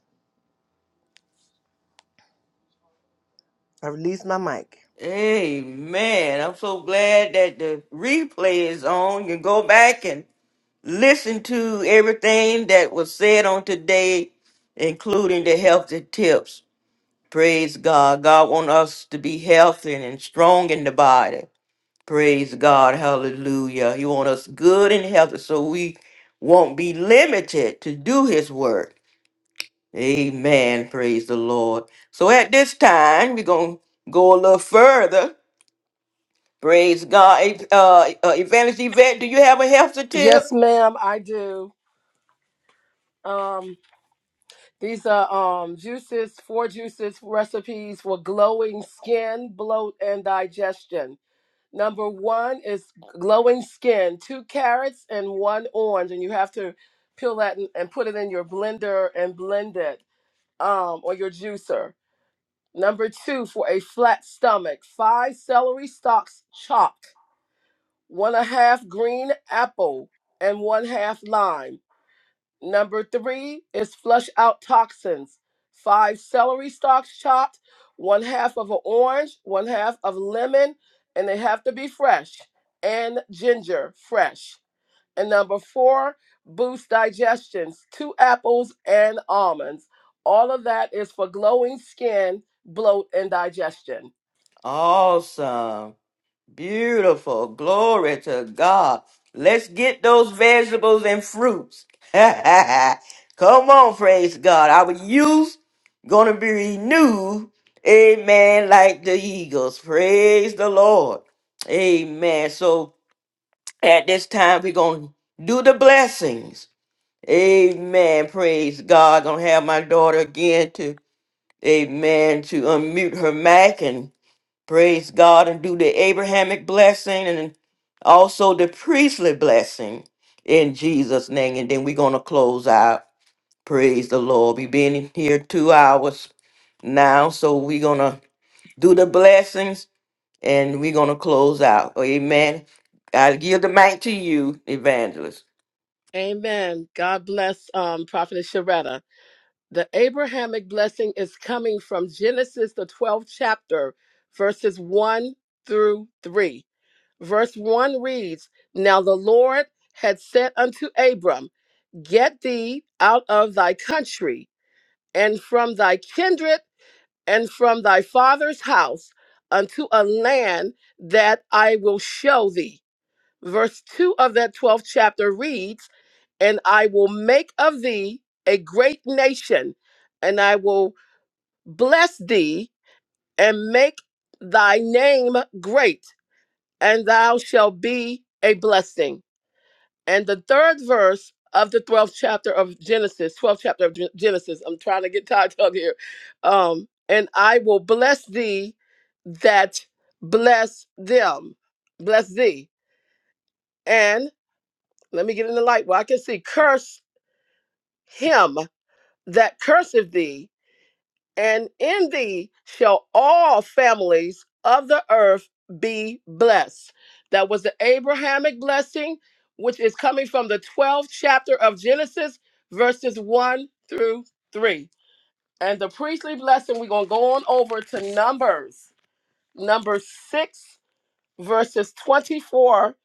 Speaker 2: I release my mic.
Speaker 1: Amen. I'm so glad that the replay is on. You go back and listen to everything that was said on today, including the healthy tips. Praise God. God wants us to be healthy and strong in the body. Praise God. Hallelujah. He wants us good and healthy so we won't be limited to do his work. Amen. Praise the Lord. So at this time, we're going to go a little further. Praise God. Uh, uh, Evangelist Yvette, do you have a healthy
Speaker 4: Yes,
Speaker 1: tip?
Speaker 4: ma'am, I do. Um, these are um juices, four juices recipes for glowing skin, bloat, and digestion. Number one is glowing skin, two carrots and one orange, and you have to peel that and, and put it in your blender and blend it, um, or your juicer. Number two, for a flat stomach, five celery stalks chopped one and a half green apple, and one half lime. Number three is flush out toxins. Five celery stalks chopped, one half of an orange, one half of lemon, and they have to be fresh, and ginger fresh. And number four, boost digestions, two apples and almonds. All of that is for glowing skin, bloat, and digestion.
Speaker 1: Awesome. Beautiful. Glory to God. Let's get those vegetables and fruits. Come on, praise God. Our youth gonna be renewed. Amen. Like the eagles. Praise the Lord. Amen. So at this time, we're gonna do the blessings. Amen. Praise God. Gonna have my daughter again to Amen. To unmute her mic and Praise God and do the Abrahamic blessing and also the priestly blessing in Jesus' name. And then we're going to close out. Praise the Lord. We've been in here two hours now, so we're going to do the blessings and we're going to close out. Amen. I give the mic to you, evangelist.
Speaker 4: Amen. God bless um, Prophetess Sharetta. The Abrahamic blessing is coming from Genesis, the 12th chapter, verses 1 through 3. Verse 1 reads Now the Lord had said unto Abram, Get thee out of thy country, and from thy kindred, and from thy father's house, unto a land that I will show thee. Verse 2 of that 12th chapter reads, And I will make of thee a great nation, and I will bless thee and make thy name great, and thou shalt be a blessing. And the third verse of the 12th chapter of Genesis, 12th chapter of Gen- Genesis, I'm trying to get tied up here. Um, and I will bless thee that bless them, bless thee. And let me get in the light where I can see, curse him that curseth thee, and in thee shall all families of the earth be blessed. That was the Abrahamic blessing, which is coming from the 12th chapter of Genesis, verses 1 through 3. And the priestly blessing, we're going to go on over to Numbers, number 6, verses 24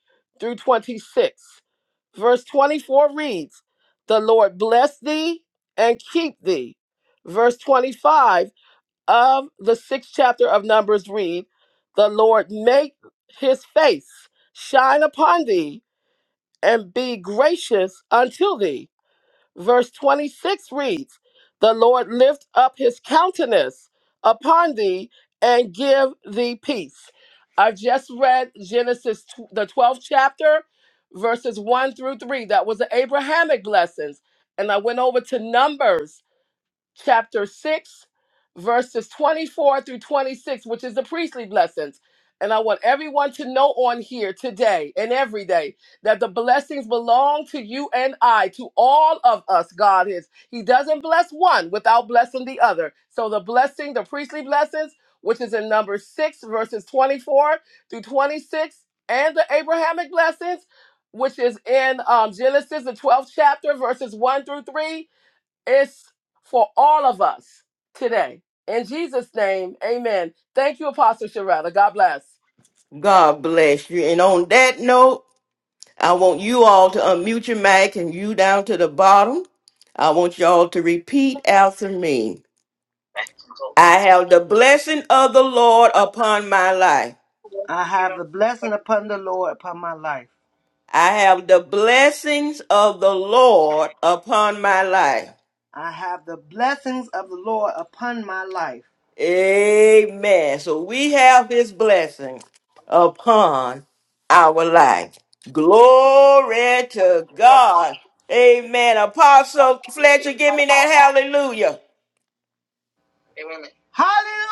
Speaker 4: through 26. Verse 24 reads, The Lord bless thee and keep thee. Verse 25, of the sixth chapter of Numbers read, The Lord make his face shine upon thee and be gracious unto thee. Verse 26 reads, The Lord lift up his countenance upon thee and give thee peace. I just read Genesis, tw- the 12th chapter, verses 1 through 3. That was the Abrahamic blessings. And I went over to Numbers chapter 6, verses 24 through 26, which is the priestly blessings. And I want everyone to know on here today and every day that the blessings belong to you and I, to all of us, God is. He doesn't bless one without blessing the other. So the blessing, the priestly blessings, which is in number 6, verses 24 through 26, and the Abrahamic blessings, which is in um, Genesis, the 12th chapter, verses 1 through 3, it's for all of us today. In Jesus' name, amen. Thank you, Apostle Sharetta. God bless.
Speaker 1: God bless you. And on that note, I want you all to unmute your mic and you down to the bottom. I want y'all to repeat after me. I have the blessing of the Lord upon my life.
Speaker 2: I have the blessing upon the Lord upon my life.
Speaker 1: I have the blessings of the Lord upon my life.
Speaker 2: I have the blessings of the Lord upon my life.
Speaker 1: Amen. So we have his blessing upon our life. Glory to God. Amen. Apostle Fletcher, give me that hallelujah.
Speaker 2: Hallelujah!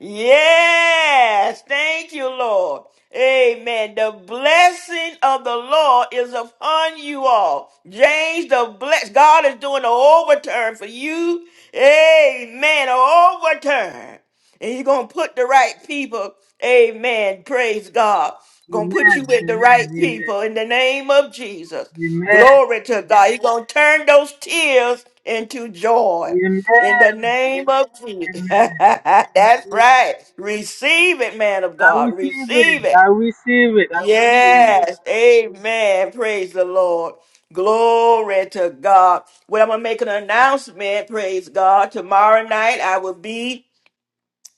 Speaker 1: Yes, thank you, Lord. Amen. The blessing of the Lord is upon you all. James, the bless God is doing an overturn for you. Amen. An overturn. And He's gonna put the right people. Amen. Praise God. Gonna put
Speaker 5: Amen.
Speaker 1: you with the right
Speaker 5: Amen. Amen.
Speaker 1: people in the name of Jesus.
Speaker 5: Amen.
Speaker 1: Glory to God. He's gonna turn those tears into joy.
Speaker 5: Amen.
Speaker 1: In the name of Jesus.
Speaker 5: Amen.
Speaker 1: That's right. Receive it, man of
Speaker 5: I
Speaker 1: God.
Speaker 5: receive
Speaker 1: Receive
Speaker 5: it.
Speaker 1: it.
Speaker 5: I receive it. I receive it.
Speaker 1: Yes. Amen. Praise the Lord. Glory to God. Well, I'm going to make an announcement. Praise God. Tomorrow night, I will be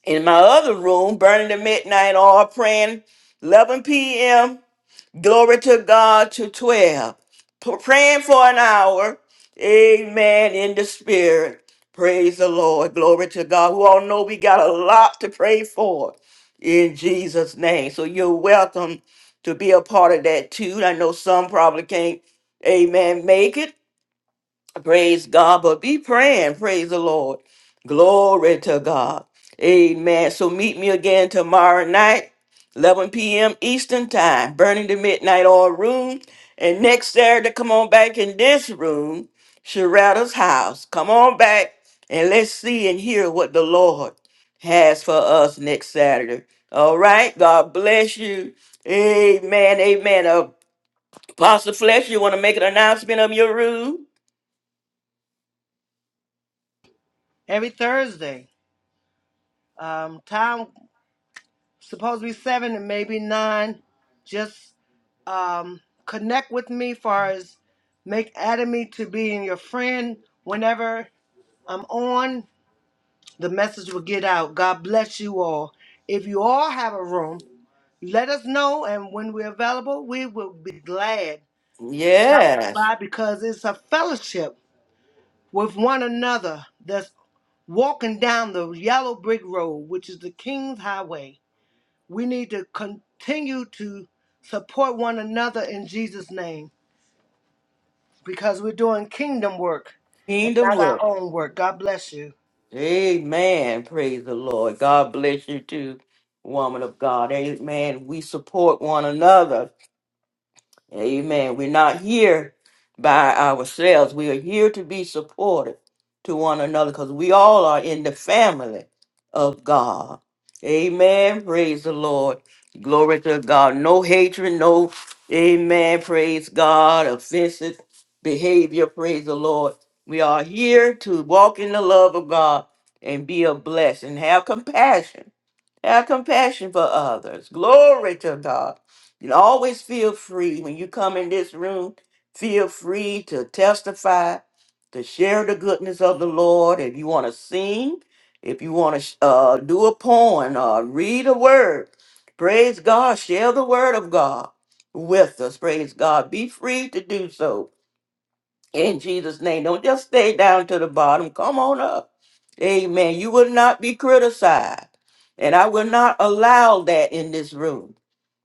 Speaker 1: in my other room, burning the midnight oil, praying 11 p.m. Glory to God to 12. P- Praying for an hour. Amen. In the spirit. Praise the Lord. Glory to God. We all know we got a lot to pray for in Jesus' name. So you're welcome to be a part of that too. I know some probably can't, amen, make it. Praise God, but be praying. Praise the Lord. Glory to God. Amen. So meet me again tomorrow night, 11 p.m. Eastern Time, burning the midnight oil room. And next Saturday, come on back in this room, Sharetta's house. Come on back and let's see and hear what the Lord has for us next Saturday. All right. God bless you. Amen. Amen. Apostle Flesh, you want to make an announcement of your room?
Speaker 2: every Thursday. Um, time supposed to be seven and maybe nine. Just um, connect with me far as make adding me to being your friend. Whenever I'm on, the message will get out. God bless you all. If you all have a room, let us know, and when we're available, we will be glad stopping
Speaker 1: Yes,
Speaker 2: by because it's a fellowship with one another that's walking down the yellow brick road, which is the King's Highway. we need to continue to support one another in Jesus' name because we're doing kingdom work and
Speaker 1: kingdom
Speaker 2: not our
Speaker 1: work.
Speaker 2: own work. God bless you.
Speaker 1: Amen. Praise the Lord. God bless you too, woman of God. Amen. We support one another. Amen. We're not here by ourselves. We are here to be supportive to one another because we all are in the family of God. Amen. Praise the Lord. Glory to God. No hatred, no, amen. Praise God. Offensive behavior. Praise the Lord. We are here to walk in the love of God and be a blessing. Have compassion have compassion for others. Glory to God. And always feel free when you come in this room. Feel free to testify, to share the goodness of the Lord. If you want to sing, if you want to uh, do a poem or read a word, praise God. Share the word of God with us. Praise God. Be free to do so in Jesus' name. Don't just stay down to the bottom. Come on up. Amen. You will not be criticized. And I will not allow that in this room.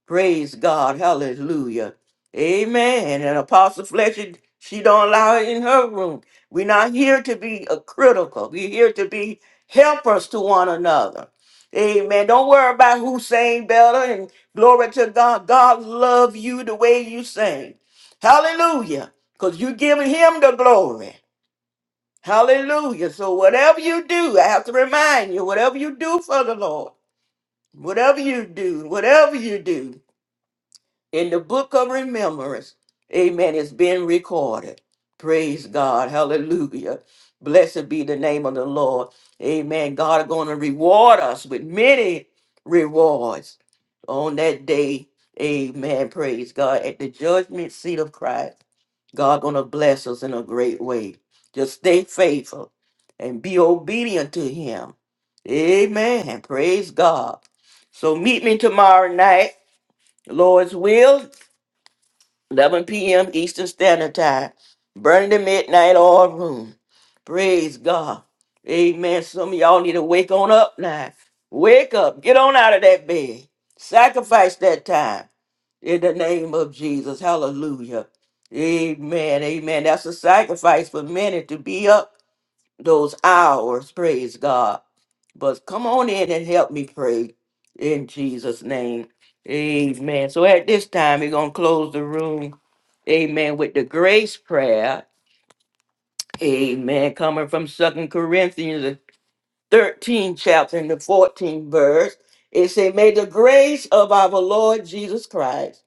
Speaker 1: Praise God. Hallelujah. Amen. And Apostle Fletcher, she don't allow it in her room. We're not here to be a critical. We're here to be helpers to one another. Amen. Don't worry about who sang better and glory to God. God love you the way you sing. Hallelujah. Because you giving him the glory. Hallelujah. So whatever you do, I have to remind you, whatever you do for the Lord, whatever you do, whatever you do in the book of remembrance. Amen. It's been recorded. Praise God. Hallelujah. Blessed be the name of the Lord. Amen. God is going to reward us with many rewards on that day. Amen. Praise God. At the judgment seat of Christ, God going to bless us in a great way. Just stay faithful and be obedient to him. Amen. Praise God. So meet me tomorrow night. Lord's will. 11 p.m. Eastern Standard Time, burning the midnight oil room. Praise God. Amen. Some of y'all need to wake on up now. Wake up. Get on out of that bed. Sacrifice that time in the name of Jesus. Hallelujah. Amen. Amen. That's a sacrifice for many to be up those hours. Praise God. But come on in and help me pray in Jesus' name. Amen. So at this time, we're going to close the room. Amen. With the grace prayer. Amen. Coming from Second Corinthians, the 13th chapter and the 14th verse. It say, May the grace of our Lord Jesus Christ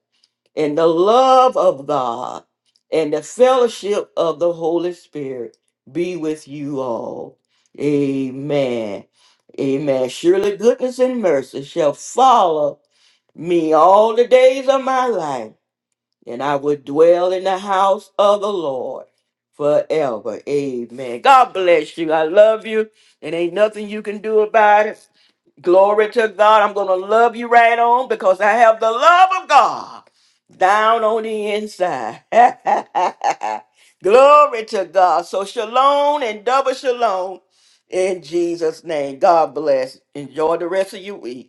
Speaker 1: and the love of God and the fellowship of the Holy Spirit be with you all. Amen. Amen. Surely goodness and mercy shall follow me all the days of my life and I will dwell in the house of the Lord forever. Amen. God bless you. I love you, and ain't nothing you can do about it. Glory to God. I'm going to love you right on because I have the love of God down on the inside. Glory to God. So, shalom and double shalom in Jesus' name. God bless. Enjoy the rest of your week.